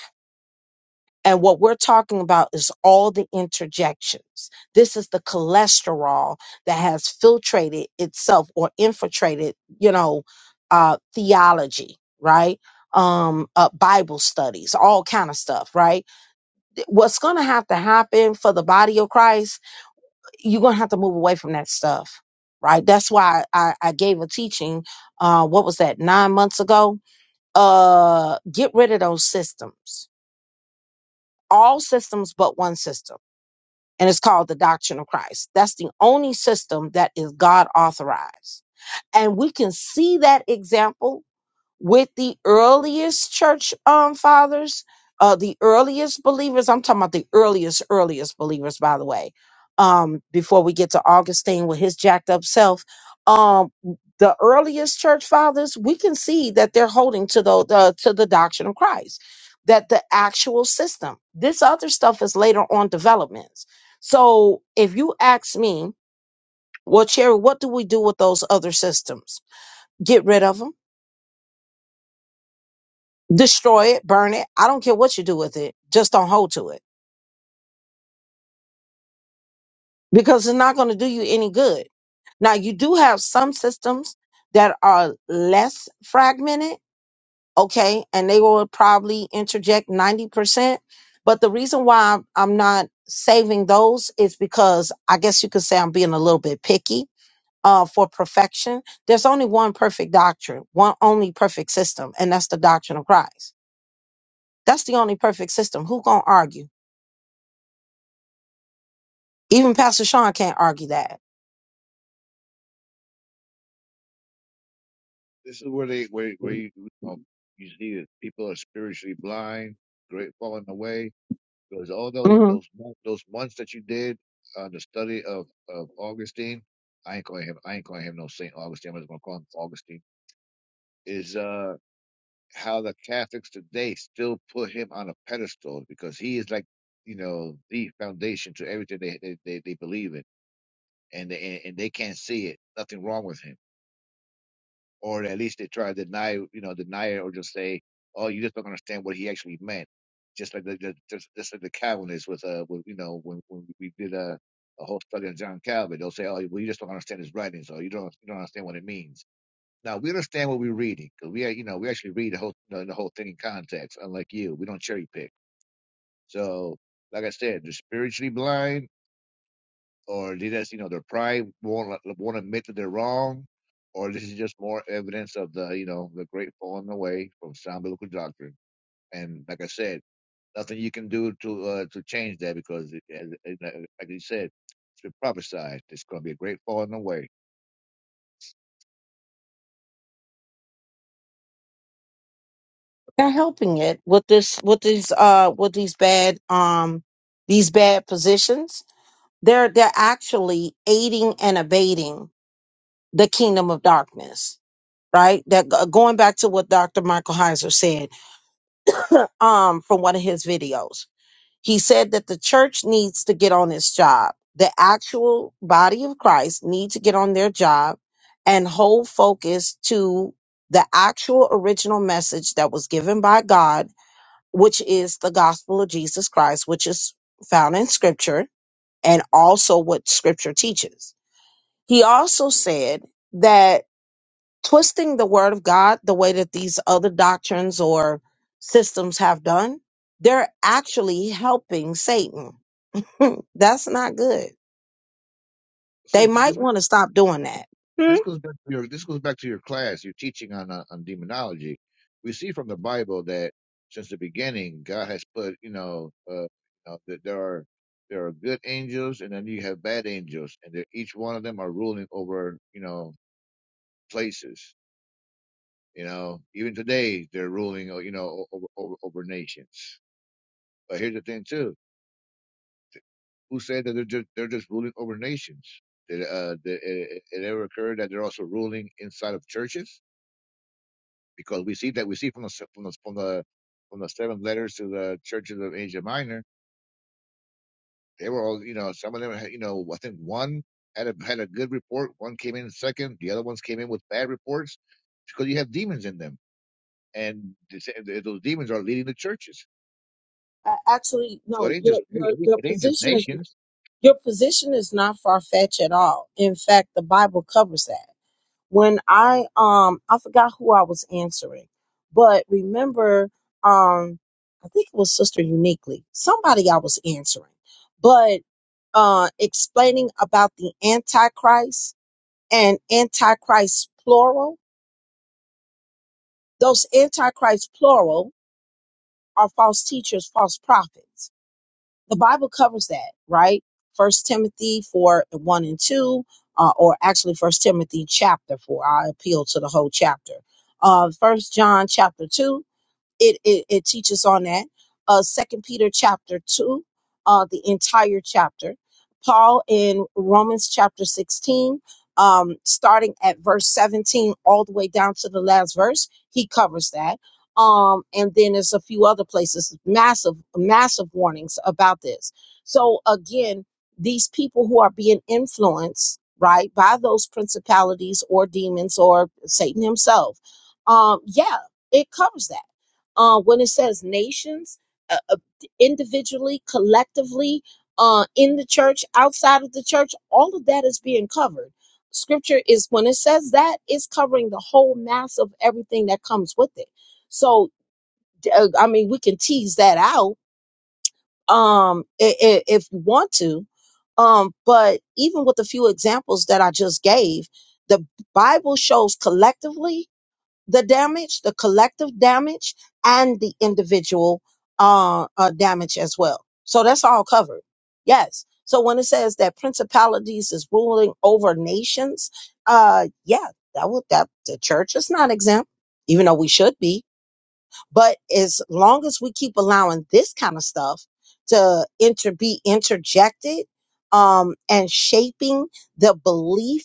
S1: and what we're talking about is all the interjections. This is the cholesterol that has filtrated itself or infiltrated, you know, uh, theology, right? Um, uh, Bible studies, all kind of stuff, right? What's going to have to happen for the body of Christ, you're going to have to move away from that stuff, right? That's why I, I gave a teaching, uh, what was that, nine months ago? Uh, get rid of those systems, all systems but one system and it's called the doctrine of Christ. That's the only system that is God authorized. And we can see that example with the earliest church um fathers, uh the earliest believers, I'm talking about the earliest, earliest believers, by the way. Um, before we get to Augustine with his jacked up self. Um the earliest church fathers, we can see that they're holding to the, the to the doctrine of Christ, that the actual system. This other stuff is later on developments. So if you ask me, well, Cherry, what do we do with those other systems? Get rid of them destroy it, burn it. I don't care what you do with it. Just don't hold to it because it's not going to do you any good. Now, you do have some systems that are less fragmented, okay, and they will probably interject 90%. But the reason why I'm I'm not saving those is because I guess you could say I'm being a little bit picky. Uh, for perfection, there's only one perfect doctrine, one only perfect system, and that's the doctrine of Christ. That's the only perfect system. Who gonna argue? Even Pastor Sean can't argue that.
S2: This is where they, where, where you, um, you see that people are spiritually blind, great falling away. Because all those,
S1: hmm
S2: those, mon- those months that you did on the study of, of Augustine, I ain't calling him, I ain't calling him no Saint Augustine. I'm just gonna call him Augustine. Is uh. how the Catholics today still put him on a pedestal because he is like, you know, the foundation to everything they they, they, they believe in, and they, and and they can't see it. Nothing wrong with him, or at least they try to deny, you know, deny it, or just say, oh, you just don't understand what he actually meant. Just like the, the just, just like the Calvinists with uh, with, you know, when when we did a a whole study on John Calvin, they'll say, oh, well, you just don't understand his writings, or you don't you don't understand what it means now we understand what we're reading reading, cause we, you know, we actually read the whole you know, the whole thing in context. Unlike you, we don't cherry pick. So, like I said, they're spiritually blind, or they just, you know, their pride won't won't admit that they're wrong, or this is just more evidence of the, you know, the great falling away from sound biblical doctrine. And like I said, nothing you can do to uh, to change that because, it, as- like you said, it's been prophesied. It's going to be a great falling away.
S1: They're helping it with this, with these, uh, with these bad, um, these bad positions. They're they're actually aiding and abating the kingdom of darkness, right? That go- going back to what Dr. Michael Heiser said, um, from one of his videos. He said that the church needs to get on its job. The actual body of Christ need to get on their job and hold focus to the actual original message that was given by God, which is the gospel of Jesus Christ, which is found in scripture and also what scripture teaches. He also said that twisting the word of God the way that these other doctrines or systems have done, they're actually helping Satan Hmm, That's not good. They
S2: Since this
S1: might want to stop doing that.
S2: this
S1: Hmm?
S2: goes back to your this goes back to your class You're teaching on uh, on demonology we see from the bible that since the beginning god has put you know uh you know, that there are there are good angels and then you have bad angels and they're- each one of them are ruling over you know places you know even today they're ruling uh, you know o- over over, over nations but here's the thing too who said that they're just they're just ruling over nations did uh did it, it it ever occur that they're also ruling inside of churches because we see that we see from the from the from the from the seven letters to the churches of Asia Minor, they were all you know some of them had, you know I think one had a had a good report, one came in second, the other ones came in with bad reports because you have demons in them, and they those demons are leading the churches.
S1: A- Actually,
S2: So
S1: no,
S2: it ain't
S1: your
S2: just
S1: your your
S2: it ain't just
S1: position is
S2: nations.
S1: your position is not far fetched at all. In fact, the Bible covers that. When I um I forgot who I was answering, but remember um I think it was Sister Uniquely, somebody I was answering, but uh explaining about the Antichrist and Antichrist plural. Those Antichrist plural are false teachers, false prophets. The Bible covers that, right? First Timothy four one and two, uh, or actually First Timothy chapter four. I appeal to the whole chapter. Uh, First John chapter two it, it, it teaches on that. Uh, Second Peter chapter two, uh, the entire chapter. Paul in Romans chapter sixteen, um, starting at verse seventeen all the way down to the last verse, he covers that. Um, and then there's a few other places, massive, massive warnings about this. So again, these people who are being influenced, right, by those principalities or demons or Satan himself, um, yeah, it covers that uh, when it says nations, uh, uh, individually, collectively, uh, in the church, outside of the church, all of that is being covered. Scripture is when it says that, it's covering the whole mass of everything that comes with it. So, uh, I mean, we can tease that out um, i- i- if you want to. Um, but even with the few examples that I just gave, the Bible shows collectively the damage, the collective damage, and the individual uh, uh, damage as well. So that's all covered. Yes. So when it says that principalities is ruling over nations, uh, yeah, that would that the church is not exempt, even though we should be. But as long as we keep allowing this kind of stuff to inter be interjected um, and shaping the belief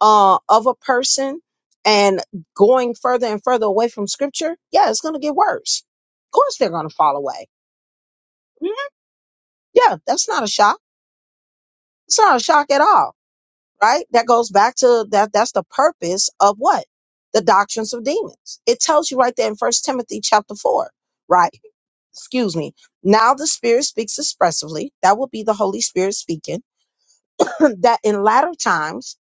S1: uh, of a person and going further and further away from scripture, yeah, it's going to get worse. Of course, they're going to fall away. Mhm. Yeah, that's not a shock. It's not a shock at all right? That goes back to that. That's the purpose of what? The doctrines of demons. It tells you right there in First Timothy chapter four, right? Excuse me. Now the Spirit speaks expressively. That would be the Holy Spirit speaking. that in latter times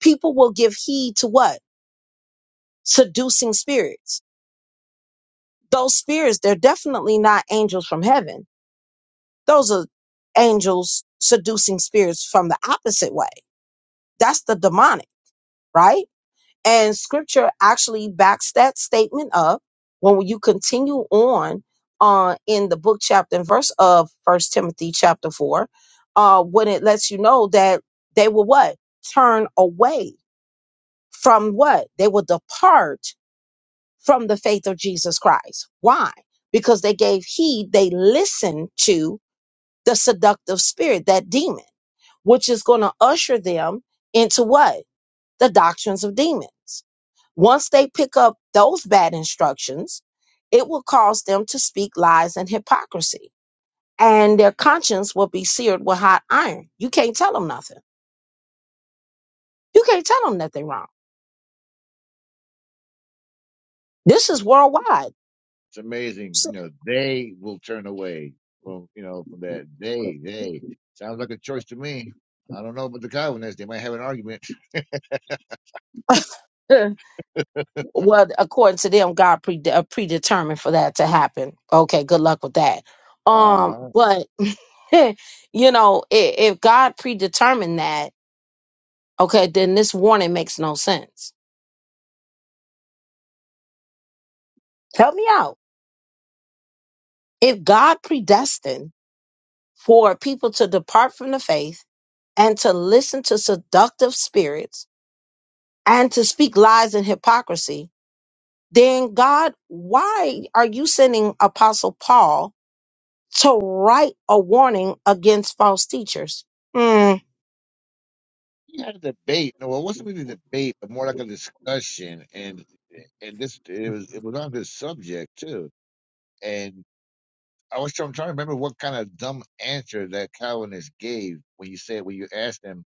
S1: people will give heed to what? Seducing spirits. Those spirits, they're definitely not angels from heaven. Those are angels seducing spirits from the opposite way. That's the demonic, right? And scripture actually backs that statement up when you continue on uh, in the book, chapter, and verse of First Timothy chapter 4, uh, when it lets you know that they will what? Turn away from what? They will depart from the faith of Jesus Christ. Why? Because they gave heed, they listened to the seductive spirit, that demon, which is going to usher them into what? The doctrines of demons once they pick up those bad instructions, it will cause them to speak lies and hypocrisy, and their conscience will be seared with hot iron. You can't tell them nothing. You can't tell them that they're wrong. This is worldwide.
S2: It's amazing,
S1: So,
S2: you know. They will turn away from you know from that. They they sounds like a choice to me. I don't know about the Calvinists. They might have an argument.
S1: uh, well, according to them, God pre- uh, predetermined for that to happen. Okay, good luck with that. Um,
S2: Uh
S1: but you know, if, if God predetermined that, okay, then this warning makes no sense. Help me out. If God predestined for people to depart from the faith and to listen to seductive spirits and to speak lies and hypocrisy, then God, why are you sending Apostle Paul to write a warning against false teachers? Hmm.
S2: He had a debate. No, it wasn't really a debate, but more like a discussion. And and this it was it was on this subject too. And I was trying, trying to remember what kind of dumb answer that Calvinist gave when you said when you asked him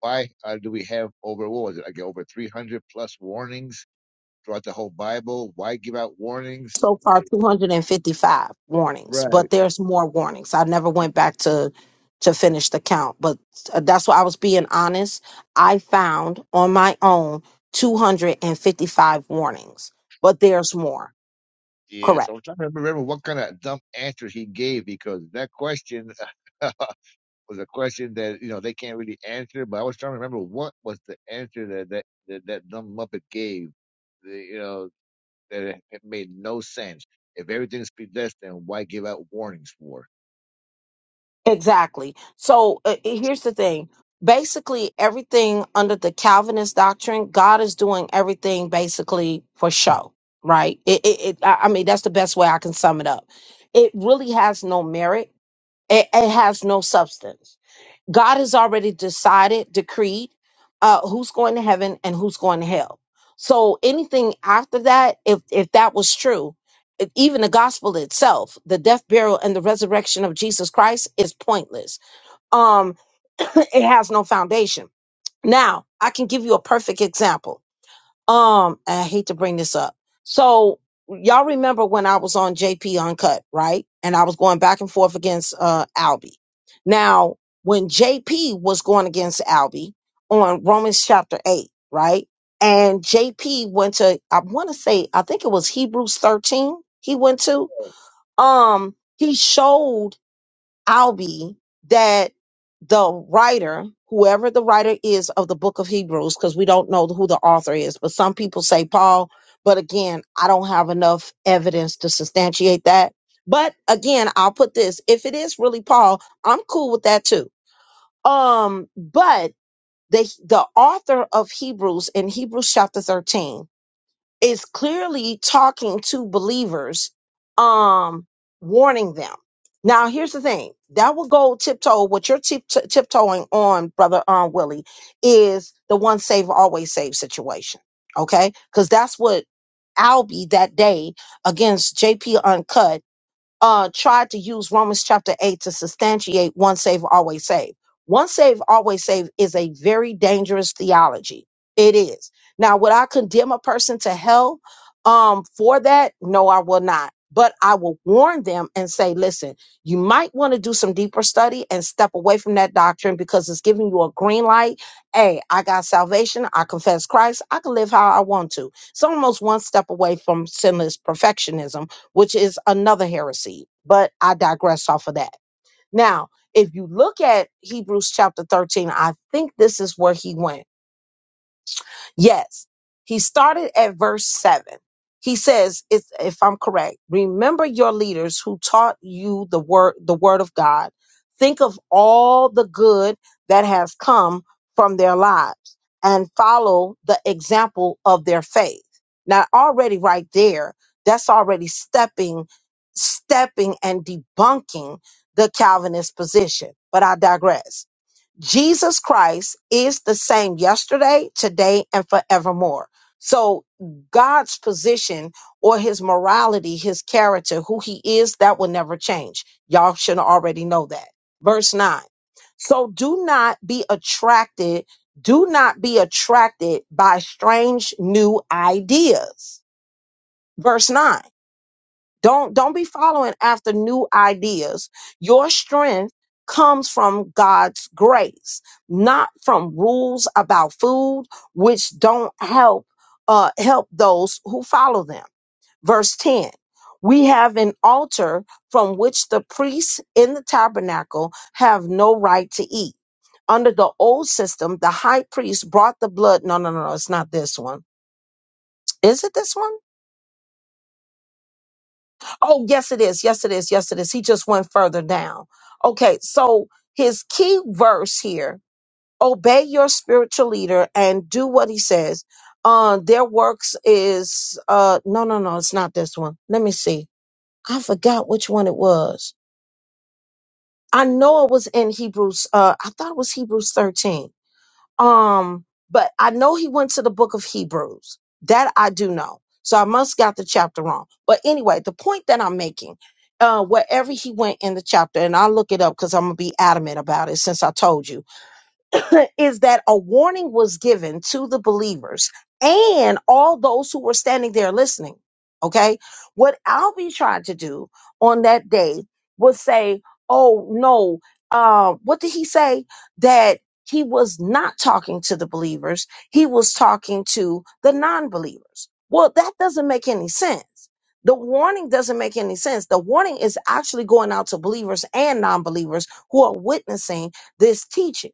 S2: why uh, do we have over what was it like over three hundred plus warnings throughout the whole Bible? Why give out warnings?
S1: so far
S2: It-
S1: 255 warnings but
S2: Right.
S1: there's more warnings i never went back to to finish the count but uh, that's why i was being honest i found on my own 255 warnings but there's more
S2: Yeah.
S1: correct
S2: So I'm trying to remember what kind of dumb answer he gave because that question was a question that you know they can't really answer. But I was trying to remember what was the answer that that that, that dumb muppet gave. the- You know that it it made no sense. If everything's predestined, why give out warnings for?
S1: Exactly. So uh, uh, here's the thing. Basically, everything under the Calvinist doctrine, God is doing everything basically for show, right? It, it, it, I I mean, that's the best way I can sum it up. It really has no merit. It, it has no substance God has already decided, decreed uh, who's going to heaven and who's going to hell. So anything after that, if if that was true, if even the gospel itself, the death, burial, and the resurrection of Jesus Christ is pointless. Um, it has no foundation. Now I can give you a perfect example um, I hate to bring this up. So y'all remember when I was on JP Uncut, right? And I was going back and forth against uh Albie. Now, when JP was going against Albie on Romans chapter eight, right? And JP went to I want to say I think it was Hebrews 13 he went to. Um, he showed Albi that the writer, whoever the writer is of the book of Hebrews, because we don't know who the author is, but some people say Paul. But again, I don't have enough evidence to substantiate that. But again, I'll put this: if it is really Paul, I'm cool with that too. Um, but the the author of Hebrews in Hebrews chapter 13 is clearly talking to believers, um, warning them. Now, here's the thing that will go tiptoe. What you're tip- t- tiptoeing on, brother um, Willie, is the one save, always save situation. Okay. Because that's what Albie that day against JP Uncut uh, tried to use Romans chapter 8 to substantiate once saved always saved. Once saved always saved is a very dangerous theology. It is. Now, would I condemn a person to hell um, for that? No, I will not. But I will warn them and say, listen, you might want to do some deeper study and step away from that doctrine because it's giving you a green light. Hey, I got salvation. I confess Christ. I can live how I want to. It's almost one step away from sinless perfectionism which is another heresy, but I digress off of that. Now, if you look at Hebrews chapter 13, I think this is where he went. Yes, he started at verse 7. He says, if, if I'm correct, remember your leaders who taught you the word, the word of God. Think of all the good that has come from their lives and follow the example of their faith. Now already right there, that's already stepping, stepping and debunking the Calvinist position. But I digress Jesus Christ is the same yesterday, today, and forevermore. So God's position or his morality, his character, who he is, that will never change. Y'all should already know that. Verse 9. So do not be attracted, do not be attracted by strange new ideas. Verse 9 don't don't be following after new ideas. Your strength comes from God's grace, not from rules about food which don't help uh help those who follow them. Verse 10. We have an altar from which the priests in the tabernacle have no right to eat. Under the old system, the high priest brought the blood. No, no, no, no, it's not this one. Is it this one? Oh, yes, it is. Yes, it is. Yes, it is. He just went further down. Okay, so his key verse here obey your spiritual leader and do what he says. Uh, their works is, uh, no, no, no, it's not this one. Let me see. I forgot which one it was. I know it was in Hebrews, uh, I thought it was Hebrews 13. Um, but I know he went to the book of Hebrews. That I do know. So I must got the chapter wrong. But anyway, the point that I'm making, uh, wherever he went in the chapter, and I'll look it up because I'm gonna be adamant about it since I told you is that a warning was given to the believers and all those who were standing there listening. Okay. What Albi tried to do on that day was say, oh, no, uh, what did he say? That he was not talking to the believers, he was talking to the non believers. Well, that doesn't make any sense. The warning doesn't make any sense. The warning is actually going out to believers and non believers who are witnessing this teaching.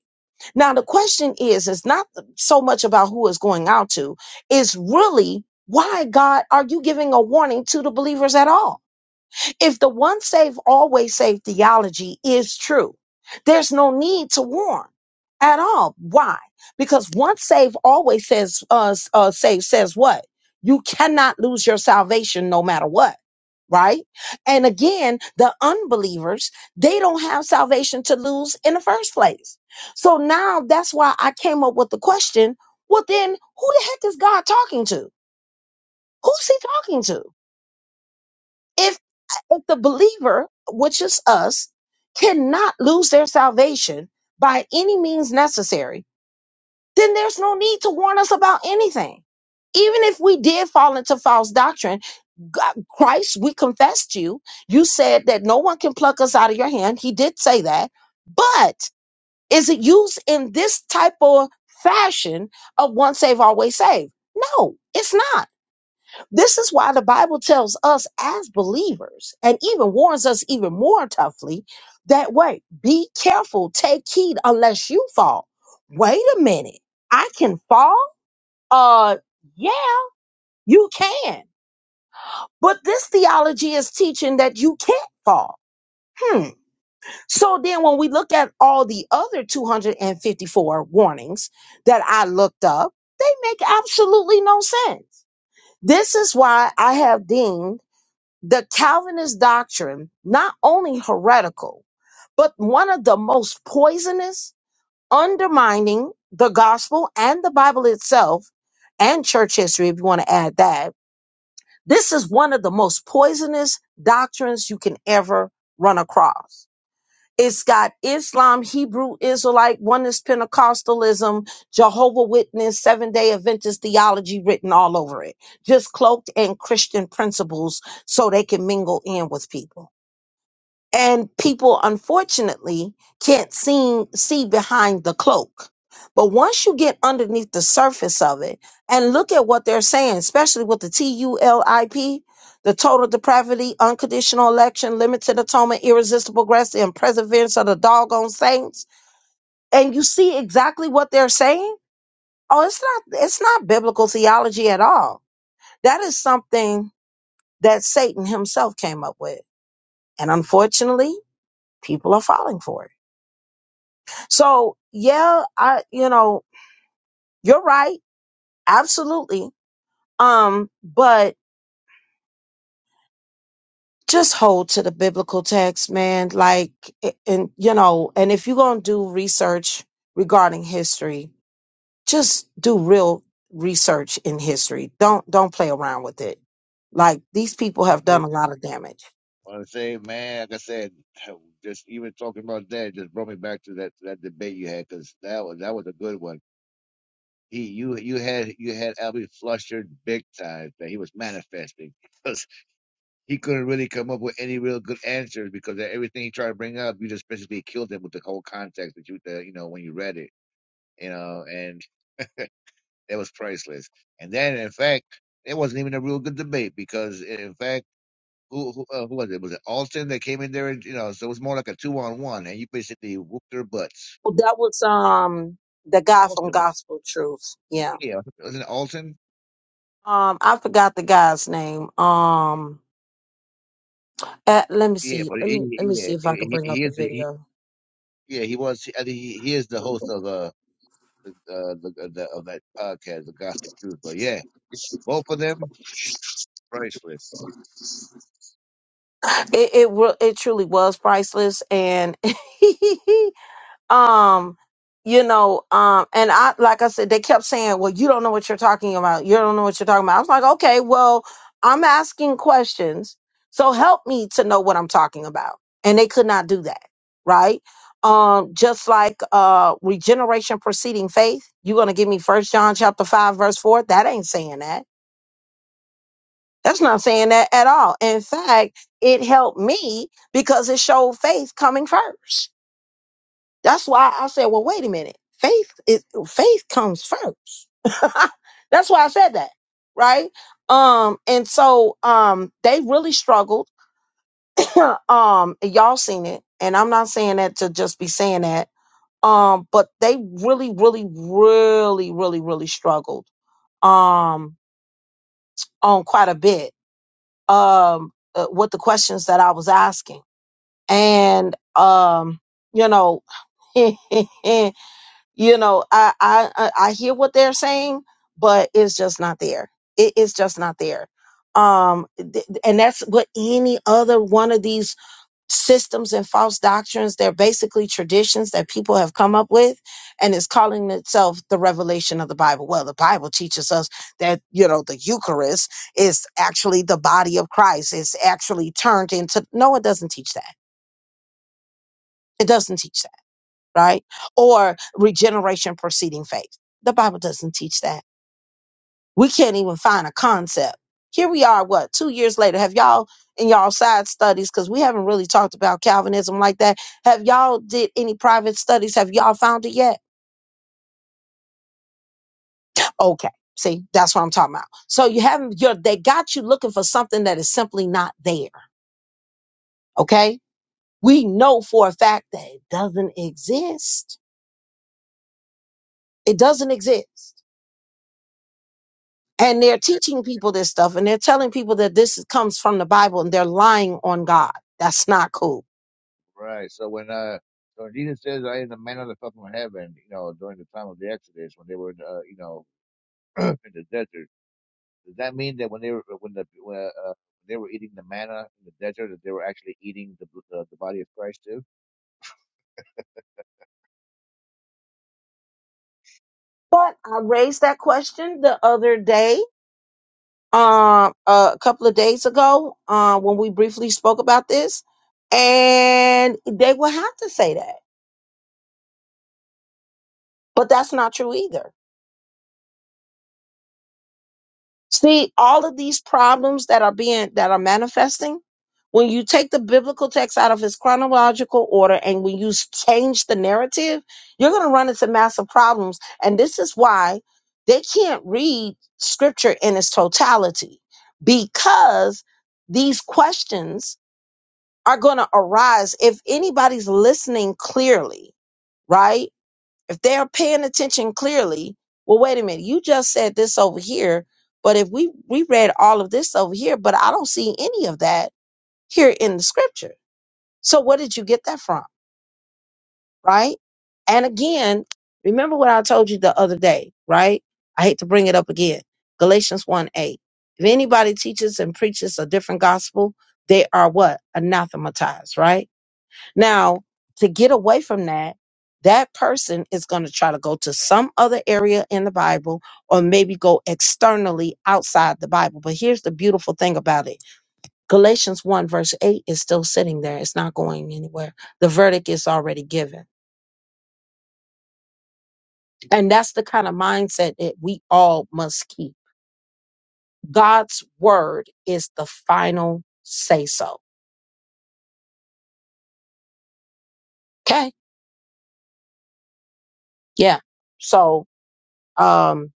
S1: Now the question is, it's not so much about who it's going out to. It's really why God are you giving a warning to the believers at all? If the once saved, always saved theology is true, there's no need to warn at all. Why? Because once saved, always says, uh, s- uh, saved says what? You cannot lose your salvation no matter what. Right. And again, the unbelievers, they don't have salvation to lose in the first place. So now that's why I came up with the question. Well, then who the heck is God talking to? Who's he talking to? If if the believer, which is us, cannot lose their salvation by any means necessary, then there's no need to warn us about anything. Even if we did fall into false doctrine, God- Christ, we confessed you. You said that no one can pluck us out of your hand. He did say that. But is it used in this type of fashion of once saved, always saved? No, it's not this is why the Bible tells us as believers and even warns us even more toughly that way. Be careful, take heed unless you fall. Wait a minute. I can fall? Uh yeah, you can. But this theology is teaching that you can't fall. Hmm. So then when we look at all the other 254 warnings that I looked up, they make absolutely no sense. This is why I have deemed the Calvinist doctrine not only heretical, but one of the most poisonous, undermining the gospel and the Bible itself and church history, if you want to add that. This is one of the most poisonous doctrines you can ever run across. It's got Islam, Hebrew, Israelite, Oneness, Pentecostalism, Jehovah Witness, Seven Day Adventist theology written all over it, just cloaked in Christian principles, so they can mingle in with people and people unfortunately can't see see behind the cloak but once you get underneath the surface of it and look at what they're saying especially with the tulip the total depravity unconditional election limited atonement irresistible grace and perseverance of the doggone saints and you see exactly what they're saying oh it's not it's not biblical theology at all that is something that satan himself came up with and unfortunately people are falling for it So yeah, I you know, you're right. Absolutely. Um, but just hold to the biblical text, man. Like a- and you know, and if you're gonna do research regarding history, just do real research in history. Don't don't play around with it. Like these people
S2: Yeah.
S1: have done a lot of damage.
S2: Want to say, man? Like I said, just even talking about that just brought me back to that to that debate you had because that was that was a good one. He, you, you had you had Albie flustered big time that he was manifesting because. he couldn't really come up with any real good answers because everything he tried to bring up, you just basically killed him with the whole context that you, that, you know, when you read it, you know, and that was priceless. And then, in fact, it wasn't even a real good debate because, in fact, who who, uh, who was it? Was it Alton that came in there? And, you know, so it was more like a two on one, and you basically whooped their butts.
S1: Well, that was um the guy from
S2: Alton,
S1: Gospel Truth. Yeah.
S2: yeah, wasn't it Alton?
S1: Um I forgot the guy's name. Um Uh, let me
S2: Yeah,
S1: see.
S2: but
S1: Let
S2: he,
S1: me let me
S2: yeah,
S1: see if I can
S2: he, he
S1: bring up
S2: he
S1: the
S2: is the he,
S1: video.
S2: yeah he was. I think he, he is the host of uh the, uh, the, of that of that podcast, The Gospel Truth. But yeah, both of them priceless.
S1: It it wa- it truly was priceless, and um, you know, um, and I like I said, they kept saying, "Well, you don't know what you're talking about. You don't know what you're talking about." I was like, "Okay, well, I'm asking questions, so help me to know what I'm talking about." And they could not do that, right? Um, just like uh, regeneration preceding faith, you're gonna give me First John chapter five verse four. That ain't saying that That's not saying that at all. In fact, it helped me because it showed faith coming first. That's why I said, well, wait a minute. Faith is faith comes first. That's why I said that, right? Um, and so um they really struggled. um, and y'all seen it, and I'm not saying that to just be saying that. Um, but they really, really, really, really, really struggled um on quite a bit um, uh, with the questions that I was asking. And, um, you know, you know, I, I, I I hear what they're saying, but it's just not there. It, it's just not there. Um, th- th- and that's what any other one of these systems and false doctrines. They're basically traditions that people have come up with and it's calling itself the revelation of the Bible. Well, the Bible teaches us that, you know, the Eucharist is actually the body of Christ. It's actually turned into, no, it doesn't teach that. It doesn't teach that, right? Or regeneration preceding faith. The Bible doesn't teach that We can't even find a concept. Here we are, what, two years later. Have y'all in y'all side studies, because we haven't really talked about Calvinism like that. Have y'all did any private studies? Have y'all found it yet? Okay. See, that's what I'm talking about. So you haven't you're they got you looking for something that is simply not there. Okay. We know for a fact that it doesn't exist. It doesn't exist and
S2: So
S1: they're
S2: sincere.
S1: teaching people this stuff and they're telling people that this comes from the bible and they're lying on god that's not cool
S2: Right. So when uh, so when Jesus says, "I am the man of the from heaven," you know, during the time of the Exodus when they were, uh, you know, in the desert, does that mean that when they were when the when, uh, uh, they were eating the manna in the desert, that they were actually eating the uh, the body of Christ too?
S1: But I raised that question the other day, um, a couple of days ago, uh, when we briefly spoke about this, and they will have to say that. But that's not true either. See, all of these problems that are being that are manifesting, when you take the biblical text out of its chronological order and when you s- change the narrative, you're going to run into massive problems. And this is why they can't read scripture in its totality because these questions are going to arise if anybody's listening clearly, right? if they're paying attention clearly, well, wait a minute, you just said this over here, but if we we read all of this over here, but I don't see any of that here in the scripture. So where did you get that from? Right? And again, remember what I told you the other day, right? I hate to bring it up again. Galatians 1 8. If anybody teaches and preaches a different gospel, they are what? Anathematized, right? Now, to get away from that, that person is going to try to go to some other area in the Bible or maybe go externally outside the Bible. But here's the beautiful thing about it Galatians 1, verse 8 is still sitting there, it's not going anywhere. The verdict is already given. And that's the kind of mindset that we all must keep. God's word is the final say so. Okay? Yeah. So um,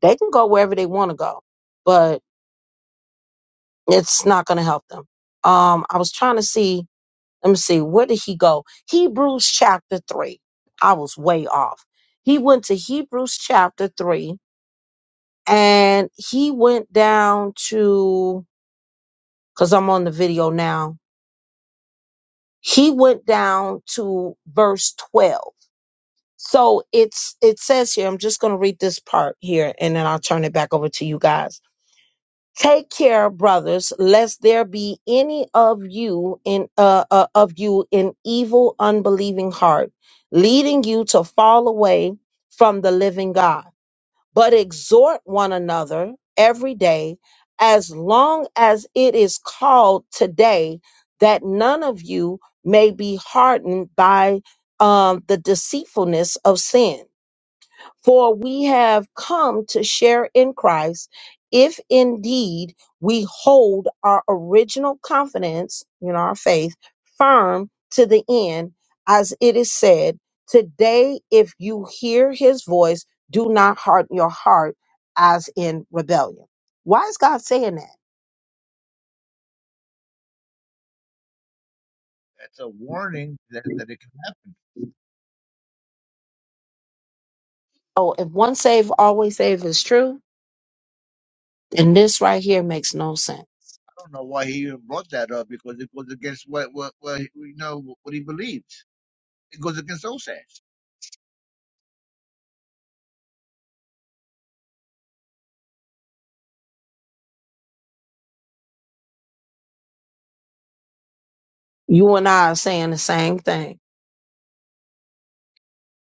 S1: they can go wherever they want to go. But It's not going to help them. Um, I was trying to see. Let me see. Where did he go? Hebrews chapter three. I was way off. He went to Hebrews chapter three, and he went down to because I'm on the video now. He went down to verse twelve. So it's it says here. I'm just going to read this part here, and then I'll turn it back over to you guys Take care, brothers, lest there be any of you in uh, uh, of you in evil, unbelieving heart, leading you to fall away from the living God. But exhort one another every day, as long as it is called today, that none of you may be hardened by um, the deceitfulness of sin. For we have come to share in Christ if indeed we hold our original confidence in our faith firm to the end, as it is said, Today, if you hear his voice, do not harden your heart as in rebellion. Why is God saying that?
S2: That's a warning that that it can happen.
S1: Oh, if one save, always save is true, then this right here makes no sense.
S2: I don't know why he even brought that up because it was against what what, what he- you know what he believed. It goes against OSAS.
S1: You and I are saying the same thing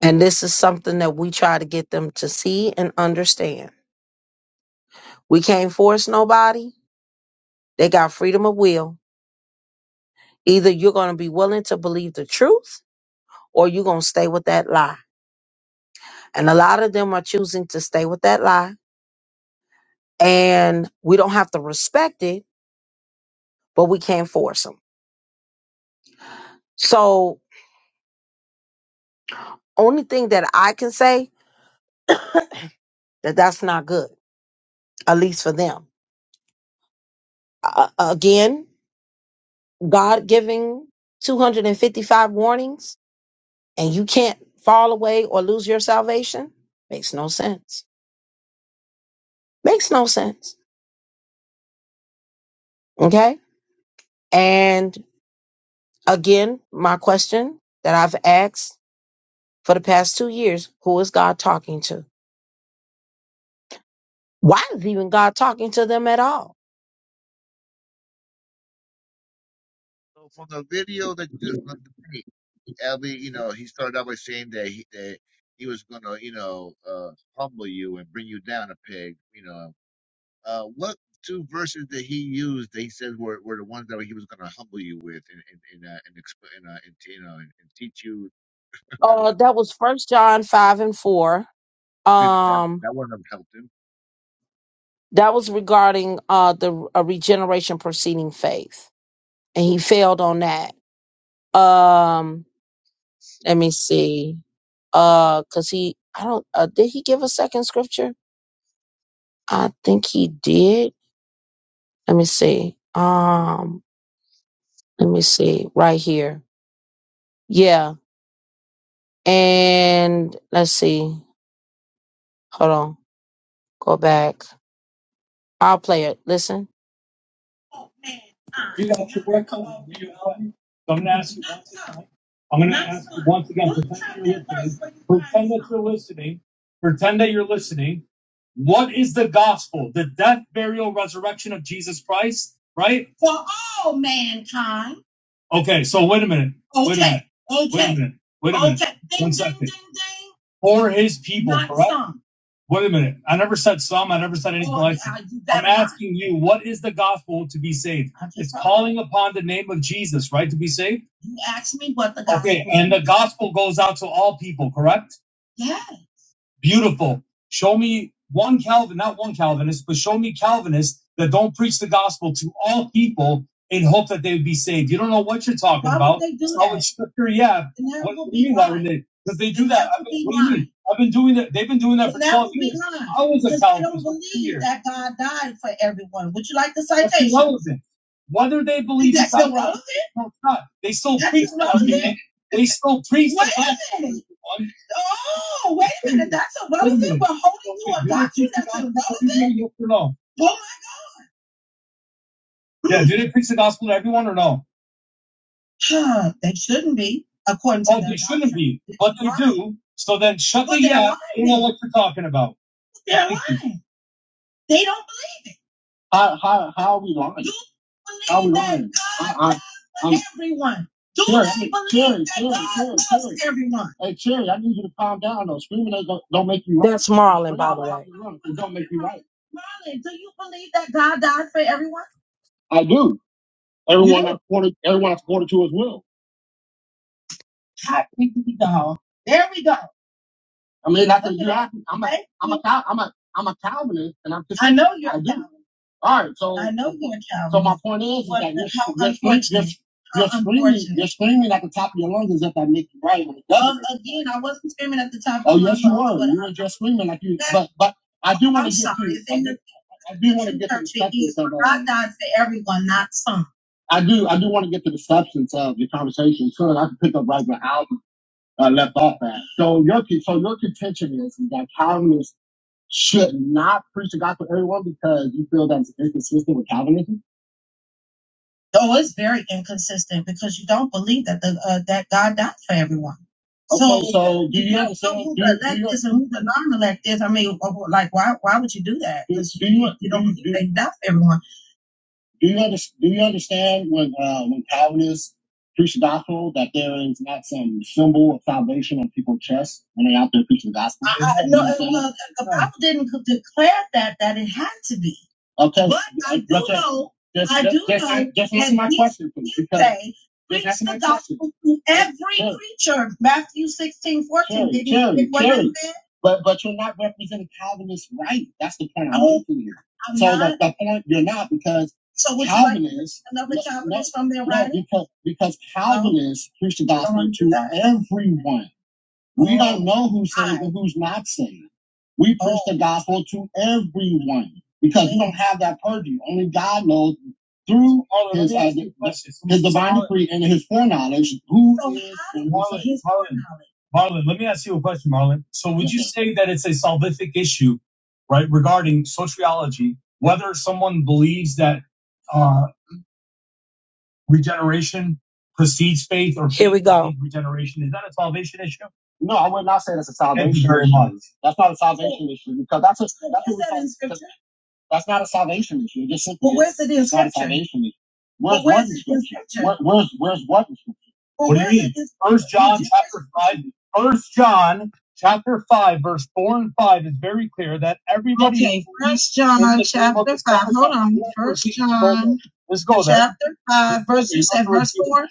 S1: And this is something that we try to get them to see and understand. We can't force nobody. They got freedom of will. Either you're going to be willing to believe the truth or you're going to stay with that lie. And a lot of them are choosing to stay with that lie. And we don't have to respect it, but we can't force them. So, only thing that I can say that that's not good, at least for them. Uh, again, God giving 255 warnings and you can't fall away or lose your salvation makes no sense makes no sense okay and again my question that i've asked for the past two years who is god talking to why is even god talking to them at all
S2: So from the video that just from the debate, Albie, you know, he started out by saying that he that he was gonna, you know, uh, humble you and bring you down a peg. You know, uh, what two verses that he used that he said were, were the ones that he was gonna humble you with and and and uh, and, exp- and, uh, and you know and, and teach you? Uh,
S1: uh that was first john 5 and 4
S2: did, that
S1: um
S2: that wouldn't have helped him.
S1: that was regarding uh the uh, regeneration preceding faith and he failed on that um Let me see. Uh, cause he, I don't, uh, did he give a second scripture? I think he did. Let me see. Um, let me see right here. Yeah. And let's see. Hold on. Go back. I'll play it. Listen. You got your work coming. Do You know it. So I'm gonna ask you once again. I'm gonna ask you once again. Pretend you're listening. Pretend that you're listening. Pretend that you're listening. What is the gospel? The death, burial, resurrection of Jesus Christ, right? For all mankind. Okay, so wait a minute. Okay. Wait a minute. Okay. Wait a minute. Wait a minute. Okay. One second. For his people, correct? Wait a minute. I never said some. I never said anything Oh, like yeah, that. I'm asking you, what is the gospel to be saved? It's calling upon the name of Jesus, right, to be saved? you. You asked me what the gospel. Okay, gospel and the gospel goes out to all people, correct? Yeah. Beautiful. Show me one Calvin, not one Calvinist, but show me Calvinists that don't preach the gospel to all people in hope that they would be saved. You don't know what you're talking Why about. would they do Salvage that? it's scripture, yeah. And that What, would what do be you be mean why Because they do And that. that I've would been, be what do you why. mean? I've been doing that. They've been doing that for And that 12 would be years. lying. I was a Because they don't Calvinist for two believe years. that God died for everyone. Would you like the That's citation? irrelevant. Whether they believe that it's not, still relevant? no, it's not. They still That's preach that irrelevant? man. They still preach the Wait gospel. a minute. Oh, wait a minute. That's irrelevant. We're holding to a doctrine that's irrelevant. Oh my God. Yeah, do they preach the gospel to everyone or no? Huh, they shouldn't be, according to Oh, they shouldn't be, but they do. So then shut the yap. You know what you're talking about. They're Thank lying. They don't believe. it. How how how are we lying? You How believe are we lying? that God I, I, I'm, everyone. Do Terry, they hey, believe Terry, that Terry, God Terry, loves Terry. everyone? Hey Terry, I need you to calm down though. Screaming ain't gon- don't make you right. That's Marlon, But by I the will way. you run. It don't make you right. Marlon, do you believe that God died for everyone? I do. You Everyone yeah. I supported, everyone I supported to as well. Hi, we go. There we go. I mean, not that Look at you, that. I, I'm a, Thank I'm a, Cow- I'm a, I'm a Calvinist, and I'm just. I know you're. I do. All right, so I know you're a coward. So my point is, is that you're, you're, you're, you're screaming, you're screaming at the top of your lungs as if I make you right when it Uh, doesn't. Well, again, I wasn't screaming at the top Oh of my yes, my you lungs, were. You were just screaming like you. that, But but I do want to get to. I do, want to get to the substance of. Uh, God died for everyone, not some. I do I do want to get to the substance of your conversation, so that I can pick up right where Al uh, left off at. So your so your contention is that Calvinists should not preach the gospel to everyone because you feel that it's inconsistent with Calvinism? Oh, it's very inconsistent because you don't believe that the uh, that God died for everyone. Okay, So so do you you don't know understand? who Do the you, elect do you is and who the non-elect is. I mean, uh, like why why would you do that? Because do you you do don't you, believe do they died for everyone. Do you under, do you understand when uh, when Calvinists preach the gospel that there is not some symbol of salvation on people's chests when they're out there preaching the gospel? I, I, no, uh, well, the Bible didn't declare that that it had to be. Okay, but I do but, uh, know. Just, I do just, know. Just answer my he- question, please. he because- say, Preach the gospel to every Sure. creature. Matthew 16 14. Sure, Didn't sure, what sure. it sure. said? But but you're not representing Calvinists right. That's the point I'm making here. I'm so not, the, the point you're not because so would Calvinists, you like Calvinists, another no, no, Calvinist from their writing? no, because because No, Calvinists um, preach the gospel to everyone. We don't know who's saved and who's not saved. We preach the gospel to everyone because we don't have that purview. Only God knows through his, uh, his divine decree and his foreknowledge who so is and who Marlon, Marlon, Marlon, let me ask you a question, Marlon. So, would Yes, you say that it's a salvific issue, right, regarding sociology, whether someone believes that? uh, regeneration precedes faith or Here faith we go. precedes regeneration. Is that a salvation issue? No, I would not say that's a Thank you salvation very issue. much. That's not a salvation issue because that's a that's what we call that's not a salvation issue. It just simply Well, where's it in not a scripture? salvation issue. Well, Where's well, where's it in scripture? Where, where's where's what in scripture? Well, What do you mean? First John chapter five. First John chapter five, verse four and five is very clear that everybody Okay, First John chapter five. Hold on. First John Let's go there. chapter five, verse. You said verse four.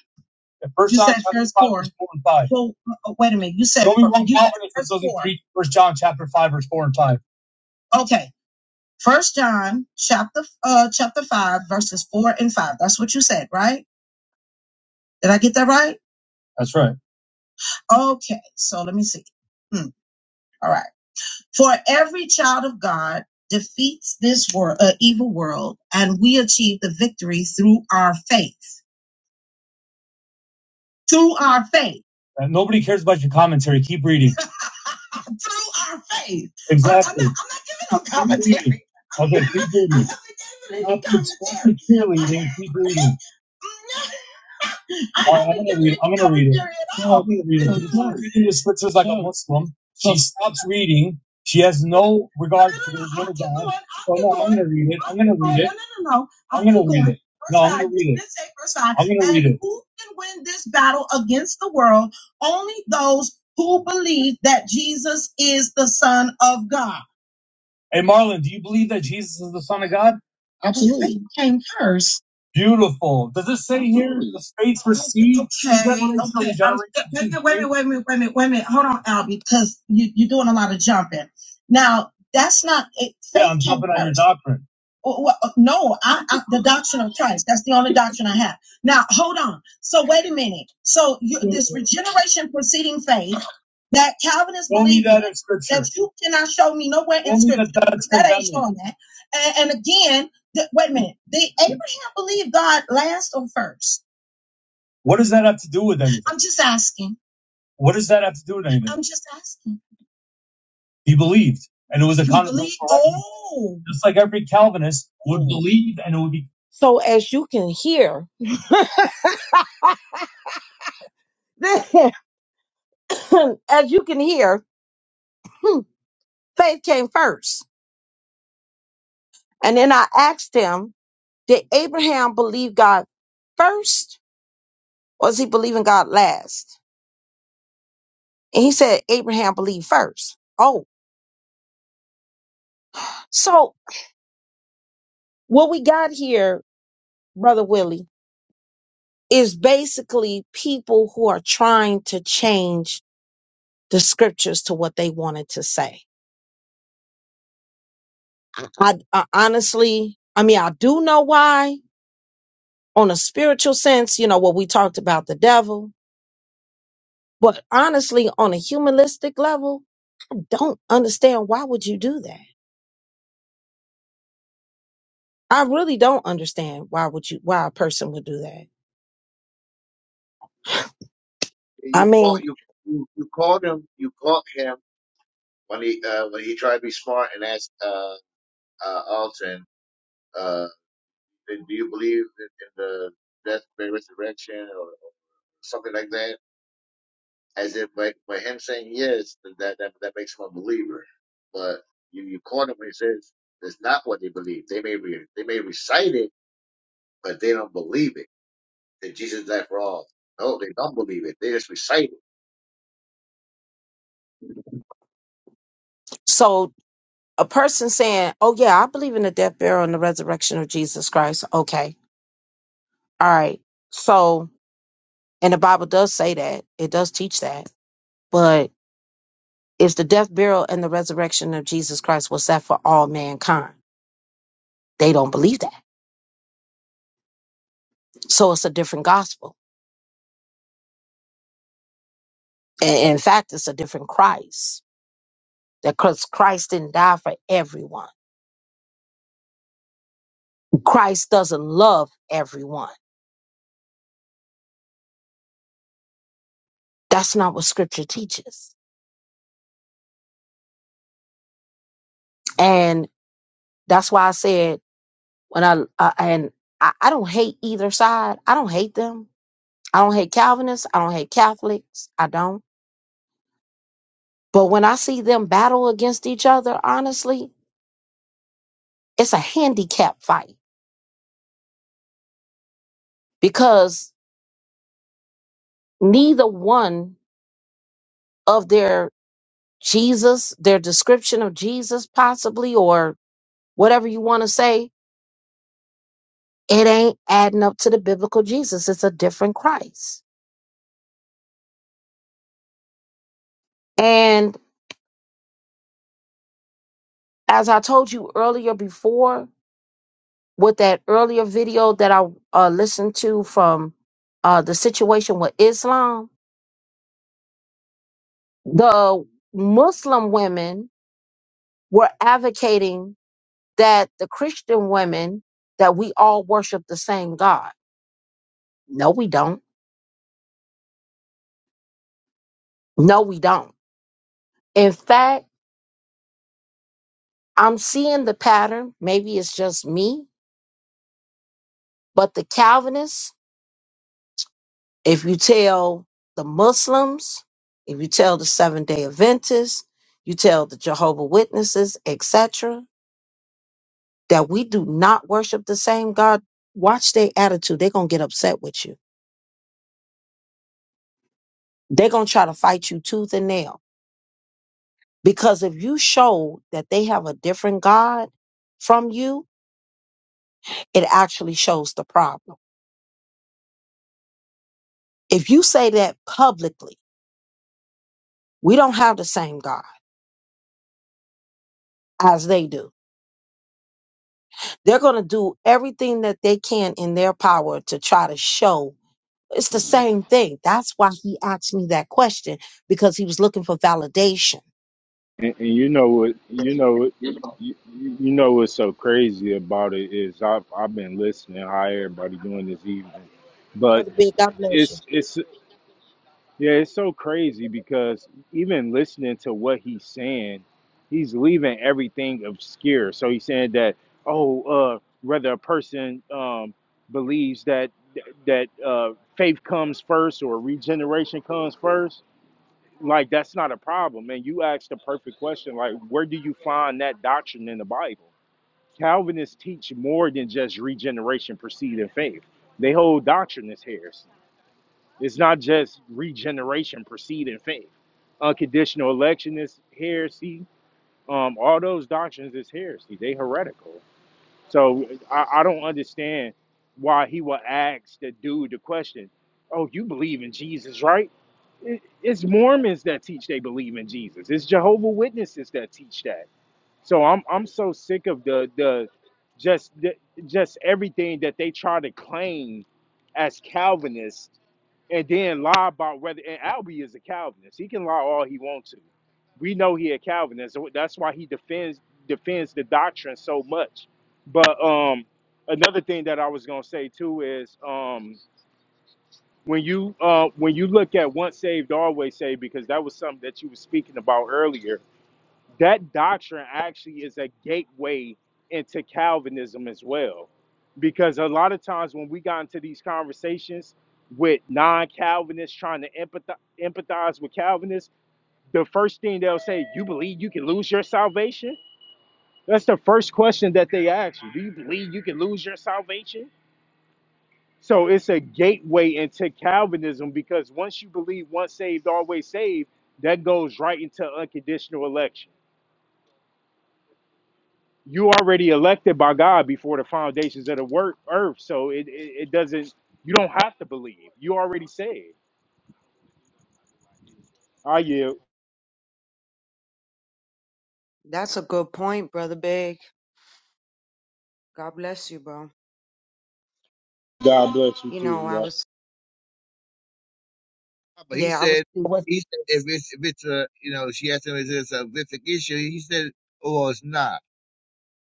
S1: First You John said verse five, four. verse four and five. Well, uh, wait a minute. You said Show me fir- one Calvinist that doesn't read First John chapter five, verse four and five. Okay, First John chapter uh chapter five verses four and five. That's what you said, right? Did I get that right? That's right. Okay, so let me see. Hmm, all right. For every child of God defeats this world, uh, evil world, and we achieve the victory through our faith. Through our faith. And nobody cares about your commentary. Keep reading. Through our faith. I, I'm not. Exactly. I'm not giving no commentary. Okay, keep reading. have cheerleading. Keep reading. No, I right, haven't gonna read. it I'm gonna read it. No, I'm gonna read it. She's not reading the scriptures like a Muslim. She stops reading. She has no No, regard no, for no, the no. word i of God. going. So no, I'm going. to read it. i am gonna read it. No, no, no, no. i am gonna read it. No, I'm gonna read it. I'm gonna read it. who can win this battle against the world? Only those who believe that Jesus is the Son of God. Hey, Marlon, do you believe that Jesus is the Son of God? Absolutely. He came first. Beautiful. Does it say here the faith received Okay. revelation of Okay. the I'm, generation wait, a minute, wait, a minute, wait, a minute, wait a minute. Hold on, Al, because you, you're doing a lot of jumping. Now, that's not it. Yeah, Faith yeah, I'm came jumping on your first. doctrine. Well, well, uh, no, I, I, the doctrine of Christ. That's the only doctrine I have. Now, hold on. So, wait a minute. So, you, this regeneration preceding faith. That Calvinists Show me believe that that you cannot show me nowhere in Show that scripture. That ain't commandment. showing that. And, and again, th- wait a minute. Did Abraham believe God last or first? What does that have to do with anything? I'm just asking. What does that have to do with anything? I'm just asking. He believed, and it was a accounted for Oh. Just like every Calvinist would oh. believe, and it would be So as you can hear, as you can hear, hmm, faith came first. And then I asked him. Did Abraham believe God first or is he believing God last? And he said Abraham believed first. Oh, so what we got here, Brother Willie, is basically people who are trying to change the scriptures to what they wanted to say. I, I honestly, I mean, I do know why on a spiritual sense, you know, what we talked about the devil, but honestly, on a humanistic level, don't understand why would you do that? I really don't understand why would you why a person would do that. I
S2: You call
S1: mean,
S2: you you, you called him you caught him when he uh, when he tried to be smart and asked uh, uh, Alton. uh, do you believe in in the death, burial, resurrection, or or something like that? As if like by him saying yes, then that that, that makes him a believer. But you you caught him when he says that's not what they believe. They may re, they may recite it, but they don't believe it that Jesus died for all. No, they don't believe it. They just recite it.
S1: so a person saying, "Oh yeah, I believe in the death, burial, and the resurrection of Jesus Christ." Okay, all right. So, and the Bible does say that it does teach that, but if the death, burial, and the resurrection of Jesus Christ was that for all mankind, they don't believe that. So it's a different gospel. And in fact, it's a different Christ. That because Christ didn't die for everyone. Christ doesn't love everyone. That's not what scripture teaches. And that's why I said when I, uh, and I, I don't hate either side. I don't hate them. I don't hate Calvinists. I don't hate Catholics. I don't. But when I see them battle against each other, honestly, it's a handicap fight because neither one of their Jesus, their description of Jesus possibly, or whatever you want to say, it ain't adding up to the biblical Jesus. It's a different Christ. And as I told you earlier before with that earlier video that I uh, listened to from uh, the situation with Islam, the Muslim women were advocating that the Christian women that we all worship the same God. No, we don't. No, we don't. In fact, I'm seeing the pattern. Maybe it's just me, but the Calvinists If you tell the Muslims, if you tell the Seventh Day Adventists, you tell the Jehovah Witnesses, etc., that we do not worship the same God, watch their attitude. They're gonna get upset with you. They're gonna try to fight you tooth and nail because if you show that they have a different God from you, it actually shows the problem. If you say that publicly, we don't have the same God as they do They're going to do everything that they can in their power to try to show it's the same thing. That's why he asked me that question because he was looking for validation.
S6: And, and you know what? You know what? You, you you know what's so crazy about it is I've I've been listening how everybody doing this evening, but
S1: Brother Big, God bless you.
S6: it's it's yeah it's so crazy because even listening to what he's saying, he's leaving everything obscure. So he's saying that oh uh whether a person um believes that that uh faith comes first or regeneration comes first like that's not a problem man. you asked the perfect question like where do you find that doctrine in the bible calvinists teach more than just regeneration preceding faith they hold doctrine is heresy it's not just regeneration preceding faith unconditional election is heresy um all those doctrines is heresy they heretical so I, I don't understand why he would ask the dude the question, Oh, you believe in Jesus, right? It, it's Mormons that teach they believe in Jesus, it's Jehovah Witnesses that teach that. So I'm I'm so sick of the the just the, just everything that they try to claim as Calvinist and then lie about whether and Albee is a Calvinist. He can lie all he wants to. We know he a Calvinist. so That's why he defends defends the doctrine so much. But um another thing that I was gonna say too is um when you uh when you look at once saved always saved because that was something that you were speaking about earlier that doctrine actually is a gateway into Calvinism as well. Because a lot of times when we got into these conversations with non Calvinists trying to empathize, empathize with Calvinists, the first thing they'll say, You believe you can lose your salvation? That's the first question that they ask you. Do you believe you can lose your salvation? So it's a gateway into Calvinism because once you believe once saved, always saved, that goes right into unconditional election you already elected by God before the foundations of the work earth. So it, it, it doesn't you don't have to believe. You already saved. I yield.
S3: That's a good point, Brother Big. God bless you, bro.
S6: God bless you
S3: You know,
S6: too.
S3: I
S6: y'all.
S3: was
S2: But he
S3: yeah, I was
S2: said,
S1: What-
S2: he said, if it's, if it's a, you know, she asked him, is this a horrific issue? He said, oh, it's not.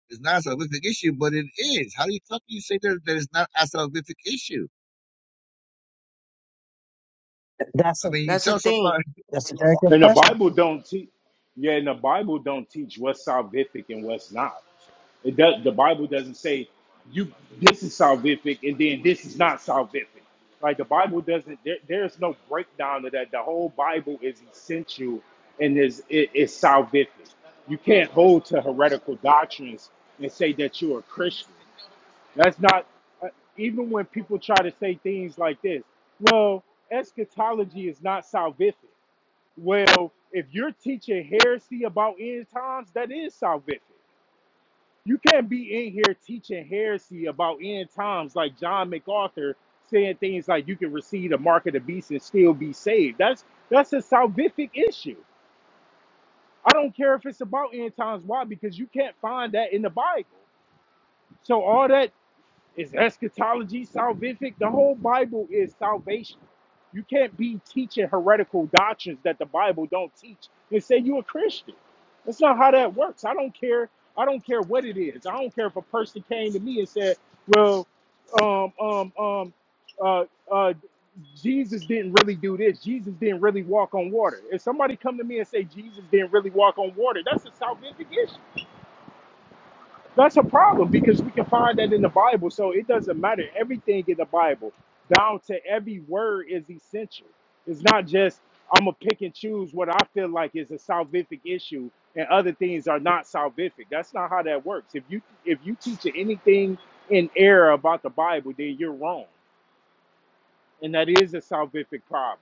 S2: It's not a horrific issue, but it is. How do you fucking say that, that it's not a horrific issue? I mean, you
S3: that's a
S2: tell somebody.
S3: thing.
S6: And the Bible don't teach. Yeah, and the Bible don't teach what's salvific and what's not. It does. The Bible doesn't say you this is salvific and then this is not salvific. Like the Bible doesn't. There, there's no breakdown of that. The whole Bible is essential and is it is salvific. You can't hold to heretical doctrines and say that you're a Christian. That's not. uh, Even when people try to say things like this, well, eschatology is not salvific. Well, if you're teaching heresy about end times, that is salvific. You can't be in here teaching heresy about end times like John MacArthur saying things like you can receive the mark of the beast and still be saved. That's that's a salvific issue. I don't care if it's about end times. Why? Because you can't find that in the Bible. So all that Is eschatology salvific? The whole Bible is salvation. You can't be teaching heretical doctrines that the Bible don't teach and say you are a Christian. That's not how that works. I don't care. I don't care what it is. I don't care if a person came to me and said, "Well, um, um, um, uh, uh, Jesus didn't really do this. Jesus didn't really walk on water." If somebody come to me and say Jesus didn't really walk on water, that's a salvific issue. That's a problem because we can find that in the Bible. So it doesn't matter. Everything in the Bible, down to every word, is essential. It's not just I'm gonna pick and choose what I feel like is a salvific issue and other things are not salvific. That's not how that works. If you if you teach anything in error about the Bible, then you're wrong, and that is a salvific problem.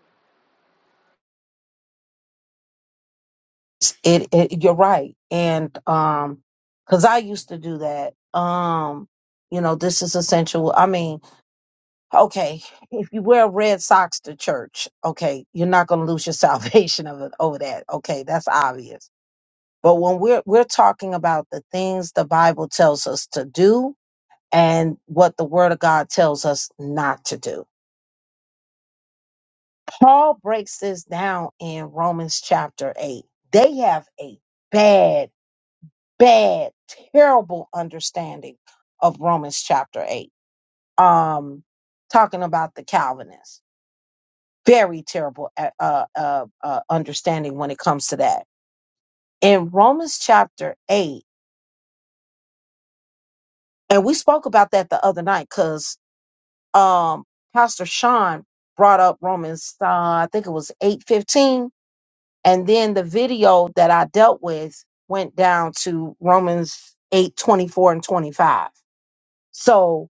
S1: It, it, you're right, and um, because I used to do that. Um, you know, this is essential. I mean, okay, if you wear red socks to church, okay, you're not going to lose your salvation over, over that. Okay, that's obvious But when we're we're talking about the things the Bible tells us to do and what the word of God tells us not to do. Paul breaks this down in Romans chapter 8. They have a bad, bad, terrible understanding of Romans chapter 8. Um talking about the Calvinists. Very terrible uh, uh, uh, uh, understanding when it comes to that. In Romans chapter 8, and we spoke about that the other night because um, Pastor Sean brought up Romans, uh, I think it was eight fifteen, and then the video that I dealt with went down to Romans eight twenty four and twenty five. So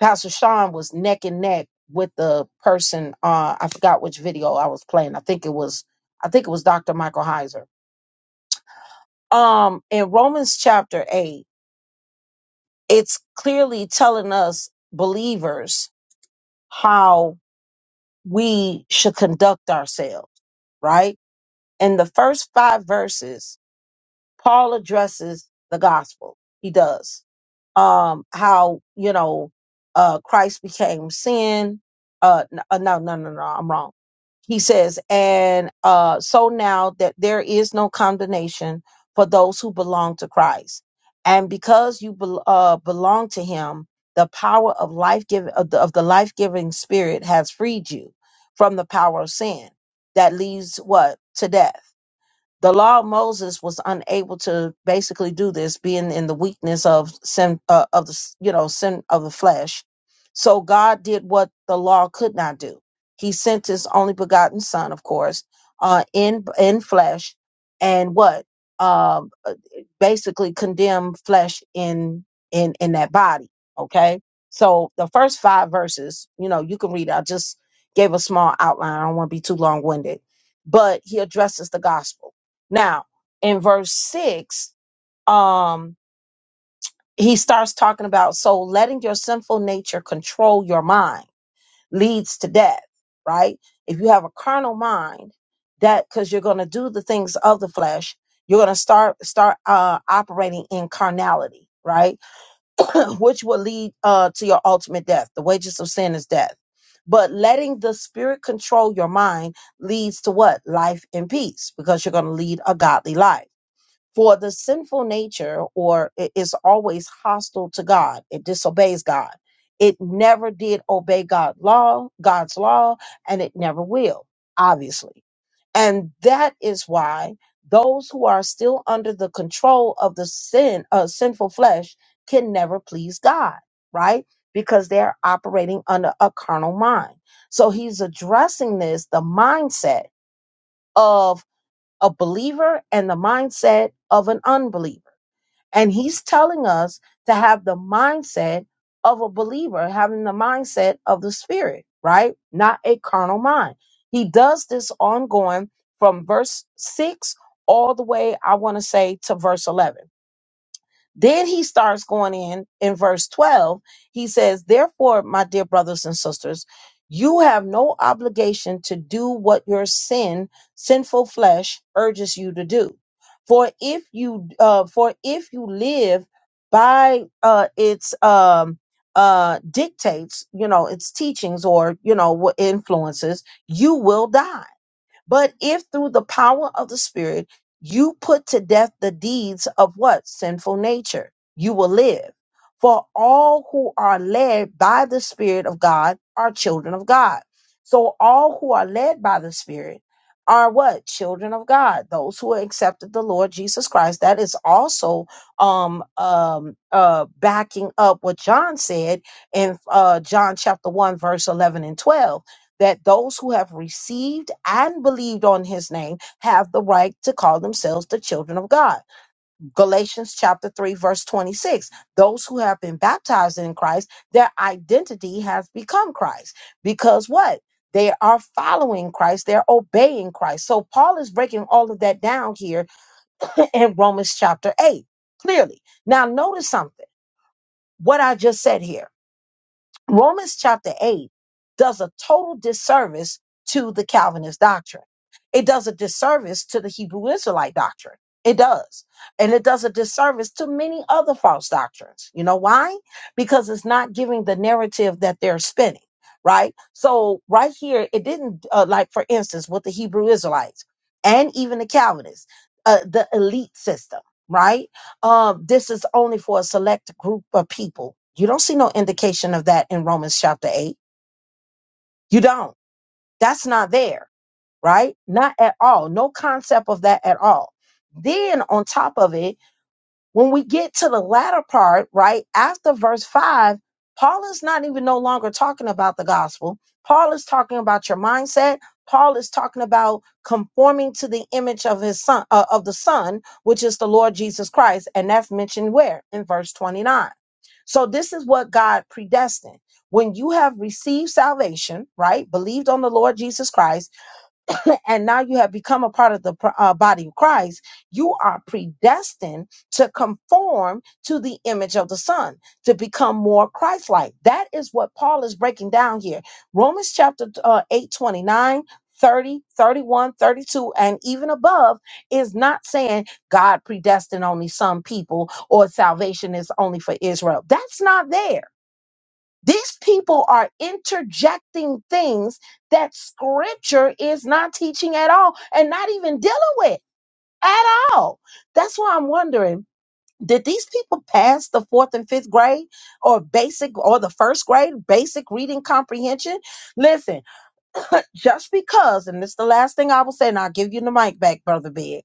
S1: Pastor Sean was neck and neck with the person. Uh, I forgot which video I was playing. I think it was, I think it was Dr. Michael Heiser. Um, in Romans chapter eight, it's clearly telling us believers how. we should conduct ourselves, right? In the first five verses, Paul addresses the gospel. He does. Um, how, you know, uh, Christ became sin. Uh, n- uh, no, no, no, no, I'm wrong. He says, and, uh, so now that there is no condemnation for those who belong to Christ. And because you bel uh, belong to him, the power of life giving of the, of the life giving spirit has freed you from the power of sin that leads what to death the law of Moses was unable to basically do this, being in the weakness of sin uh, of the s- you know sin of the flesh. So God did what the law could not do. He sent His only begotten Son, of course, uh, in in flesh, and what um, uh, basically condemned flesh in in in that body. Okay, so the first five verses, you know, you can read. I just gave a small outline. I don't want to be too long winded, but He addresses the gospel now, in verse six, um, he starts talking about so letting your sinful nature control your mind leads to death, right? If you have a carnal mind, that because you're going to do the things of the flesh, you're going to start start uh, operating in carnality, right? Which will lead uh, to your ultimate death. The wages of sin is death. But letting the spirit control your mind leads to what? Life and peace, because you're going to lead a godly life. For the sinful nature or it is always hostile to God. It disobeys God. It never did obey God law, God's law, and it never will, obviously. And that is why those who are still under the control of the sin, uh, sinful flesh, can never please God, right? Because they're operating under a carnal mind. So he's addressing this, the mindset of a believer and the mindset of an unbeliever. And he's telling us to have the mindset of a believer, having the mindset of the spirit, right? Not a carnal mind. He does this ongoing from verse 6 all the way, I want to say, to verse 11. Then he starts going in in verse 12. He says, Therefore, my dear brothers and sisters, you have no obligation to do what your sin, sinful flesh urges you to do. For if you uh, for if you live by uh, its um, uh, dictates, you know, its teachings or, you know, what influences, you will die. But if through the power of the Spirit you put to death the deeds of what? Sinful nature, you will live. For all who are led by the Spirit of God are children of God. So all who are led by the Spirit are what? Children of God. Those who accepted the Lord Jesus Christ. That is also um um uh backing up what John said in uh John chapter 1 verse 11 and 12 that those who have received and believed on his name have the right to call themselves the children of God. Galatians chapter 3 verse 26. Those who have been baptized in Christ, their identity has become Christ. Because what? They are following Christ, they're obeying Christ. So Paul is breaking all of that down here in Romans chapter 8 clearly. Now notice something. What I just said here. Romans chapter 8 does a total disservice to the Calvinist doctrine. It does a disservice to the Hebrew Israelite doctrine. It does. And it does a disservice to many other false doctrines. You know why? Because it's not giving the narrative that they're spinning, right? So, right here, it didn't, uh, like, for instance, with the Hebrew Israelites and even the Calvinists, uh, the elite system, right? uh, this is only for a select group of people. You don't see no indication of that in Romans chapter 8. You don't. That's not there, right? Not at all. No concept of that at all. Then on top of it, when we get to the latter part, right after verse five, Paul is not even no longer talking about the gospel. Paul is talking about your mindset. Paul is talking about conforming to the image of his son, uh, of the son, which is the Lord Jesus Christ. And that's mentioned where? In verse 29. So this is what God predestined. When you have received salvation, right? Believed on the Lord Jesus Christ and now you have become a part of the pr- uh, body of Christ, you are predestined to conform to the image of the Son, to become more Christ like. That is what Paul is breaking down here. Romans chapter uh, 8 twenty-nine, thirty, thirty-one, thirty-two, and even above is not saying God predestined only some people or salvation is only for Israel. That's not there. These people are interjecting things that scripture is not teaching at all and not even dealing with at all. That's why I'm wondering did these people pass the fourth and fifth grade or basic or the first grade basic reading comprehension? Listen, just because, and this is the last thing I will say, and I'll give you the mic back, Brother Big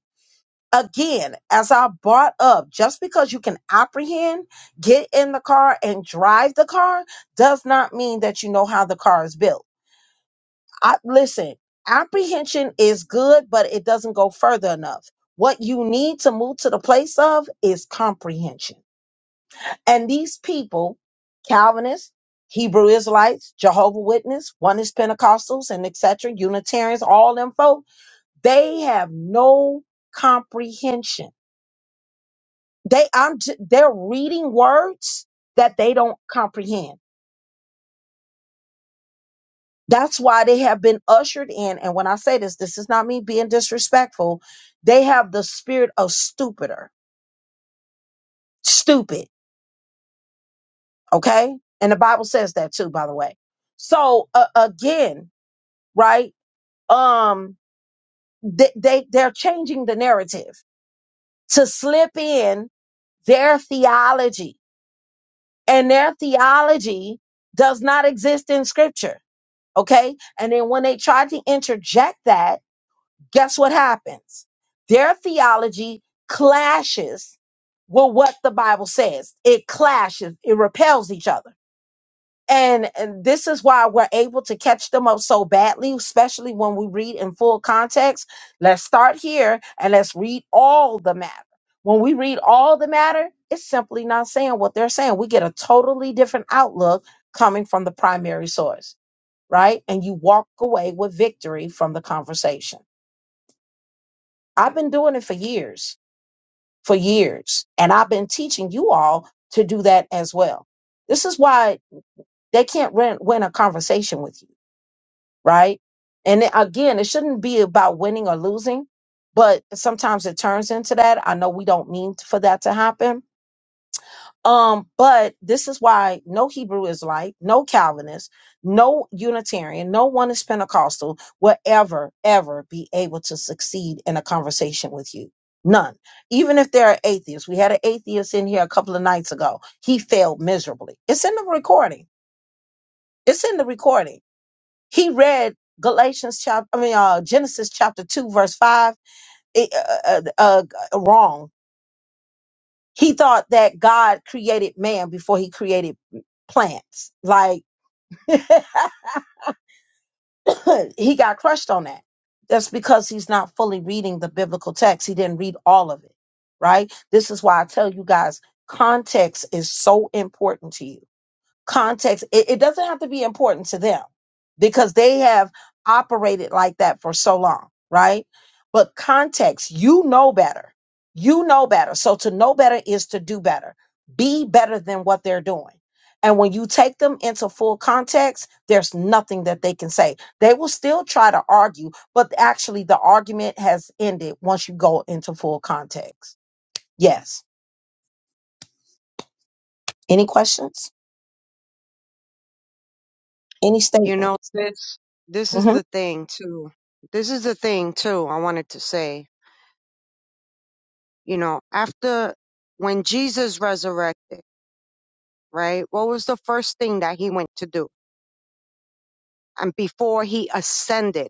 S1: again, as I brought up, just because you can apprehend, get in the car and drive the car does not mean that you know how the car is built. I listen, apprehension is good, but it doesn't go further enough. What you need to move to the place of is comprehension. And these people, Calvinists, Hebrew Israelites, Jehovah Witness, one is Pentecostals and etc., Unitarians, all them folk, they have no comprehension They I'm j- they're reading words that they don't comprehend. That's why they have been ushered in. And when I say this, this is not me being disrespectful. They have the spirit of stupider, stupid. Okay, and the Bible says that too, by the way. So uh, again, right? Um, they, they they're changing the narrative to slip in their theology, and their theology does not exist in Scripture Okay. And then when they tried to interject that, guess what happens? Their theology clashes with what the Bible says. It clashes, it repels each other. And, and this is why we're able to catch them up so badly, especially when we read in full context. Let's start here and let's read all the matter. When we read all the matter, it's simply not saying what they're saying. We get a totally different outlook coming from the primary source right? And you walk away with victory from the conversation. I've been doing it for years, for years, and I've been teaching you all to do that as well. This is why they can't win, win a conversation with you, right? And it- again, it shouldn't be about winning or losing, but sometimes it turns into that. I know we don't mean for that to happen, Um, but this is why no Hebrew Israelite, no Calvinist, no Unitarian, no one is Pentecostal will ever, ever be able to succeed in a conversation with you. None. Even if they're atheists. We had an atheist in here a couple of nights ago. He failed miserably. It's in the recording. It's in the recording. He read Galatians chapter, I mean, uh, Genesis chapter 2, verse 5, it, uh, uh, uh, uh, wrong he thought that God created man before he created plants. Like he got crushed on that. That's because he's not fully reading the biblical text. He didn't read all of it, right? This is why I tell you guys context is so important to you context it, it doesn't have to be important to them because they have operated like that for so long right but context you know better you know better so to know better is to do better be better than what they're doing and when you take them into full context there's nothing that they can say they will still try to argue but actually the argument has ended once you go into full context yes any questions any
S3: You know,
S1: statements
S3: this this is
S1: hmm
S3: the thing too. This is the thing too I wanted to say. You know, after when Jesus resurrected, right? What was the first thing that he went to do? And before he ascended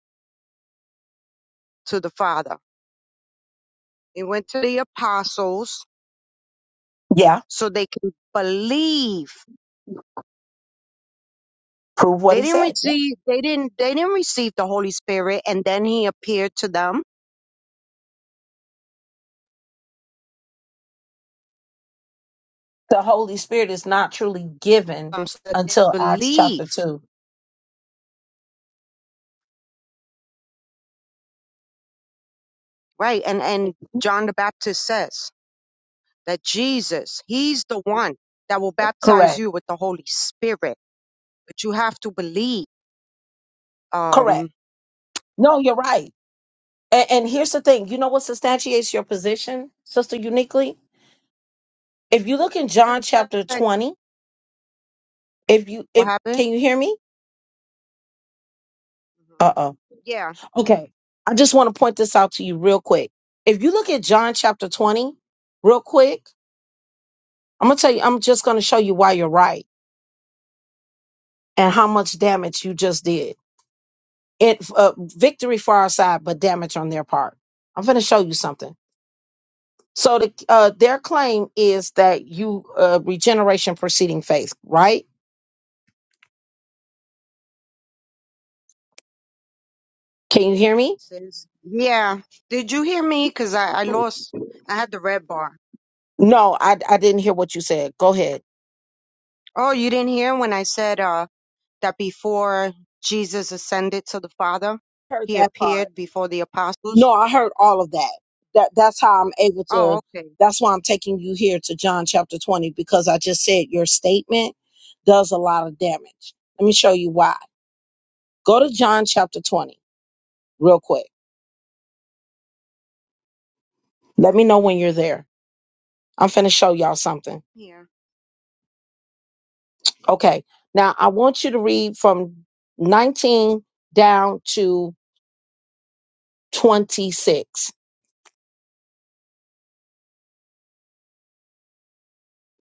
S3: to the Father, he went to the apostles
S1: yeah
S3: so they can believe.
S1: prove what
S3: They
S1: he
S3: didn't
S1: said
S3: receive they didn't they didn't receive the Holy Spirit and then he appeared to them
S1: the Holy Spirit is not truly given
S3: um, so that they
S1: until Acts
S3: believe.
S1: chapter 2.
S3: Right. And and John the Baptist says. that Jesus, He's the one that will baptize
S1: Correct.
S3: you with the Holy Spirit. But you have to believe.
S1: Correct.
S3: Um,
S1: No, you're right. And, and here's the thing you know what substantiates your position, Sister Uniquely? If you look in John chapter
S3: but
S1: 20, if you,
S3: what
S1: if,
S3: happened?
S1: can you hear me?
S3: Mhm.
S1: Uh oh.
S3: Yeah,
S1: Okay. I just want to point this out to you real quick. If you look at John chapter 20, real quick, I'm going to tell you, I'm just going to show you why you're right and how much damage you just did. it uh, victory for our side, but damage on their part. I'm going to show you something. So the, uh, their claim is that you uh, regeneration preceding faith, right? Can you hear me?
S3: sis. Yeah. Did you hear me? Because I, I lost, I had the red bar.
S1: No, I, I didn't hear what you said. Go ahead.
S3: Oh, you didn't hear when I said uh, that before Jesus ascended to the Father,
S1: Heard
S3: he
S1: that part.
S3: appeared before the apostles?
S1: No, I heard all of that. That that's how I'm able to.
S3: Oh, okay.
S1: That's why I'm taking you here to John chapter 20 because I just said your statement does a lot of damage. Let me show you why. Go to John chapter 20 real quick. Let me know when you're there. I'm finna show y'all something.
S3: Yeah.
S1: Okay. Now I want you to read from 19 down to 26.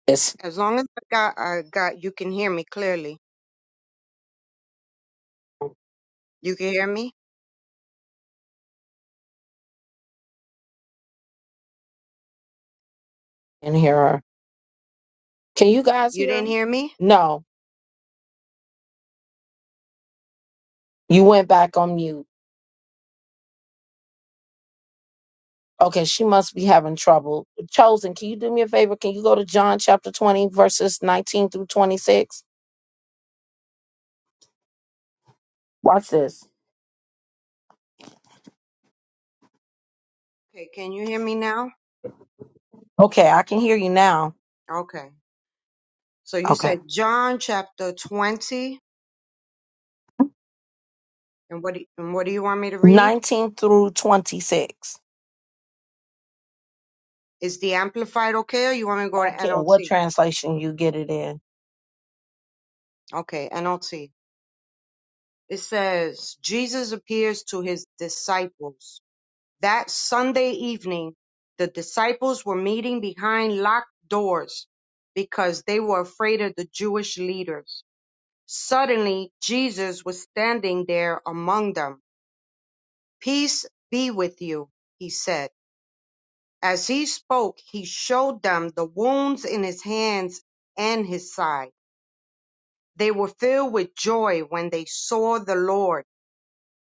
S1: It's
S3: As long as I got, I got, you can hear me clearly. You can hear me?
S1: in here. Can you guys
S3: You
S1: hear?
S3: didn't
S1: me?
S3: hear me?
S1: No, you went back on mute. Okay, she must be having trouble. Chosen, can you do me a favor? Can you go to John chapter 20, verses 19 through 26? Watch this.
S3: Okay, can you hear me now?
S1: Okay, I can hear you now.
S3: Okay. So you
S1: Okay.
S3: said John chapter 20, and what do, and what do you want me to read?
S1: 19 through 26.
S3: Is the Amplified okay, or you want me to go to
S1: Don't care what
S3: NLT?
S1: translation you get it in.
S3: Okay, NLT. It says, Jesus appears to his disciples. That Sunday evening, the disciples were meeting behind locked doors because they were afraid of the Jewish leaders. Suddenly, Jesus was standing there among them. Peace be with you, he said. As he spoke, he showed them the wounds in his hands and his side. They were filled with joy when they saw the Lord.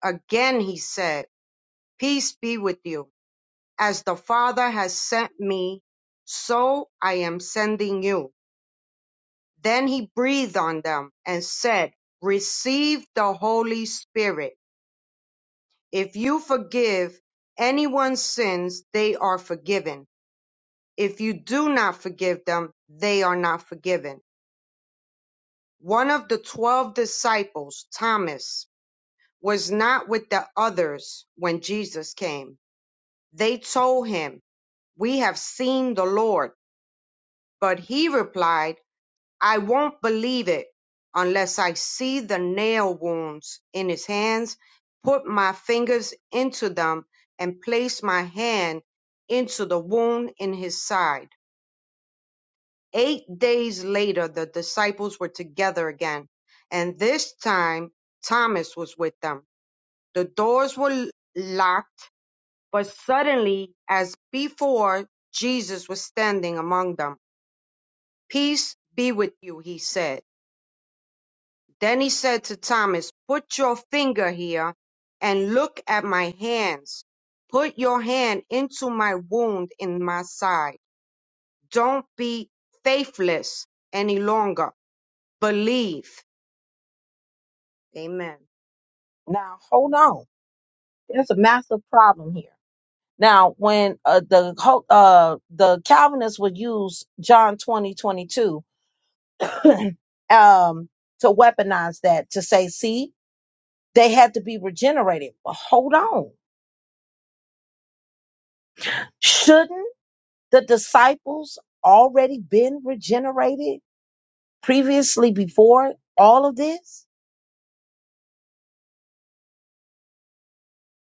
S3: Again he said, Peace be with you. As the Father has sent me, so I am sending you. Then he breathed on them and said, Receive the Holy Spirit. If you forgive anyone's sins, they are forgiven. If you do not forgive them, they are not forgiven One of the twelve disciples, Thomas, was not with the others when Jesus came. They told him, We have seen the Lord. But he replied, I won't believe it unless I see the nail wounds in his hands, put my fingers into them, and place my hand into the wound in his side. Eight days later, the disciples were together again, and this time Thomas was with them. The doors were locked, but suddenly, as before, Jesus was standing among them. Peace be with you, he said. Then he said to Thomas, Put your finger here and look at my hands. Put your hand into my wound in my side. Don't be faithless any longer. Believe. Amen.
S1: Now, hold on. There's a massive problem here. Now, when uh, the ho- uh, the Calvinists would use John 20 22 um, to weaponize that to say, see, They had to be regenerated. Well, hold on. Shouldn't the disciples already been regenerated previously before all of this?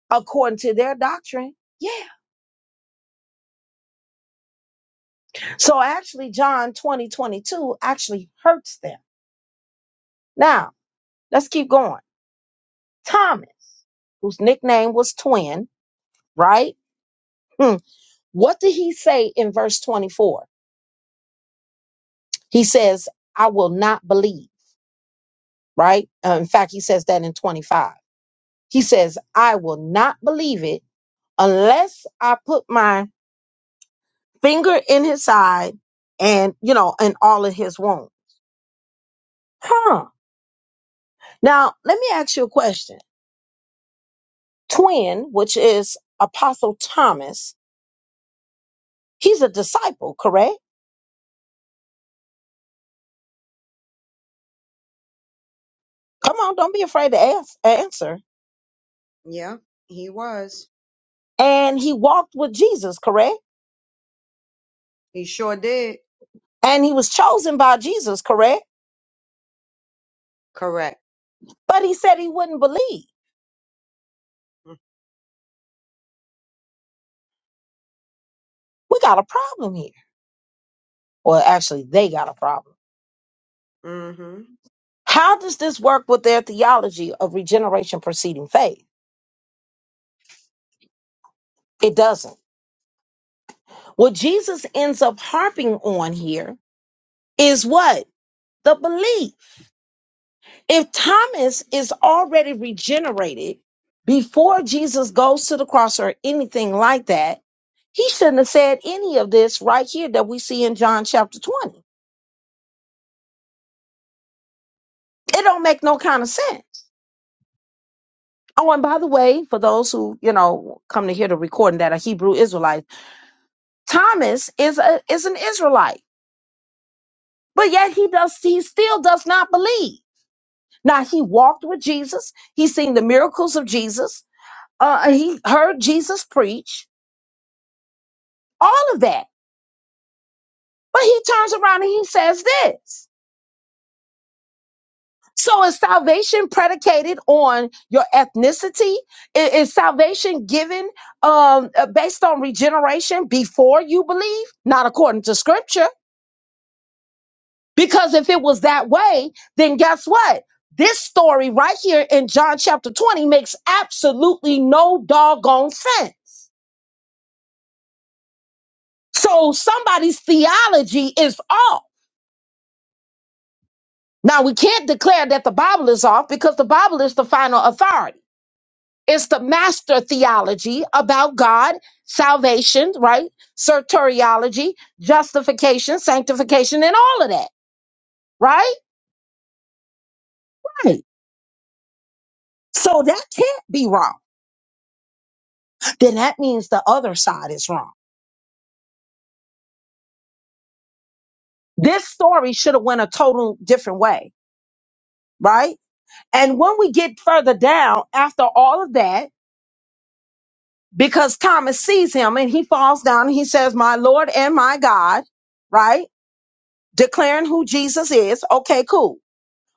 S1: According to their doctrine? Yeah. So actually, John 20 22 actually hurts them. Now, let's keep going. Thomas, whose nickname was Twin, right? Hmm. What did he say in verse 24? He says, I will not believe, right? Uh, in fact, he says that in 25. He says, I will not believe it unless I put my finger in his side and, you know, and all of his wound. Huh. Now, let me ask you a question. Twin, which is Apostle Thomas, he's a disciple, correct? Come
S3: Yep.
S1: on, don't be afraid to ask, answer.
S3: Yep. He was.
S1: And he walked with Jesus, correct?
S3: He sure did.
S1: And he was chosen by Jesus, correct?
S3: Correct.
S1: But he said he wouldn't believe. We got a problem here. Well, actually, they got a problem.
S3: Mm-hmm.
S1: How does this work with their theology of regeneration preceding faith? It doesn't. What Jesus ends up harping on here is what? The belief. If Thomas is already regenerated before Jesus goes to the cross or anything like that, he shouldn't have said any of this right here that we see in John chapter 20. It don't make no kind of sense. Oh, and by the way, for those who, you know, come to hear the recording that are Hebrew Israelites, Thomas is a is an Israelite. but yet he does he still does not believe now he walked with jesus he seen the miracles of jesus uh he heard jesus preach all of that but he turns around and he says this so is salvation predicated on your ethnicity I- is, salvation given um uh, based on regeneration before you believe not according to scripture Because if it was that way, then guess what? This story right here in John chapter 20 makes absolutely no doggone sense. So somebody's theology is off. Now we can't declare that the Bible is off because the Bible is the final authority. It's the master theology about God, salvation, right? Soteriology, justification, sanctification, and all of that, right? Right. So that can't be wrong. Then that means the other side is wrong this story should have went a total different way right and when we get further down after all of that because thomas sees him and he falls down and he says my lord and my god right declaring who jesus is okay cool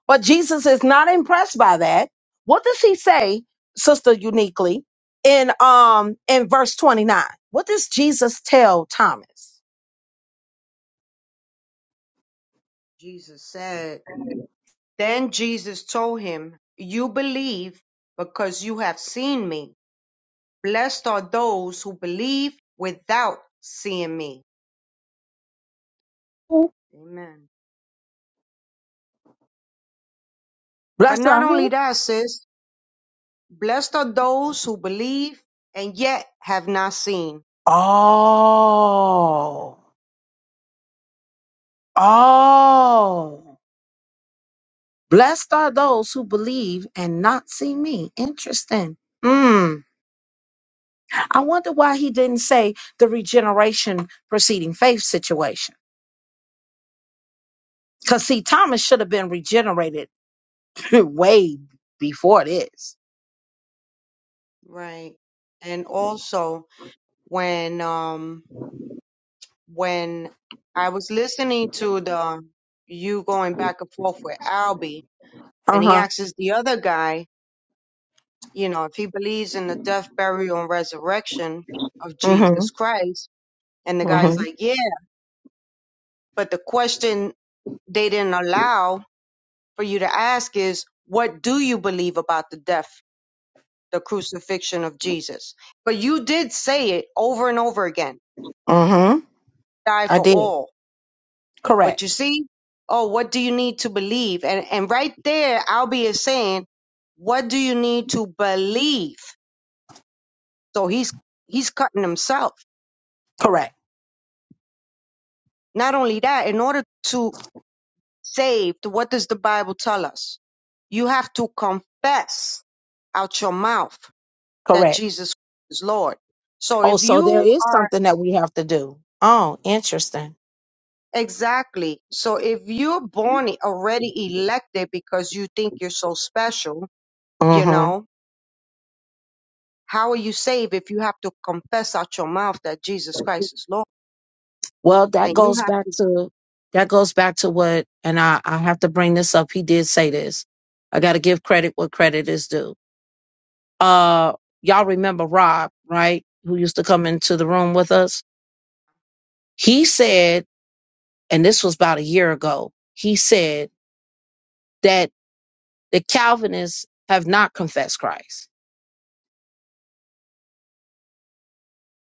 S1: but jesus is not impressed by that what does he say sister uniquely in um in verse 29 what does jesus tell thomas
S3: Jesus said. Then Jesus told him, You believe because you have seen me. Blessed are those who believe without seeing me.
S1: who
S3: Amen. But
S1: blessed
S3: not
S1: are
S3: only
S1: who
S3: that, sis, blessed are those who believe and yet have not seen.
S1: oh oh Blessed are those who believe and not see me. Interesting. Mm. I wonder why he didn't say the regeneration preceding faith situation. Because, see, Thomas should have been regenerated way before this.
S3: Right. And also when um when I was listening to the you going back and forth with Albie, and he asks the other guy, you know, if he believes in the death, burial, and resurrection of Jesus
S1: Mm
S3: Christ, and
S1: hmm.
S3: the
S1: Mm
S3: guy's
S1: hmm.
S3: like, yeah, but the question they didn't allow for you to ask is, what do you believe about the death, the crucifixion of Jesus? But you did say it over and over again,
S1: Mm hmm.
S3: die
S1: I
S3: for
S1: did.
S3: all
S1: Correct.
S3: But you see, oh, what do you need to believe? And and right there, Albie is saying, what do you need to believe? So he's he's cutting himself.
S1: Correct.
S3: Not only that, in order to save, what does the Bible tell us? You have to confess out your mouth that
S1: Correct.
S3: Jesus is Lord. So
S1: Oh,
S3: if
S1: so there
S3: you
S1: is
S3: are
S1: something that we have to do. Oh, interesting.
S3: exactly, so if you're born already elected because you think you're so special, you know, How are you saved if you have to confess out your mouth that Jesus Christ is Lord?
S1: Well, that
S3: And you
S1: goes
S3: have
S1: back
S3: to.
S1: to that goes back to what, and I I have to bring this up. He did say this. I got to give credit what credit is due. Uh, y'all remember Rob, right? Who used to come into the room with us? He said, and this was about a year ago. He said that the Calvinists have not confessed Christ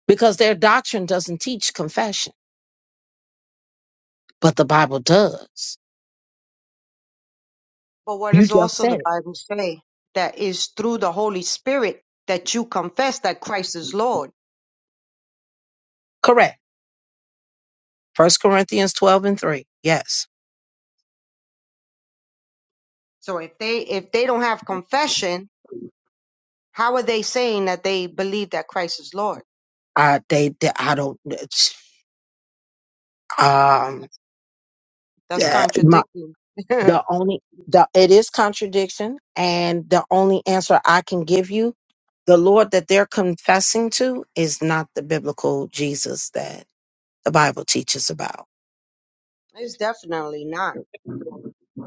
S1: because their doctrine doesn't teach confession, but the Bible does.
S3: But what
S1: You
S3: does
S1: just
S3: also
S1: said
S3: the
S1: it.
S3: Bible say? That is through the Holy Spirit that you confess that Christ is Lord.
S1: Correct. First Corinthians 12 and 3. Yes.
S3: So if they if they don't have confession, how are they saying that they believe that Christ is Lord?
S1: I they, they I don't um
S3: That's that's
S1: uh, my
S3: contradicting.
S1: the
S3: it's
S1: only the it is contradiction and the only answer I can give you the Lord sing to is not the OG that the Bible.
S3: definitely not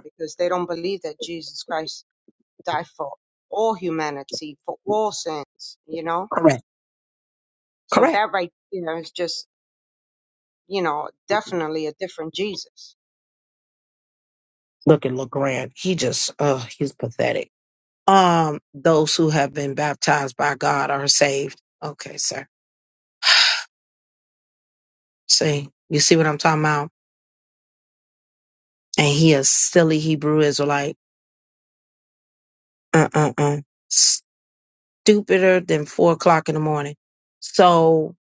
S3: because they don't believe that Jesus Christ died for all humanity, for all sins, you know?
S1: Correct.
S3: So
S1: Correct.
S3: that right there is just you know, definitely a different Jesus.
S1: Look at LeGrand. He just uh he's pathetic. Um those who have been baptized by God are saved. Okay, sir. See, you see what I'm talking about? And he a silly Hebrew Israelite. Uh uh uh. stupider than four o'clock in the morning. So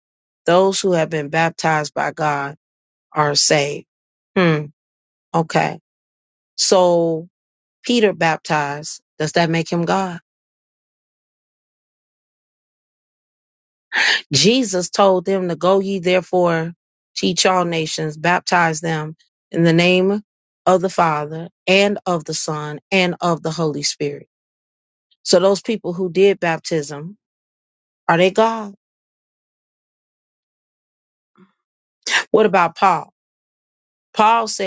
S1: those who have been baptized by God are saved. Hmm. Okay. So Peter baptized. Does that make him God? Jesus told them to go ye therefore teach all nations, baptize them in the name of the Father and of the Son and of the Holy Spirit. So those people who did baptism, are they God? What about Paul?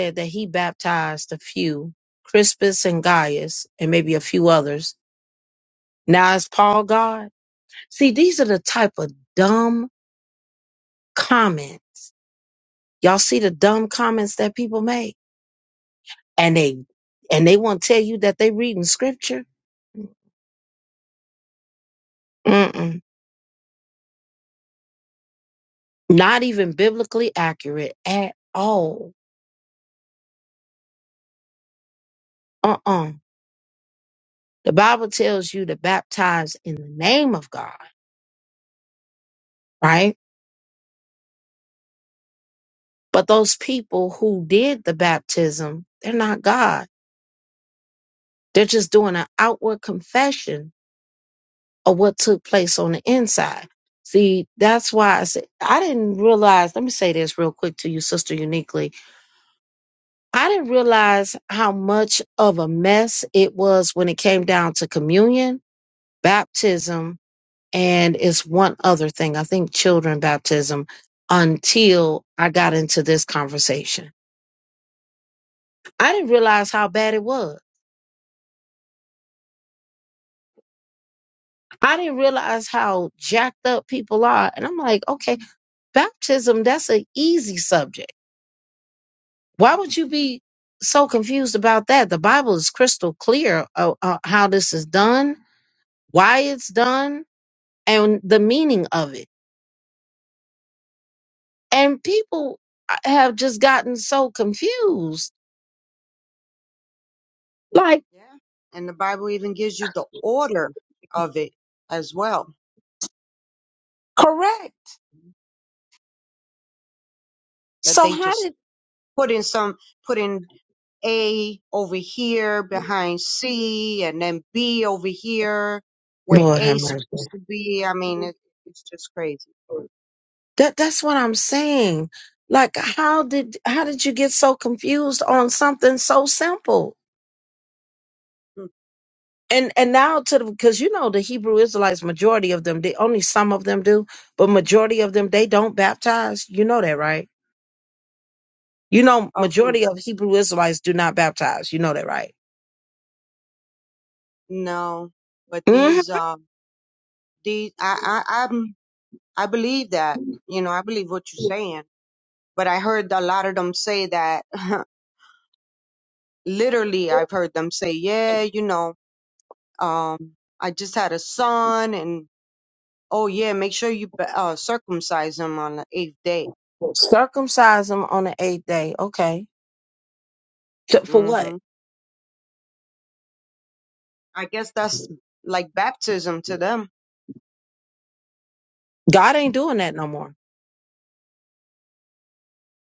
S1: said that he baptized a few, Crispus and Gaius, and maybe a few others. Now is Paul God? See, these are the type of dumb comment. Y'all see the dumb comments that they make? and they and they read nature. Mm-mm. Not even biblically accurate at all. Uh-uh. The Bible is God, right? But those people who did the baptism, they're not God. They're just doing an outward confession Or what took place on the inside. See, that's why I said I didn't realize. Let me say this real quick to you, Sister Uniquely. I didn't realize how much of a mess it was when it came down to communion, baptism, and it's one other thing. I think children baptism until I got into this conversation. I didn't realize how bad it was. I didn't realize how jacked up people are. And I'm like, okay, baptism, that's an easy subject Why would you be so confused about that? The Bible is crystal clear uh, uh, how this is done, why it's done, and the meaning of it. And people uh, have just gotten so confused. Like,
S3: Yeah. And the Bible even gives you the order of it as well.
S1: correct.
S3: that
S1: So
S3: they
S1: how
S3: just
S1: did
S3: put in some put in A over here behind C and then B over here where
S1: Lord
S3: A
S1: have
S3: is
S1: mercy?
S3: supposed to be. I mean, it, it's just crazy.
S1: That that's what I'm saying. Like, how did how did you get so confused on something so simple?
S3: Hmm.
S1: and and now to the because you know the Hebrew Israelites, majority of them, they only some of them do, but majority of them they don't baptize. You know that, right? You know,
S3: Of who?
S1: majority of Hebrew Israelites do not baptize. You know that, right?
S3: No, but
S1: hmm
S3: these um these I I I'm, I believe that you know I believe what you're saying, but I heard a lot of them say that literally I've heard them say, yeah, you know, um, I just had a son and oh yeah, make sure you uh, circumcise him on the eighth day.
S1: Circumcise them on the eighth day. Okay, T- for what?
S3: hmm I guess that's like baptism to them.
S1: God ain't doing that no more.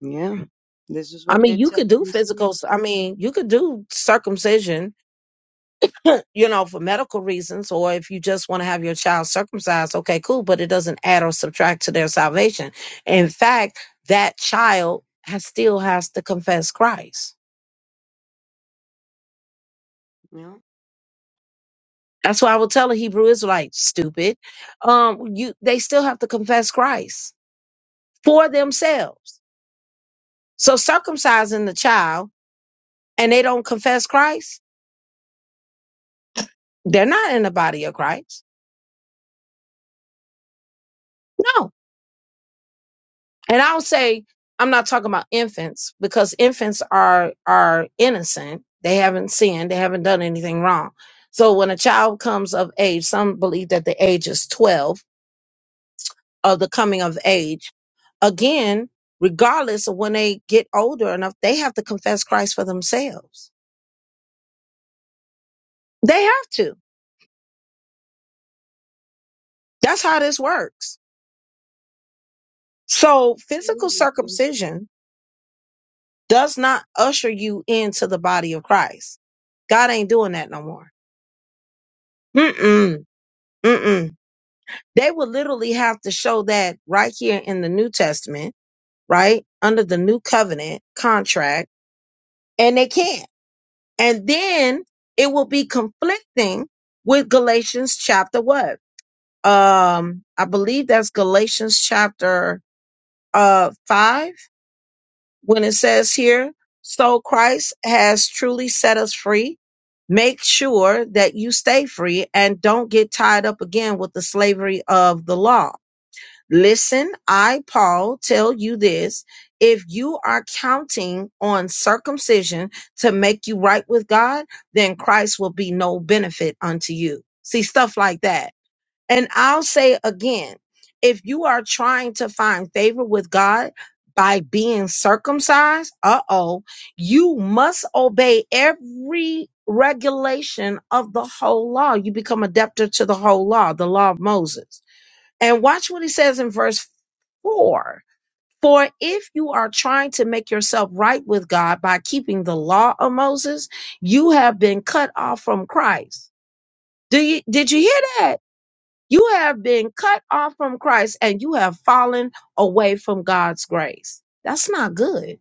S3: Yeah, this is
S1: I
S3: what
S1: mean,
S3: they
S1: you
S3: t-
S1: could do
S3: they say.
S1: physical. I mean, you could do circumcision you know, for medical reasons, or if you just want to have your child circumcised, okay, cool, but it doesn't add or subtract to their salvation. In fact, that child has still has to confess Christ.
S3: Yeah,
S1: That's why I would tell the Hebrew Israelites, stupid. Um, you they still have to confess Christ for themselves. So circumcising the child and they don't confess Christ, they're not in the body of Christ. No And I'll say I'm not talking about infants because infants are are innocent. They haven't sinned. They haven't done anything wrong. So when a child comes of age, some believe that the age is 12 of the coming of age. Again, regardless of when they get older enough, they have to confess Christ for themselves. They do. That works. So
S3: absolutely. sis.
S1: does not usher you into the body of Christ. God ain't doing that no more. Mm-mm. Mm-mm. They would literally have to show that right here in the New Testament, right? Under the new covenant contract, and they can't. And then it will be conflicting with Galatians chapter what? Um, I believe that's Galatians chapter uh five, when it says here, so Christ has truly set us free make sure that you stay free and don't get tied up again with the slavery of the law Listen, I, Paul, tell you this. If you are counting on circumcision to make you right with God, then Christ will be no benefit unto you. See, stuff like that. And I'll say again, if you are trying to find favor with God by being circumcised, uh oh, you must obey every regulation of the whole law. You become a debtor to the whole law, the law of Moses. And watch what he says in verse 4. For if you are trying to make yourself right with God by keeping the law of Moses, you have been cut off from Christ. Do you did you hear that? You have been cut off from Christ and you have fallen away from God's grace. That's not good.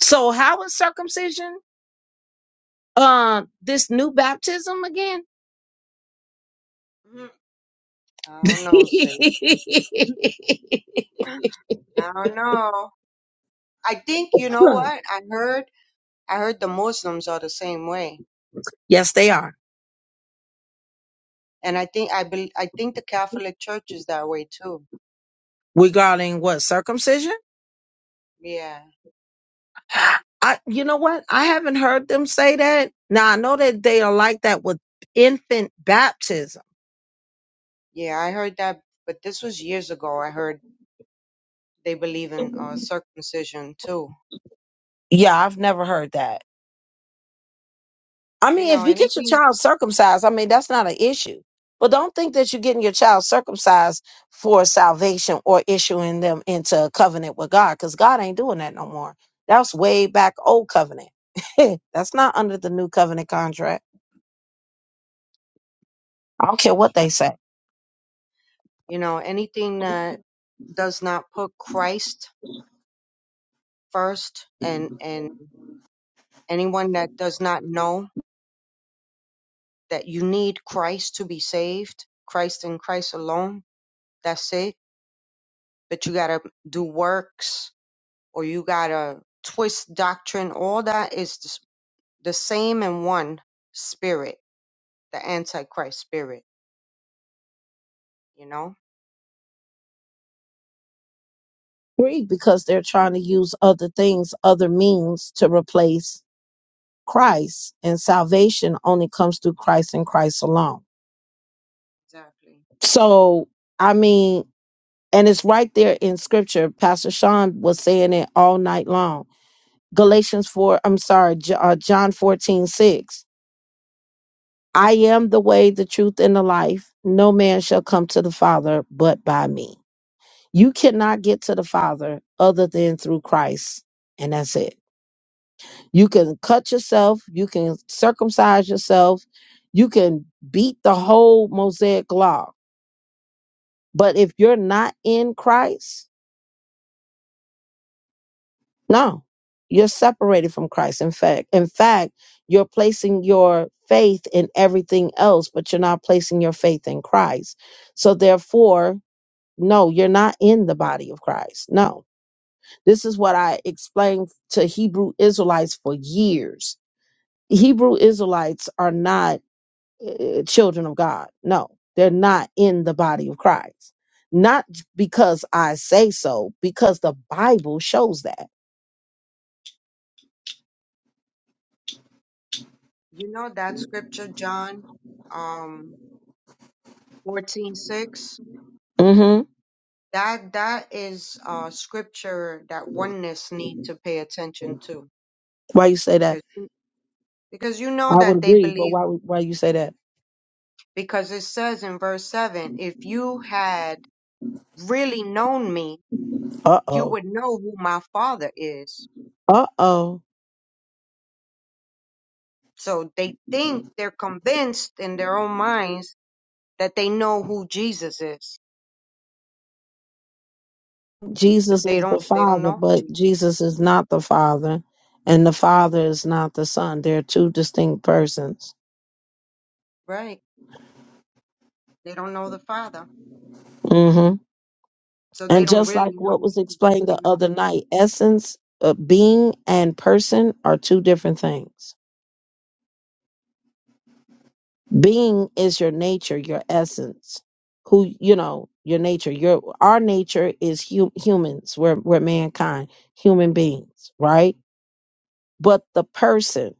S1: So how is circumcision uh, this new baptism again?
S3: Mhm. I don't know, say. I don't know. I think you know what I heard. I heard the Muslims are the same way,
S1: yes, they are.
S3: and I think I bel I think the Catholic Church is that way too.
S1: Regarding what circumcision?
S3: Yeah.
S1: I, you know what? I haven't heard them say that. Now I know that they are like that with infant baptism.
S3: Yeah, I heard that, but this was years ago. I heard they believe in uh, circumcision too.
S1: Yeah, I've never heard that. I
S3: You
S1: mean,
S3: know,
S1: if you get your
S3: anything,
S1: child circumcised, I mean that's not an issue. But don't think that you're getting your child circumcised for salvation or issuing them into a covenant with God, because God ain't doing that no more. That's way back old covenant. that's not under the new covenant contract. I don't care what
S3: That's
S1: they
S3: right.
S1: say.
S3: you know, anything that does not put Christ first and, and anyone that does not know that you need Christ to be saved, Christ and Christ alone, that's it. But you gotta do works or you gotta twist doctrine. All that is the s- the same and one spirit, the Antichrist spirit, you know?
S1: Agree, because they're trying to use other things, other means to replace Christ, and salvation only comes through Christ and Christ alone.
S3: Exactly. Yeah.
S1: So, I mean, and it's right there in scripture. Pastor Sean was saying it all night long. Galatians 4, I'm sorry, J- uh, John 14 6. I am the way, the truth, and the life. No man shall come to the Father but by me. You cannot get to the Father other than through Christ, and that's it. You can cut yourself, you can circumcise yourself, you can beat the whole Mosaic law. But if you're not in Christ, no, you're separated from Christ. In fact, in fact, you're placing your faith in everything else, but you're not placing your faith in Christ. So therefore, no, you're not in the body of Christ. No. This is what I explained to Hebrew Israelites for years. Hebrew Israelites are not eh, children of God. No, they're not in the body of Christ. Not j- because I say so, because the Bible shows that.
S3: You know that scripture, John, um, fourteen six.
S1: hmm
S3: That that is uh scripture that oneness need to pay attention to
S1: Why you say that?
S3: because you- because you know
S1: I would
S3: that they
S1: agree, but
S3: believe
S1: why would- why you say that?
S3: because it says in verse seven, if you had really known me,
S1: Uh
S3: you
S1: oh,
S3: would know who my father is.
S1: uh oh.
S3: So they think they're convinced in their own minds that they know who Jesus is, but
S1: Jesus
S3: they
S1: is the
S3: don't. They don't
S1: Father,
S3: know who
S1: but
S3: Jesus
S1: Jesus
S3: is,
S1: is not the Father, and the Father is not the Son. They're two distinct persons.
S3: right? They don't know the Father,
S1: hmm
S3: so they
S1: And
S3: don't
S1: just
S3: really
S1: like what
S3: know
S1: was
S3: Him.
S1: explained the
S3: You know.
S1: other night, essence, uh, being, and person are two different things. being is your nature your essence who you know your nature your our nature is hu- humans we're, we're mankind human beings right but the person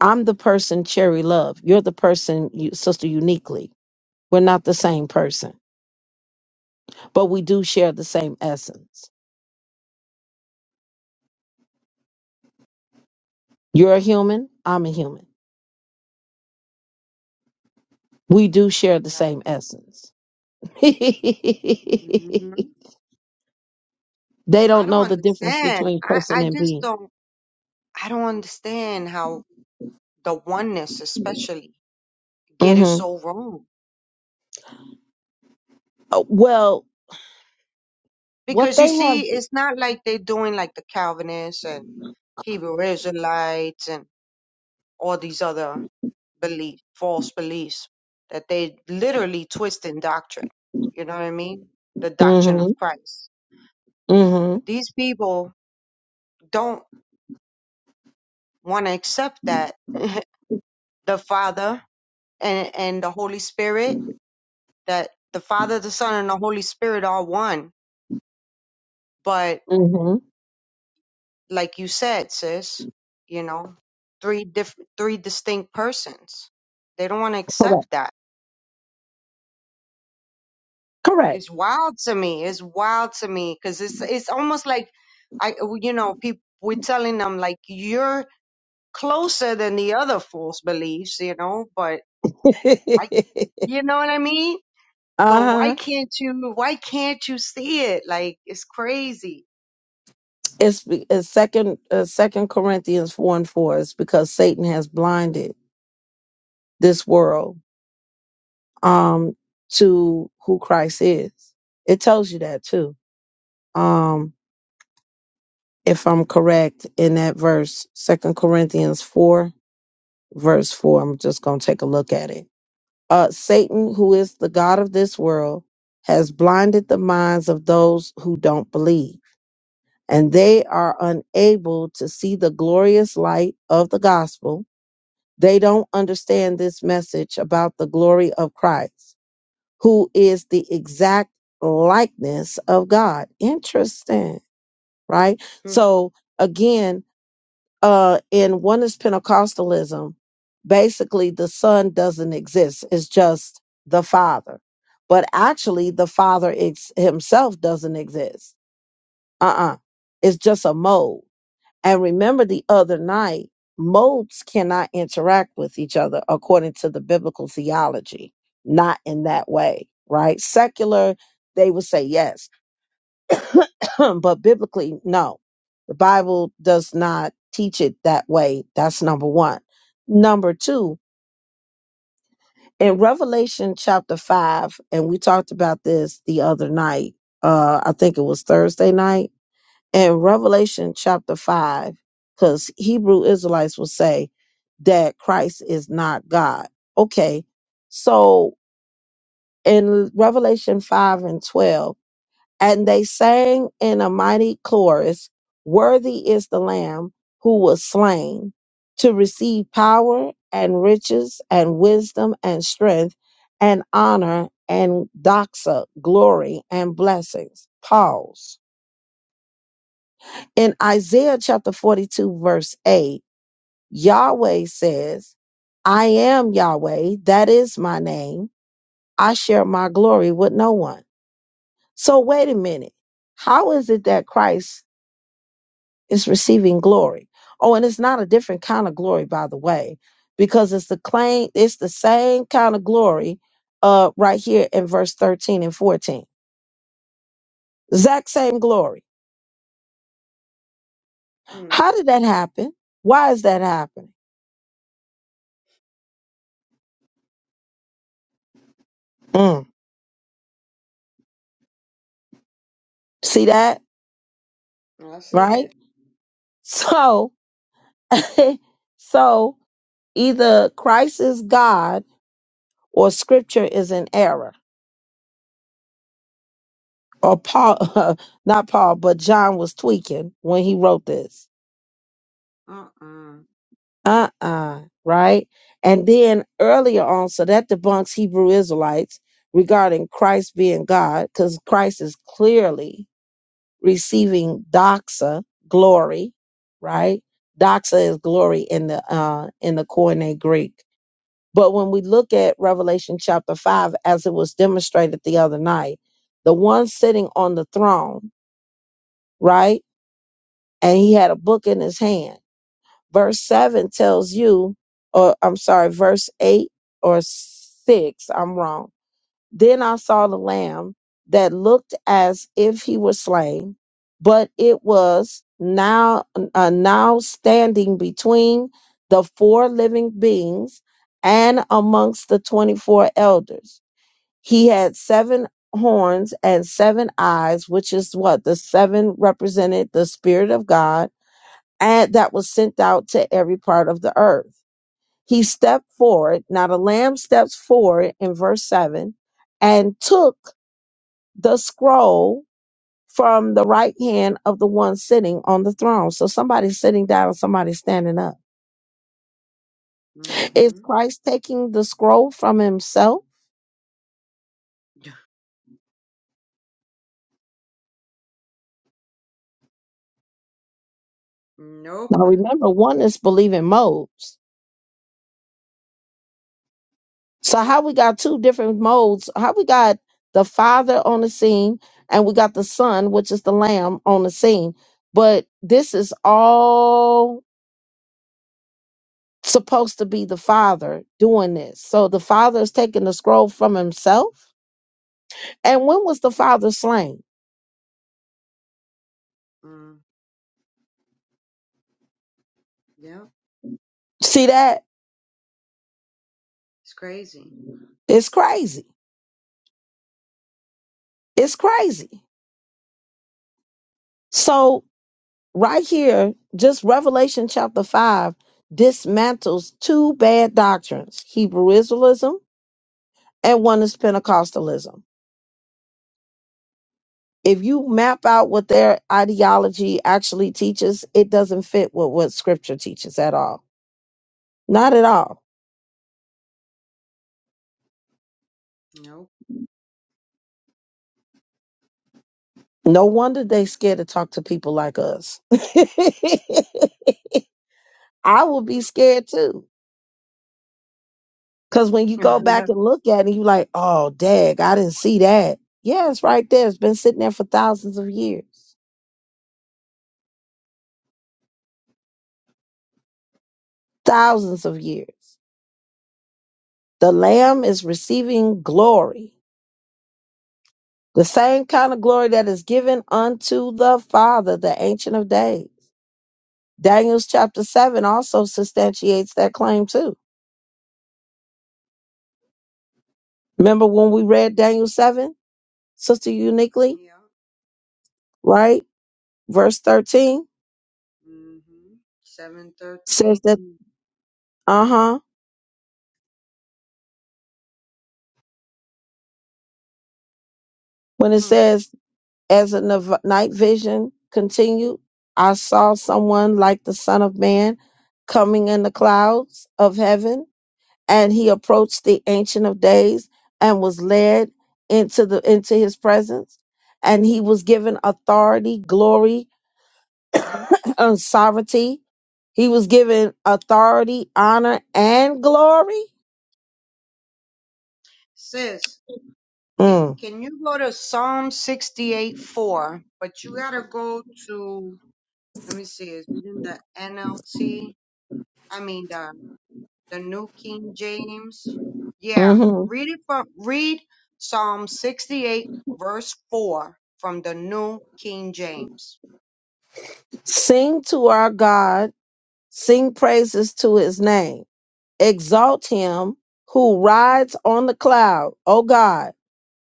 S1: i'm the person cherry love you're the person you, sister uniquely we're not the same person but we do share the same essence you're a human i'm a human we do share the
S3: Right.
S1: same essence
S3: hmm
S1: they
S3: I
S1: don't
S3: don't
S1: know the difference
S3: understand.
S1: between
S3: I
S1: person
S3: I
S1: and
S3: just
S1: being
S3: don't. I don't understand how the oneness, especially, get it
S1: hmm
S3: so wrong.
S1: well What
S3: Because you
S1: they have.
S3: see, it's not like they're doing like the Calvinists and Hebrew Israelites and all these other belief, false beliefs, that they literally twisting doctrine. You know what I mean? The doctrine of
S1: Mm-hmm.
S3: Christ. But
S1: Mm-hmm.
S3: these people don't. want to accept that the Father and, and the Holy Spirit, that the Father, the Son, and the Holy Spirit are one. But like you said, sis, you know, three diff- three distinct persons. They don't want to accept that. It's wild to me. It's wild to me because it's it's almost like I, you know, people we're telling them like you're closer than the other false beliefs, you know, but I, you know what I mean? But why
S1: uh-huh.
S3: can't you? Why can't you see it? Like it's crazy.
S1: It's, be- it's second uh, second Corinthians four and four It's because Satan has blinded this world um to who Christ is. It tells you that too. Um if I'm correct in that verse, Second Corinthians four, verse four. I'm just gonna take a look at it. Uh Satan, who is the God of this world, has blinded the minds of those who don't believe and they are unable to see the glorious light of the gospel. They don't understand this message about the glory of Christ, who is the exact likeness of God. Interesting, right? So again, uh, in oneness Pentecostalism, basically the Son doesn't exist. It's just the Father. But actually, the Father ex- himself doesn't exist. Uh-uh. It's just a mode and remember the other night, modes cannot interact with each other according to the biblical theology, not in that way, right? Secular, they would say yes, but biblically, no. The Bible does not teach it that way. That's number one. Number two, in Revelation chapter five, and we talked about this the other night, uh, I think it was Thursday night and Revelation chapter 5, because Hebrew Israelites will say that Christ is not God. Okay, so in Revelation 5 and 12, and they sang in a mighty chorus, Worthy is the Lamb who was slain to receive power and riches and wisdom and strength and honor and doxa, glory and blessings. Pause. In Isaiah chapter 42, verse 8, Yahweh says, I am Yahweh, that is my name. I share my glory with no one. So, wait a minute. How is it that Christ is receiving glory? Oh, and it's not a different kind of glory, by the way, because it's the claim, it's the same kind of glory uh, right here in verse 13 and 14. Exact same glory.
S3: Hmm.
S1: How did that happen? Why is that happening? Mm. See that,
S3: I see
S1: right?
S3: it.
S1: So, so either Christ is God or scripture is in error. Or Paul, not Paul, but John was tweaking when he wrote this.
S3: Uh. uh
S1: Uh uh right? And then earlier on, so that debunks Hebrew Israelites regarding Christ being God, because Christ is clearly receiving doxa, glory, right? Doxa is glory in the uh in the Koine Greek But when we look at Revelation chapter 5, as it was demonstrated the other night, the one sitting on the throne, right? And he had a book in his hand. Verse 7 tells you, or I'm sorry, verse 8 or 6, I'm wrong then I saw the lamb that looked as if he were slain, but it was now uh, now standing between the four living beings and amongst the 24 elders. He had seven horns and seven eyes, which is what the seven represented the spirit of God and that was sent out to every part of the earth. He stepped forward. Now the lamb steps forward in verse 7 and took the scroll from the right hand of the one sitting on the throne. So somebody's sitting down and somebody's standing up. Is
S3: Mm-hmm.
S1: Christ taking the scroll from himself?
S3: Nope.
S1: Now remember, one is believing modes. So how we got two different modes? How we got the Father on the scene and we got the Son, which is the Lamb, on the scene. But this is all supposed to be the Father doing this. So the Father is taking the scroll from himself. And when was the Father slain?
S3: Mm. Yep.
S1: See that?
S3: It's crazy.
S1: It's crazy. It's crazy. So, right here, just Revelation chapter 5 dismantles two bad doctrines Hebrew Israelism and one is Pentecostalism. If you map out what their ideology actually teaches, it doesn't fit with what scripture teaches at all. Not at all.
S3: Nope.
S1: No wonder they scared to talk to people like us. I would be scared too. Cause when you go
S3: yeah.
S1: back and look at it, you like, oh dag, I didn't see that. Yeah, it's right there. It's been sitting there for thousands of years. Thousands of years. The Lamb is receiving glory. The same kind of glory that is given unto the Father, the Ancient of Days. Daniel's chapter 7 also substantiates that claim too. Remember when we read Daniel 7, Sister Uniquely, right? Verse 13
S3: Mm-hmm. Seven thirteen.
S1: says that, uh
S3: Yep.
S1: huh, when it
S3: Mm.
S1: says, As the nav- night vision continued, I saw someone like the Son of Man coming in the clouds of heaven, and he approached the Ancient of Days and was led into the into his presence, and he was given authority, glory, and sovereignty. He was given authority, honor, and glory.
S3: Sis, ca-
S1: Mm,
S3: can you go to Psalm sixty-eight four? But you gotta go to. Let me see. Is it in the NLT? I mean the the New King James. Yeah,
S1: mhm.
S3: read it from read Psalm 68 verse 4 from the New King James.
S1: Sing to our God, sing praises to his name Exalt him who rides on the cloud, O God,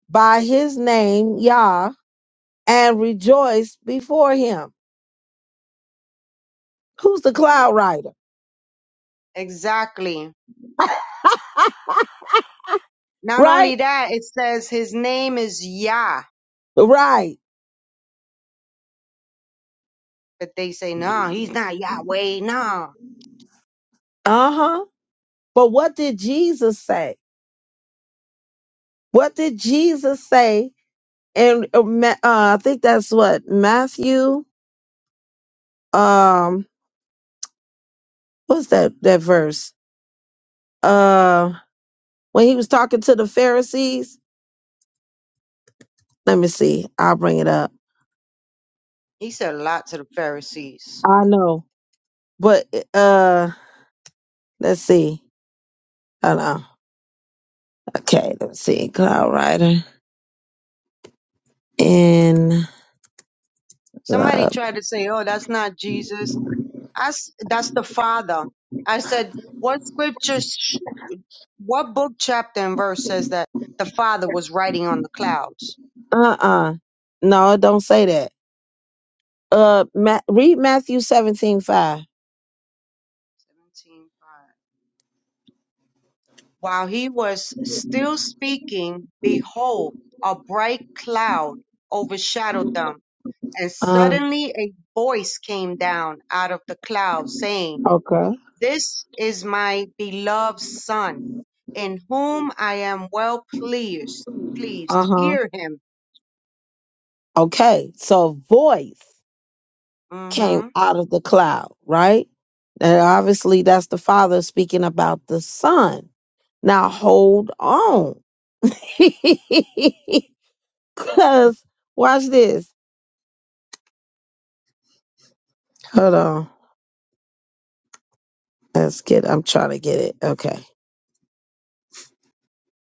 S1: by his name, Yah, and rejoice before him. Who's the
S3: And they-
S1: cloud rider?
S3: exactly. Not
S1: Right?
S3: only that, it says his name is Yah,
S1: Right.
S3: but they say no, he's not Yahweh. No,
S1: Uh huh. But what did Jesus say? What did Jesus say? And uh, Ma- uh, I think that's what Matthew. Um, what's that that verse? Uh, when he was talking to the Pharisees. Let me see. I'll bring it up.
S3: he said a lot to the Pharisees.
S1: I know, but uh. Let's see. Hold on. Okay, let's see. Cloud Rider in
S3: Somebody
S1: love.
S3: tried to say, "Oh, that's not Jesus. That's that's the Father." I said, "What scripture What book, chapter, and verse says that the Father was riding on the clouds?
S1: Uh uh No, don't say that. Uh, Ma- read Matthew seventeen five.
S3: 17.5. While he was still speaking, behold, a bright cloud overshadowed them, and
S1: Uh,
S3: suddenly a voice came down out of the cloud saying,
S1: okay.
S3: This is my beloved Son, in whom I am well pleased.
S1: Uh
S3: Pleased,
S1: huh.
S3: hear him.
S1: Okay. So voice came
S3: hmm
S1: out of the cloud, right? And obviously that's the Father speaking about the Son. Now hold on. Cause watch this. Hold on. Let's get. I'm trying to get it. Okay.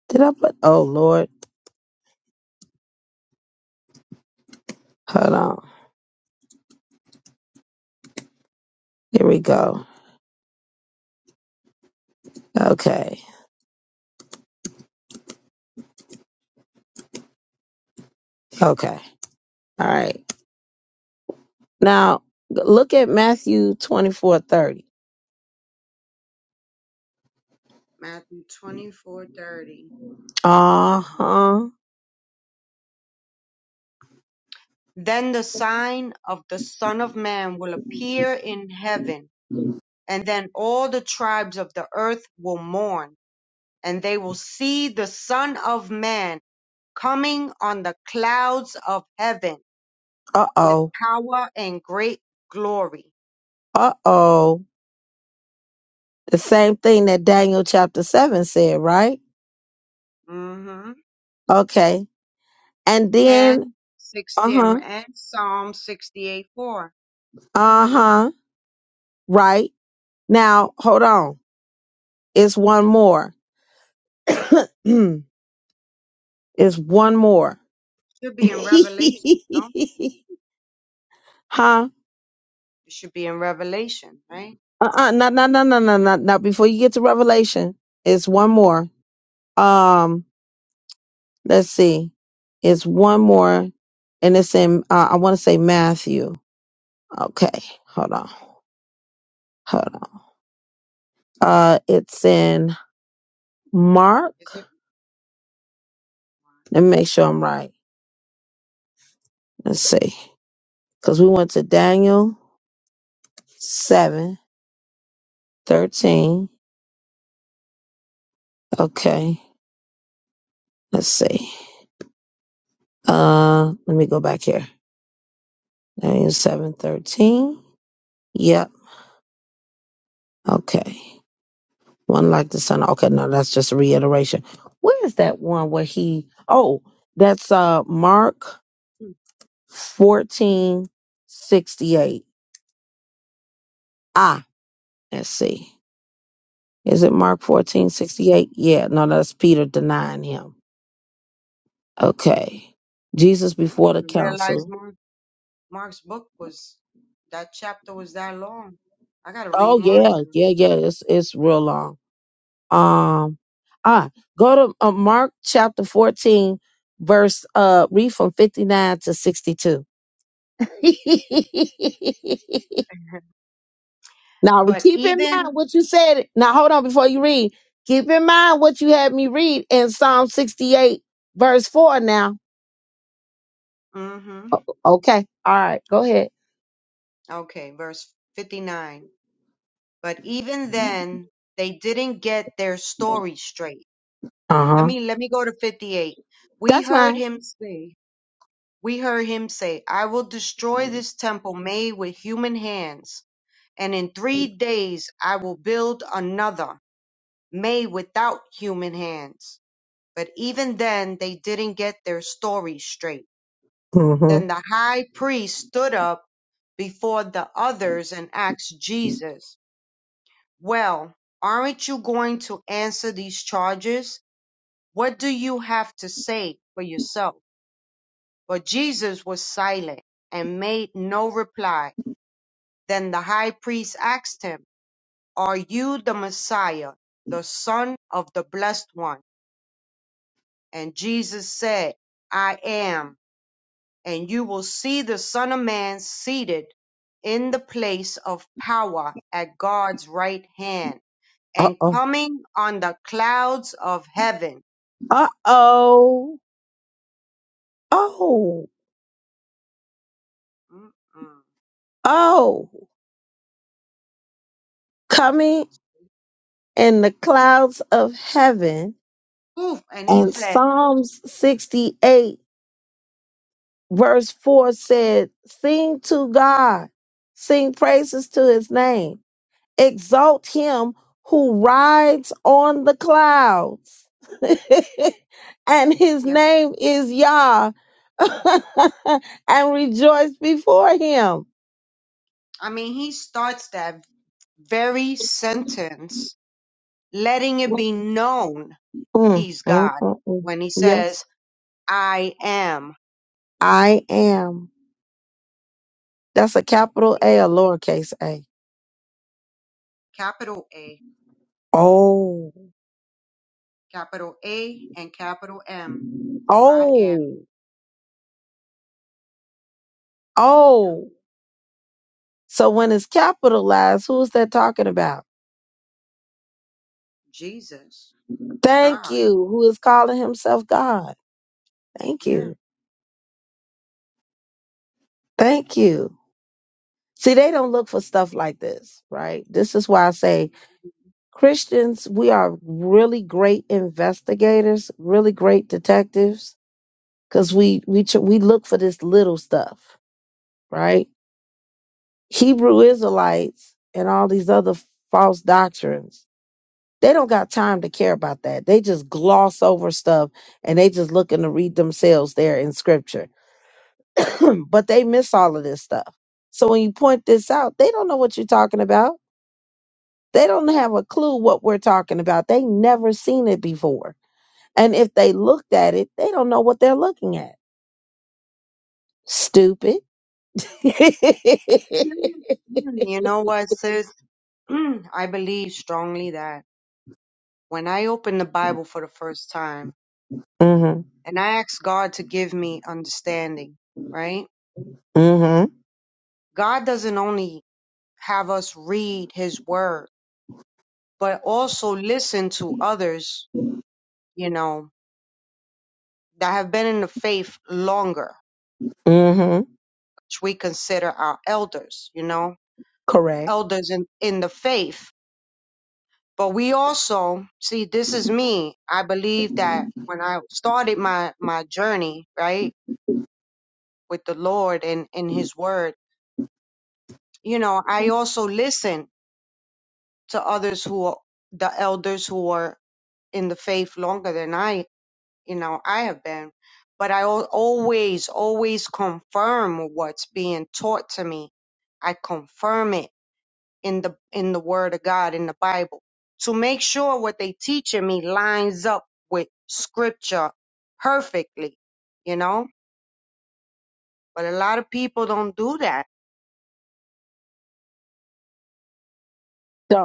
S1: Did I put? Oh Lord. Hold on. Here we go. Okay. Okay. All right. Now look at Matthew twenty four thirty.
S3: Matthew 24.30.
S1: Uh huh.
S3: Then the sign of the Son of Man will appear in heaven, and then all the tribes of the earth will mourn, and they will see the Son of Man coming on the clouds of heaven
S1: Uh
S3: with
S1: oh.
S3: power and great glory.
S1: Uh oh. The same thing that Daniel chapter seven said, right?
S3: hmm
S1: Okay. And then
S3: And
S1: uh
S3: 60, um,
S1: huh.
S3: and Psalm 68 4.
S1: Uh huh. Right. Now hold on. It's one more. it's one more.
S3: Should be in Revelation, no?
S1: huh?
S3: It should be in Revelation, right?
S1: Uh-uh, no, no, no, no, no, no, no. Before you get to Revelation, it's one more. Um, let's see, it's one more, and it's in. Uh, I want to say Matthew. Okay, hold on, hold on. Uh, it's in Mark.
S3: Is it?
S1: Let me make sure I'm right. Let's see, because we went to Daniel seven thirteen. Okay, let's see. Uh, let me go back here. Daniel seven thirteen. Yep. Okay. One like the son. Okay, no, that's just a reiteration. Where is that one where he oh, that's uh Mark
S3: hmm,
S1: fourteen sixty eight. Ah, let's see. Is it Mark fourteen sixty eight? Yeah, no, that's Peter denying him. Okay. Jesus
S3: I
S1: before the
S3: didn't realize
S1: council.
S3: more. Mark's book was that chapter was that long. I gotta
S1: Oh
S3: read Mark
S1: yeah,
S3: now.
S1: yeah, yeah. It's it's real long. Um ah, go to uh, Mark chapter fourteen, verse uh read from fifty nine to sixty two. now
S3: But
S1: keep in mind
S3: even,
S1: what you said. Now hold on before you read. Keep in mind what you had me read in Psalm 68, verse 4 now.
S3: hmm
S1: O- Okay. All right. Go ahead.
S3: okay, verse 59. But even then, they didn't get their story straight. Let
S1: Uh-huh.
S3: me, let me go to 58. We
S1: That's
S3: heard
S1: mine.
S3: him say, we heard him say, I will destroy this temple made with human hands, and in three days I will build another made without human hands. But even then, they didn't get their story straight. Then the high priest stood up before the others and asked Jesus, Well, aren't you going to answer these charges? What do you have to say for yourself? But Jesus was silent and made no reply. Then the high priest asked him, Are you the Messiah, the Son of the Blessed One? And Jesus said, I am. and you will see the Son of Man seated in the place of power at God's right hand and coming on the clouds of heaven.
S1: Uh-oh. Oh. Oh.
S3: Mm-mm.
S1: Oh. Coming in the clouds of heaven.
S3: Oof, and he
S1: And
S3: said,
S1: Psalms 68, verse 4 said, Sing to God. Sing praises to his name Exalt him who rides on the clouds. and his
S3: yeah.
S1: name is Yah. and rejoice before him.
S3: I mean, he starts that very sentence letting it
S1: Mm,
S3: be known
S1: mm,
S3: he's God
S1: mm, mm.
S3: when he
S1: Yes,
S3: says, I am,
S1: I am. That's a capital A, a lowercase a.
S3: capital A,
S1: Oh,
S3: capital A and capital M, I am,
S1: oh,
S3: yeah,
S1: oh. So when it's capitalized, who's that talking about?
S3: Jesus,
S1: Thank
S3: God.
S1: you. Who is calling himself God? Thank
S3: yeah.
S1: you. Thank you. See, they don't look for stuff like this, right? This is why I say Christians, we are really great investigators, really great detectives, because we we ch- we look for this little stuff, right? Hebrew Israelites and all these other false doctrines, they don't got time to care about that. They just gloss over stuff and they just looking to read themselves there in Scripture, but they miss all of this stuff. So when you point this out, they don't know what you're talking about They don't have a clue what we're talking about. They never seen it before. And if they looked at it, they don't know what they're looking at. Stupid.
S3: Mm, mm, You know what, sis? Mm, I believe strongly that when I opened the Bible for the first time
S1: Mm mhm.
S3: and I asked God to give me understanding, right?
S1: Mm Mhm.
S3: God doesn't only have us read his word, but also listen to others, you know, that have been in the faith longer,
S1: Mm Mhm.
S3: which we consider our elders, you know,
S1: Correct.
S3: elders in, in the faith But we also see this is me. I believe that when I started my my journey, right, with the Lord and in his word, you know, I also listened to others who are the elders who are in the faith longer than I, you know, I have been. But I al- always, always confirm what's being taught to me. I confirm it in the in the word of God in the Bible to make sure what they teaching me lines up with scripture perfectly, you know? But a lot of people don't do that.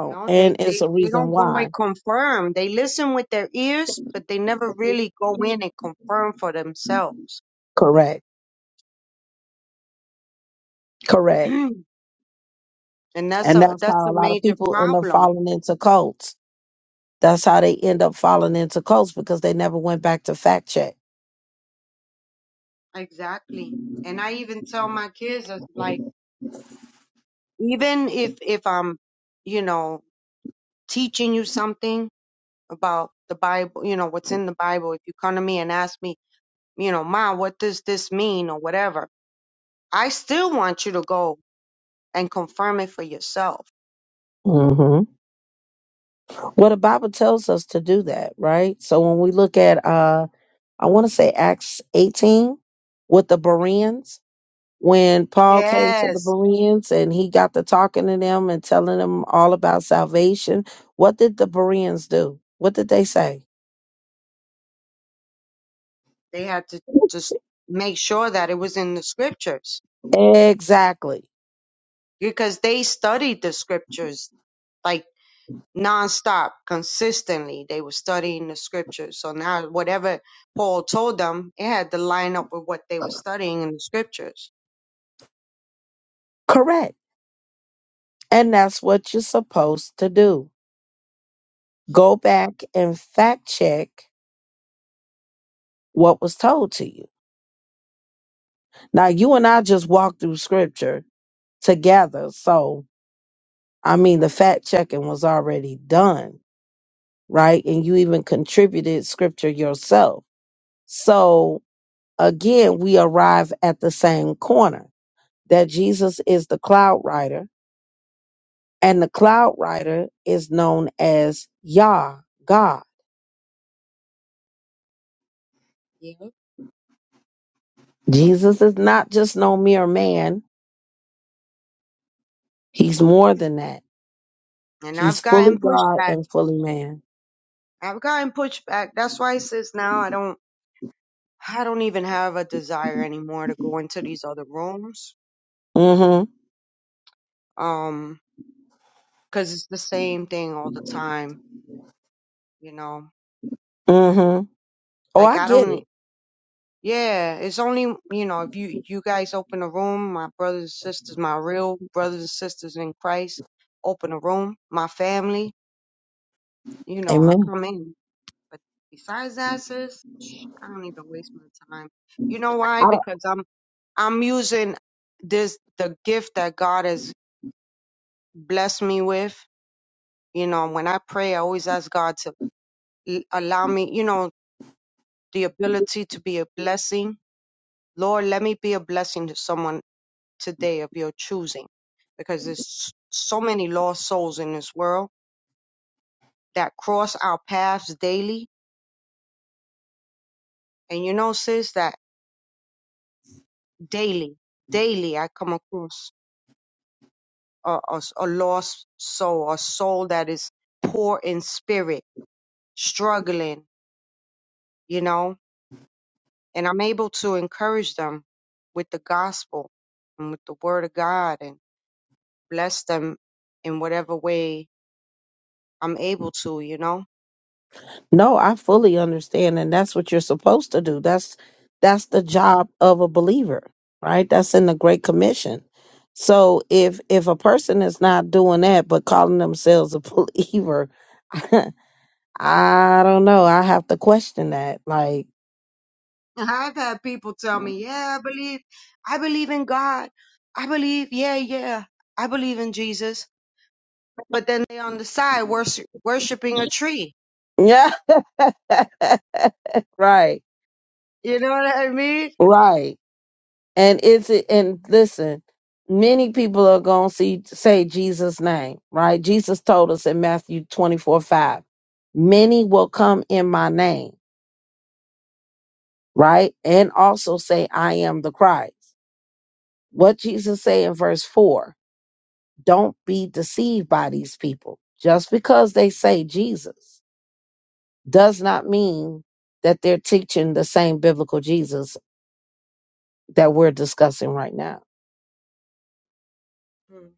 S3: You know, they,
S1: And it's
S3: they,
S1: a
S3: they
S1: reason
S3: don't go and
S1: why.
S3: confirm. They listen with their ears, but they never really go in and confirm for themselves.
S1: Correct. Correct.
S3: and that's
S1: And
S3: a
S1: that's
S3: that's
S1: how a
S3: a
S1: lot of
S3: major
S1: people end up
S3: problem.
S1: falling into cults. That's how they end up falling into cults because they never went back to fact check.
S3: Exactly. And I even tell my kids it's like even if if I'm, you know, teaching you something about the Bible, you know, what's in the Bible. If you come to me and ask me, you know, Ma, what does this mean or whatever, I still want you to go and confirm it for yourself.
S1: hmm Well, the Bible tells us to do that, right? So when we look at, uh, I want to say Acts 18 with the Bereans, when Paul came to the
S3: Yes,
S1: Bereans and he got to talking to them and telling them all about salvation, what did the Bereans do? What did they say?
S3: they had to just make sure that it was in the scriptures
S1: Exactly.
S3: because they studied the scriptures like nonstop, consistently. They were studying the scriptures. So now whatever Paul told them, it had to line up with what they were studying in the scriptures.
S1: Correct. And that's what you're supposed to do. Go back and fact check what was told to you. Now, you and I just walked through scripture together. So, I mean, the fact checking was already done, right? And you even contributed scripture yourself. So, again, we arrive at the same corner that Jesus is the cloud rider, and the cloud rider is known as Yah, God.
S3: Yeah.
S1: Jesus is not just no mere man, he's more than that.
S3: And
S1: He's
S3: I've
S1: fully
S3: gotten
S1: God
S3: pushback.
S1: and fully man.
S3: I've gotten pushback. That's why it says now I don't I don't even have a desire anymore to go into these other rooms.
S1: Mm
S3: Um, 'cause it's the same thing all the time, you know.
S1: hmm. Mm hmm. Oh,
S3: Like
S1: I
S3: I
S1: get
S3: don't
S1: it.
S3: yeah, it's only you know, if you you guys open a room, my brothers and sisters, my real brothers and sisters in Christ open a room, my family, you know, I
S1: Amen.
S3: come in. But besides that, sis, sh- I don't even waste my time. You know why?
S1: I don't,
S3: Because I'm I'm using this the gift that God has blessed me with. You know, when I pray, I always ask God to l- allow me, you know, the ability to be a blessing. Lord, let me be a blessing to someone today of your choosing, because there's so many lost souls in this world that cross our paths daily. And you know, sis, that daily, daily I come across a a, a lost soul, a soul that is poor in spirit, struggling you know, and I'm able to encourage them with the gospel and with the word of God and bless them in whatever way I'm able to, you know.
S1: No, I fully understand, and that's what you're supposed to do. That's that's the job of a believer, right? That's in the Great Commission. So if if a person is not doing that but calling themselves a believer, I don't know. I have to question that. Like,
S3: And I've had people tell me, yeah, I believe, I believe in God. I believe, yeah, yeah, I believe in Jesus. But then they on the side worship, worshiping a tree.
S1: yeah, right,
S3: You know what I mean?
S1: right. And it's and listen, many people are gonna see say Jesus' name, right? Jesus told us in Matthew twenty four five, many will come in my name right? And also say, I am the Christ. What Jesus say in verse four, don't be deceived by these people. Just because they say Jesus does not mean that they're teaching the same biblical Jesus that we're discussing right now.
S3: Mm.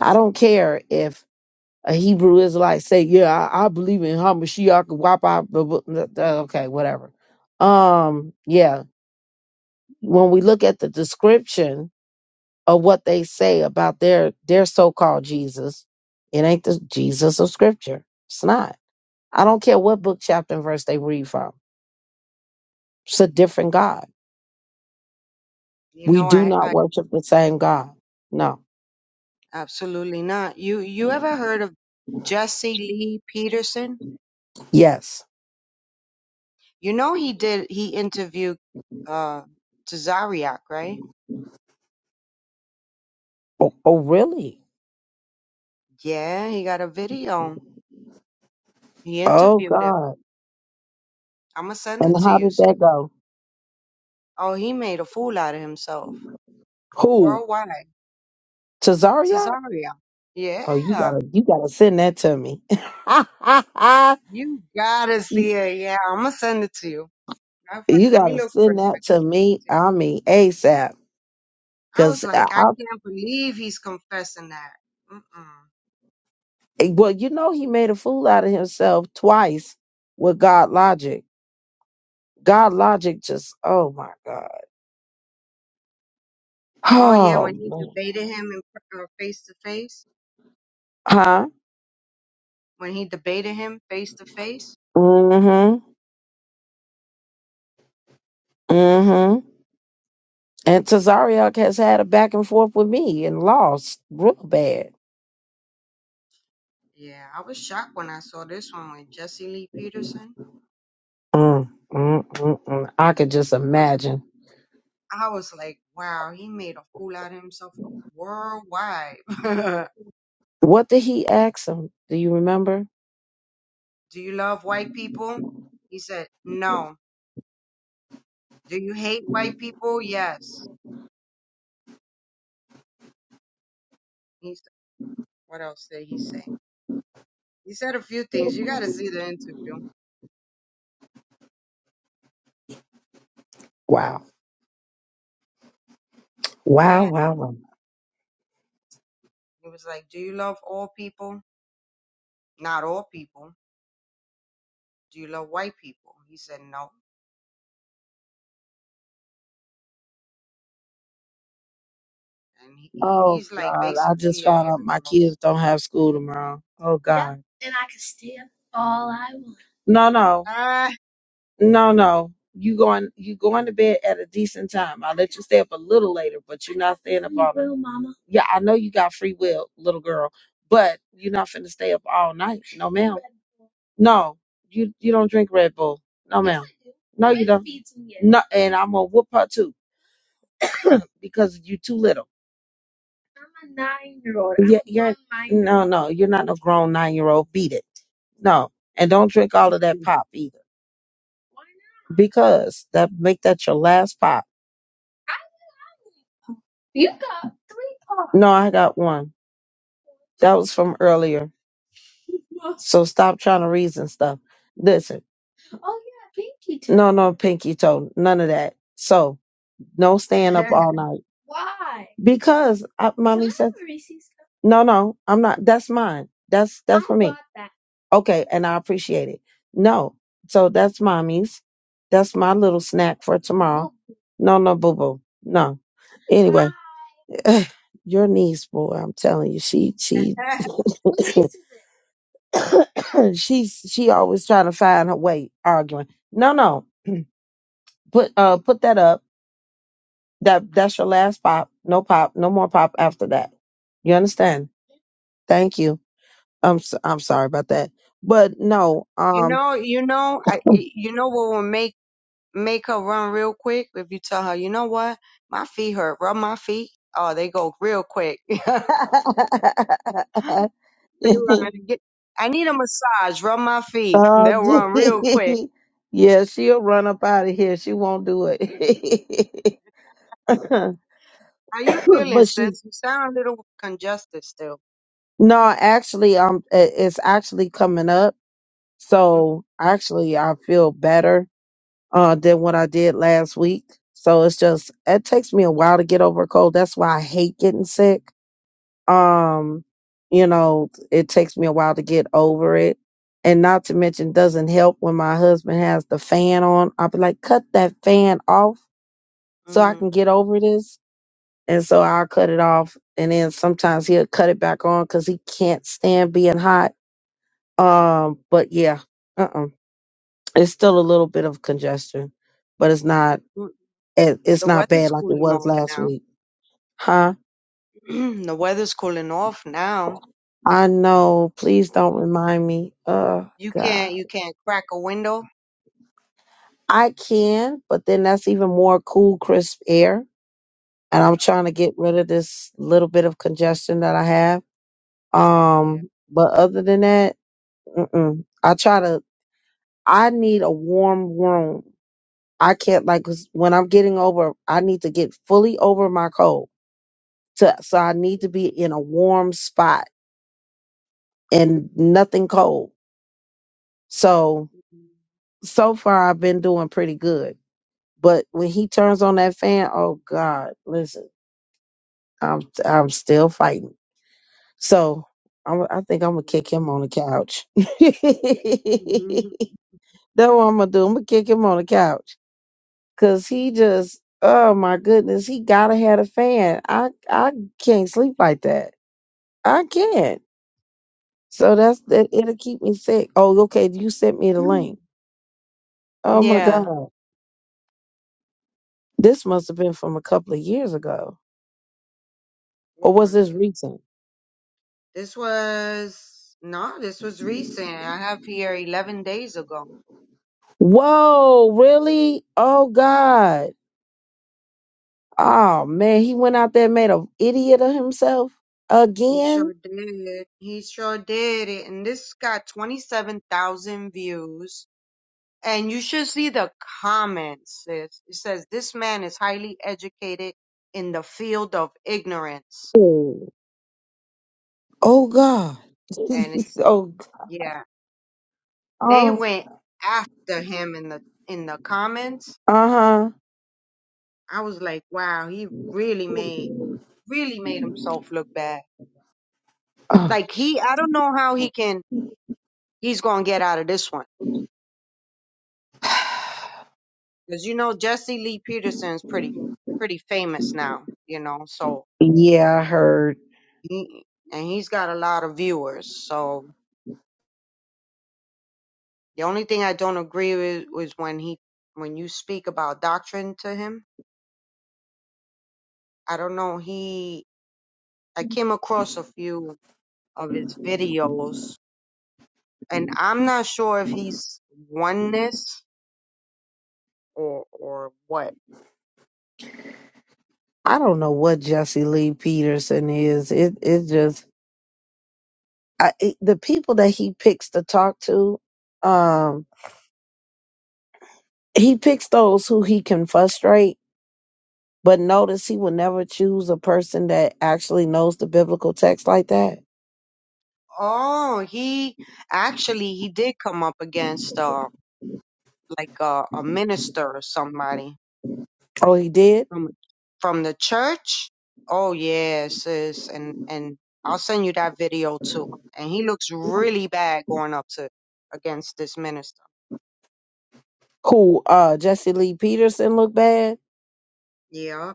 S1: I don't care if a Hebrew Israelite say, yeah, I, I believe in Hamashiach, Wapa, blah, blah, blah, okay, whatever. Um, yeah, when we look at the description of what they say about their their so-called Jesus. It ain't the Jesus of scripture. It's not. I don't care what book, chapter, and verse they read from. It's a different God.
S3: You
S1: We
S3: know,
S1: do
S3: I,
S1: not
S3: I
S1: worship the same God. No.
S3: absolutely not. You, you ever heard of Jesse Lee Peterson?
S1: Yes.
S3: You know he did he interviewed uh Tazariak, right?
S1: Oh, oh really?
S3: Yeah, he got a video. He
S1: Oh
S3: interviewed him.
S1: God.
S3: I'ma send
S1: And
S3: it to
S1: how
S3: you.
S1: did
S3: See?
S1: that go?
S3: Oh, he made a fool out of himself.
S1: Who?
S3: Worldwide.
S1: To Zaria?
S3: Tazariak. Yeah.
S1: Oh, you gotta you gotta send that to me.
S3: You gotta
S1: you,
S3: see it. Yeah, I'ma send it to you. Matter of
S1: you
S3: fact, let me
S1: gotta
S3: look for
S1: send
S3: it so I
S1: that
S3: can
S1: to
S3: send
S1: me.
S3: it to you.
S1: I mean ASAP.
S3: I was
S1: Cause
S3: like, I
S1: I,
S3: can't believe he's confessing that. Mm-mm.
S1: Eh, Well, you know, he made a fool out of himself twice with God logic. God logic just, oh my God.
S3: Oh yeah,
S1: Oh
S3: when he
S1: man.
S3: debated him in uh, face to face,
S1: Huh?
S3: when he debated him face to face,
S1: Mm-hmm. Mm-hmm. And Tazariak has had a back and forth with me and lost real bad.
S3: Yeah, I was shocked when I saw this one with Jesse Lee Peterson.
S1: Mm, mm, mm, mm. I could just
S3: I was,
S1: imagine.
S3: I was like, wow, he made a fool out of himself worldwide. Do
S1: What did he ask him? Do you remember?
S3: you love white people? He said, no. Do you hate white people? Yes. He said, what else did he say? He said a few things. You got to see the interview.
S1: Wow. Wow,
S3: Yeah.
S1: wow, wow.
S3: He was like, do you love all people? Not all people. Do you love white people? He said, no. And he, he-
S1: Oh
S3: he's like,
S1: God, I just
S3: basically, yeah,
S1: found
S3: here
S1: out
S3: it
S1: my kids
S3: goes.
S1: don't have school tomorrow. Oh God. No, no.
S3: Ah.
S1: No, no. You going you going to bed at a decent time. I'll let you stay up a little later, but you're not staying up all night. Yeah, I know you got free will, little girl, but you're not finna stay up all night. No, ma'am. No, you you don't drink Red Bull. No, no, no. And I'm gonna whoop her too because you too little. No, no, you're not no grown nine year old. Beat it. No, and don't drink all of that pop either because that make that your last pop. No, I got one. That was from earlier. So stop trying to reason stuff. Listen, no, no, pinky toe, none of that. So no staying up all night because I, my no, no, I'm not. That's mine. That's that, okay, and I appreciate it. No, so that's mommy's. That's my little snack for tomorrow. No, no, boo boo, no. And, your niece, boy, I'm telling you, she she she's she always trying to find her way arguing. No, no, put uh put that up. That that's your last pop. No pop. No more pop after that. You understand? Thank you. I'm s I'm sorry about that. But no,
S3: You
S1: um
S3: know, you know, I, you know what will make make her run real quick if you tell her, you know what, my feet hurt. Rub my feet. Oh, they go real quick. they run. Get, I need a massage. Rub my feet.
S1: Oh,
S3: They'll run real quick.
S1: gee. yeah, she'll run up out of here. She won't do it. but
S3: How you feeling,
S1: she
S3: sis? You sound a little congested still.
S1: no, actually, um, it- it's actually coming up.
S3: Mhm.
S1: So actually, I feel better uh, than what I did last week. So it's just it takes me a while to get over a cold. That's why I hate getting sick.
S3: Yeah.
S1: Um, you know, it takes me a while to get over it. And not to mention doesn't help when my husband has the fan on. I'll be like, cut that fan off so I
S3: Mm.
S1: can get over this. And so I'll cut it off. And then sometimes he'll cut it back on because he can't stand being hot. Um, but yeah, uh-uh. it's still a little bit of congestion, but it's not
S3: Mm.
S1: it, it's
S3: The
S1: not
S3: weather's
S1: bad like it
S3: cooling
S1: was
S3: off
S1: last
S3: now.
S1: week. Huh?
S3: the weather's cooling off now.
S1: I know. Please don't remind me. Oh
S3: You
S1: God.
S3: can't you can't crack a window.
S1: I can, but then that's even more cool, crisp air. And I'm trying
S3: Oh,
S1: to get rid of this little bit of congestion that I have.
S3: yeah.
S1: Um, but other than that, mm-mm. I try to, I need a warm room. I can't like 'cause when I'm getting over, I need to get fully over my cold. To, so I need to be in a warm spot and nothing cold. So so far I've been doing pretty good. But when he turns on that fan, oh God, listen, I'm I'm still fighting. So I'm, I think I'm gonna
S3: Mm.
S1: kick him on the couch.
S3: Mhm.
S1: That's what I'm gonna do. I'm gonna kick him on the couch because he just, oh my goodness, he gotta have a fan. I I can't sleep like that. I can't. So that's that. It'll
S3: Um,
S1: keep me sick. Oh, okay. You sent me the link. Oh my
S3: Yeah.
S1: God, this must have been from a couple of years ago Or
S3: When
S1: was
S3: was
S1: this
S3: it?
S1: recent?
S3: This was no, this was recent. I have here eleven days ago.
S1: Whoa, really? Oh God. Oh man, he went out there and made an idiot of himself
S3: He
S1: again.
S3: sure did. He sure did it. And this got twenty seven thousand views. And you should see the comments. sis. It says this man is highly educated in the field of ignorance.
S1: Oh, oh God.
S3: And it's
S1: oh,
S3: yeah. They
S1: oh.
S3: went after him in the in the comments
S1: Uh-huh.
S3: I was like, wow, he really made really made himself look bad.
S1: Oh,
S3: Like he, I don't know how he can he's gonna get out of this one because you know Jesse Lee Peterson's pretty pretty famous now, you know. So
S1: yeah, I heard.
S3: he and he's got a lot of viewers. So the only thing I don't agree with was when he when you speak about doctrine to him. I don't know. He I came across a few of his videos, and I'm not sure if he's oneness or or what?
S1: I don't know what Jesse Lee Peterson is. It it just I, it, the people that he picks to talk to, um, he picks those who he can frustrate, but not.
S3: Oh, he actually he did come up against uh like uh, a minister or somebody
S1: Oh, he did?
S3: from from the church. Oh yeah, sis, and and I'll send you that video too. And he looks really bad going up to against this minister.
S1: Who uh Jesse Lee Peterson look bad?
S3: Yeah,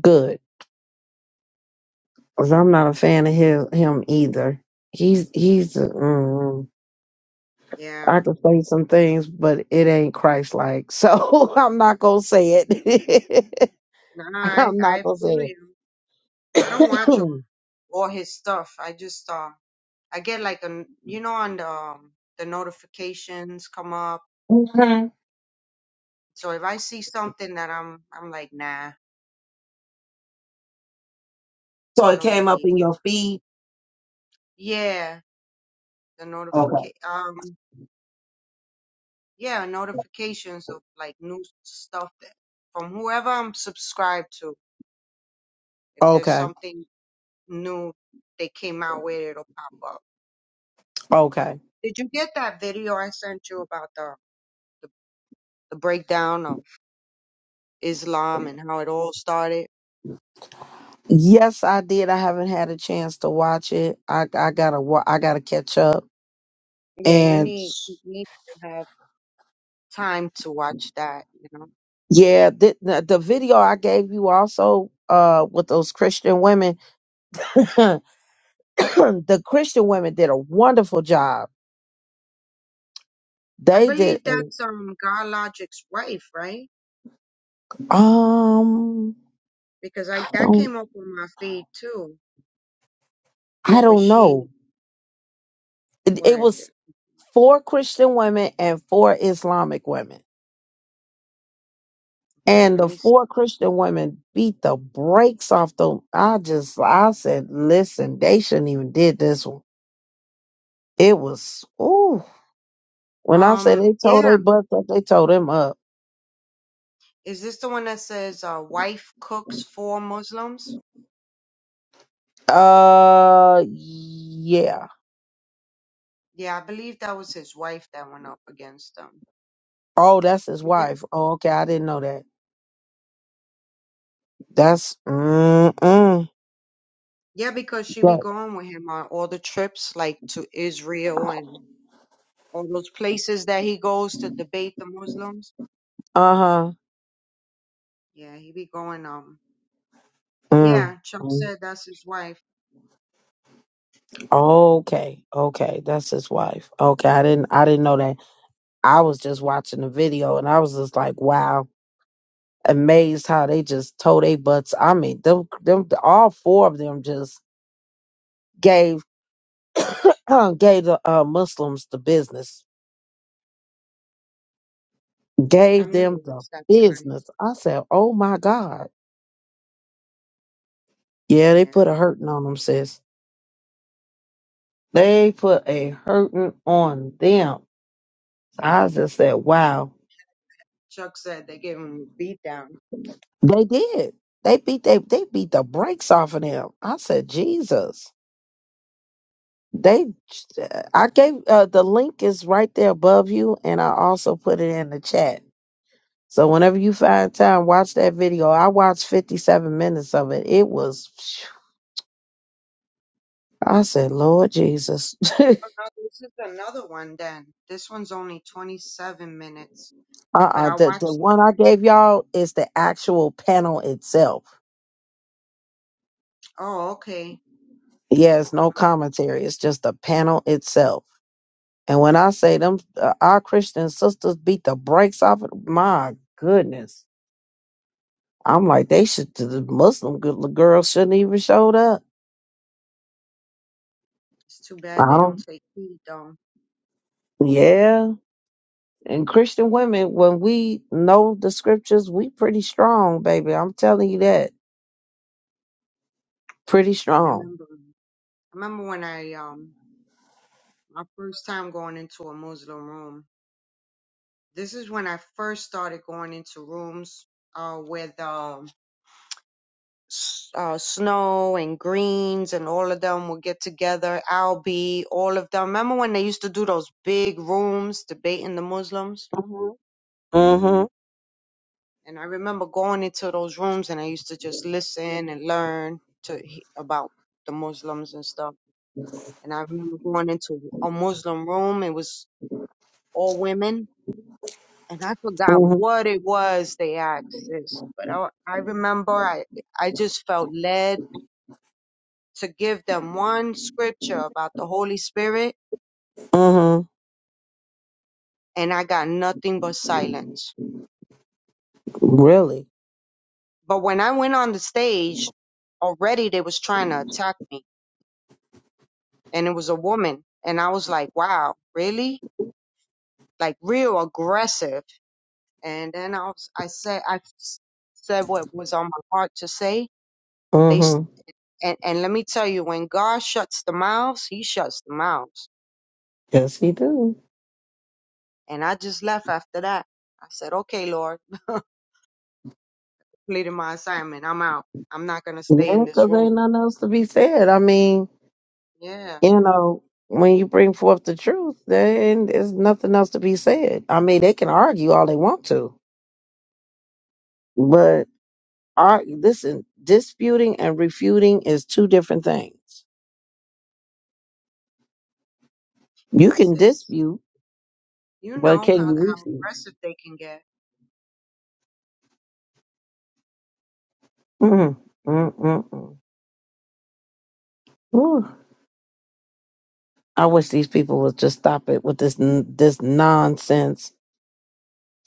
S1: Good. Cause I'm not a fan of his, him either. He's he's uh, mm, I
S3: yeah.
S1: can say some things, but it ain't Christ like. So I'm not gonna say it.
S3: no, I
S1: I'm not
S3: I
S1: gonna
S3: feel
S1: say
S3: you. I don't
S1: it.
S3: watch all, all his stuff. I just uh I get like a you know on the um, the notifications come up
S1: Mhm.
S3: So if I see something that I'm I'm like, nah,
S1: So
S3: I
S1: it
S3: don't
S1: came up
S3: really
S1: in your feed.
S3: yeah, the notification um yeah, notifications of like new stuff that from whoever I'm subscribed to. If there's something new they came out with, it'll pop up.
S1: Okay.
S3: Did you get that video I sent you about the the, the breakdown of Islam and how it all started?
S1: Yes, I did. I haven't had a chance to watch it. I I gotta wa- I gotta catch up.
S3: Yeah,
S1: And
S3: you need you need to have time to watch that, you know.
S1: yeah, oh, uh, I mean the
S3: I
S1: they did
S3: believe that's um God Logic's wife, right?
S1: a- um.
S3: because I that came up on my feed too.
S1: I
S3: Where
S1: don't
S3: she,
S1: know. It,
S3: where
S1: it
S3: is
S1: was
S3: it?
S1: four Christian women and four Islamic women.
S3: Okay,
S1: And
S3: let
S1: the
S3: me. s
S1: four Christian women beat the brakes off them. I just, I said, listen, they shouldn't even did this one. It was, ooh. When I said
S3: Um,
S1: they told
S3: yeah,
S1: they butts up, they told them up.
S3: is this the one that says uh, "wife cooks for Muslims"?
S1: Uh, yeah.
S3: Yeah, I believe that was his wife that went up against them.
S1: Oh, that's his
S3: If it,
S1: wife. Oh, okay. I didn't know that. That's, mm-mm.
S3: yeah, because she be going with him on all the trips, like to Israel and all those places that he goes to debate the Muslims.
S1: Uh-huh.
S3: Yeah, he be going. Um,
S1: Mm.
S3: yeah, Chuck said that's his wife.
S1: Okay, okay, that's his wife. Okay, I didn't I didn't know that. I was just watching the video and I was just like, wow, amazed how they just told they butts. I mean, them them all four of them just gave gave the uh, Muslims the business. Gave
S3: I'm gonna
S1: them the
S3: watch that tonight.
S1: business. I said, "Oh my god." Yeah, they put
S3: Yeah,
S1: a hurting on them, sis. They put a hurting on them. I just said, "Wow."
S3: Chuck said they gave him a beatdown.
S1: They did. They beat they they beat the brakes off of them. I said, Jesus. They, I gave uh, the link is right there above you, and I also put it in the chat. So whenever you find time, watch that video. I watched fifty seven minutes of it. It was. I said, Lord Jesus.
S3: Oh, no, this is another one then. This one's only 27 minutes. But
S1: uh-uh.
S3: I
S1: The the
S3: watched.
S1: one I gave y'all is the actual panel itself.
S3: Oh, okay.
S1: Yeah, it's no commentary. It's just the panel itself. And when I say them, uh, our Christian sisters beat the brakes off it, my goodness. I'm like, they should, the Muslim good- girls shouldn't even showed up.
S3: It's too
S1: I
S3: bad they don't
S1: don't,
S3: say feed though.
S1: yeah. And Christian women, when we know the scriptures, we pretty strong, baby. I'm telling you that. Pretty
S3: I
S1: strong.
S3: remember. I remember when I, um, my first time going into a Muslim room. This is when I first started going into rooms, uh, with, um, s- uh, Snow and Greens and all of them would get together. Albie, all of them. Remember when they used to do those big rooms debating the Muslims?
S1: hmm hmm
S3: And I remember going into those rooms and I used to just listen and learn to he- about the Muslims and stuff. And I remember going into a Muslim room. It was all women. And I forgot
S1: hmm
S3: what it was they asked this, but I, I remember I, I just felt led to give them one scripture about the Holy Spirit
S1: hmm
S3: and I got nothing but silence.
S1: Really.
S3: But when I went on the stage, already they was trying to attack me and it was a woman. And I was like, wow, really? Like real aggressive. And then I was, I said, I s- said what was on my heart to say. They, s-
S1: hmm
S3: and, and let me tell you, when God shuts the mouths, he shuts the mouths.
S1: Yes, he do.
S3: And I just left after that. I said, okay, Lord, I completed my assignment. I'm out. I'm not going to stay
S1: Yeah,
S3: in this
S1: because
S3: room.
S1: ain't nothing else to be said. I mean,
S3: Yeah.
S1: you know, when you bring forth the truth, then there's nothing else to be said. I mean, they can argue all they want to, but ar- listen, disputing and refuting is two different things. You
S3: But
S1: can
S3: sis,
S1: dispute,
S3: you
S1: but
S3: know
S1: can
S3: how,
S1: you
S3: how
S1: refute?
S3: aggressive they can get.
S1: Mm, mm, mm, mm. Whew. I wish these people would just stop it with this n- this nonsense.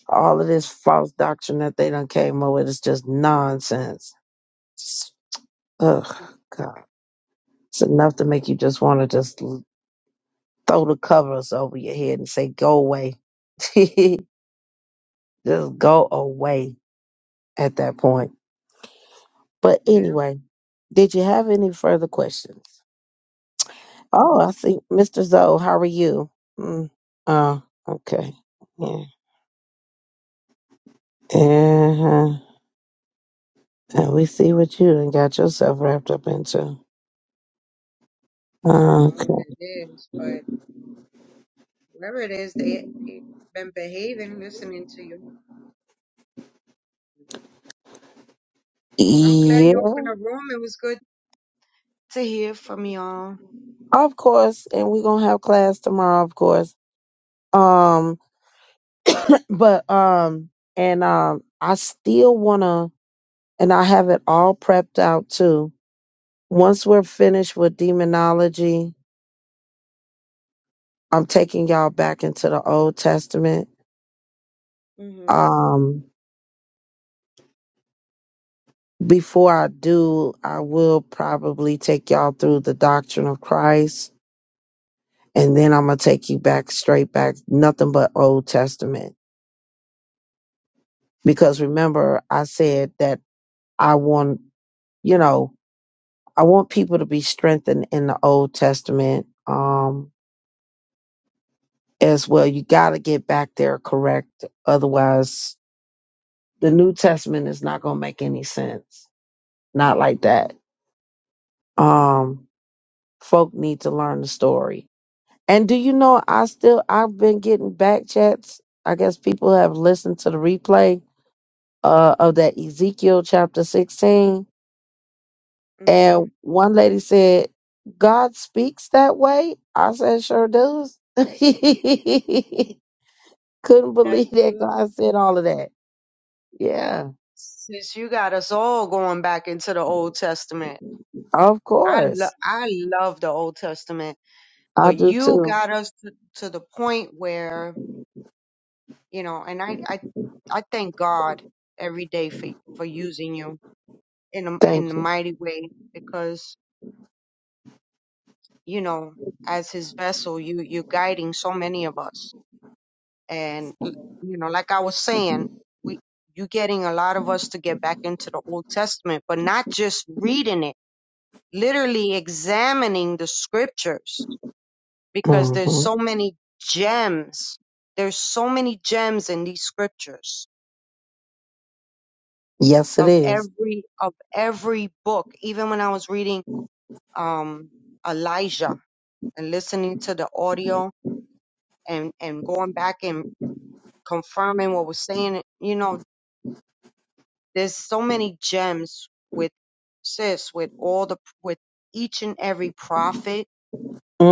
S1: All of this false doctrine that they done came up with is just nonsense. S- Ugh, God, it's enough to make you just want to just Throw the covers over your head and say, go away. Just go away at that point. But
S3: Yeah.
S1: anyway, did you have any further questions? Oh,
S3: Mhm.
S1: I see. Mr. Zoe, how are you? Mm. Oh, okay. Yeah. Uh-huh. And we see what you done got yourself wrapped up into.
S3: I don't know who
S1: Okay.
S3: that is, but Whatever it is, they, they been behaving, listening to you. I'm glad
S1: Yeah,
S3: you opened a room. It was good to hear from y'all.
S1: of course. And we're gonna have class tomorrow, of course. Um, but um, and um, I still wanna and I have it all prepped out too. Once we're finished with demonology, I'm taking y'all back into the Old Testament.
S3: Mhm.
S1: Um, before I do, I will probably take y'all through the doctrine of Christ, and then I'm gonna take you back straight back, nothing but Old Testament. Because remember, I said that I want, you know, I want people to be strengthened in the Old Testament. Um, as well. You got to get back there correct. Otherwise, the New Testament is not going to make any sense. Not like that. Um, folk need to learn the story. And do you know, I still, I've been getting back chats. I guess people have listened to the replay uh, of that Ezekiel chapter 16.
S3: Mhm.
S1: And one lady said, God speaks that way. I said, sure does. Couldn't
S3: That's
S1: believe that
S3: good.
S1: God said all of that. Yeah
S3: Since you got us all going back into the Old Testament.
S1: Of
S3: I
S1: course.
S3: lo- I love the Old Testament,
S1: I
S3: but
S1: do
S3: you
S1: too.
S3: got us to, to the point where, you know, and I I I thank God every day for for using you in a,
S1: Thank
S3: in the
S1: you.
S3: mighty way because you know, as his vessel, you you are guiding so many of us. And l- you know, like I was saying, we you getting a lot of us to get back into the Old Testament, but not just reading it, literally examining the scriptures because there's
S1: hmm
S3: so many gems. There's so many gems in these scriptures
S1: Yes, it
S3: of
S1: is.
S3: every of every book. Even when I was reading um Elijah and listening to the audio and and going back and confirming what we're saying. You know, there's so many gems with sis, with all the, with each and every prophet.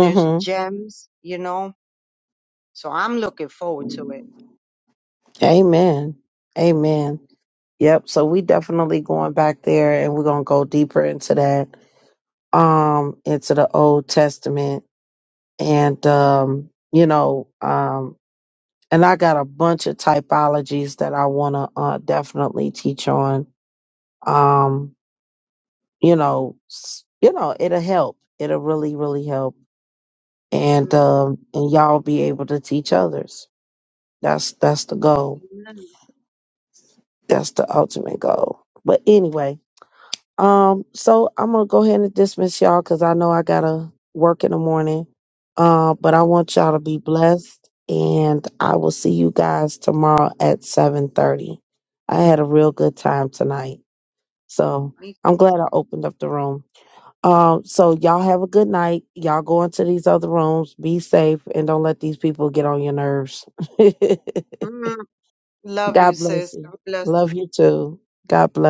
S3: There's gems, you know. So I'm looking forward to it.
S1: Amen. Amen. Yep. So we definitely going back there and we're gonna go deeper into that. Um, into the Old Testament. And um, you know, um, and I got a bunch of typologies that I wanna uh definitely teach on. Um, you know, s- you know, it'll help. It'll really, really help and
S3: Mm-hmm.
S1: um, and y'all be able to teach others. That's that's the goal.
S3: Amen.
S1: That's the ultimate goal. But anyway, um, so I'm gonna go ahead and dismiss y'all because I know I gotta work in the morning. Uh, but I want
S3: Thanks,
S1: y'all to
S3: sis.
S1: be blessed, and I will see you guys tomorrow at seven thirty. I had a real good time tonight, so
S3: Me
S1: I'm
S3: too.
S1: glad I opened up the room. Um, so y'all have a good night. Y'all go into these other rooms. Be safe and don't let these people get on your nerves.
S3: Mm, Love you,
S1: God bless
S3: sis.
S1: you.
S3: God bless
S1: Love
S3: you.
S1: you too. God bless.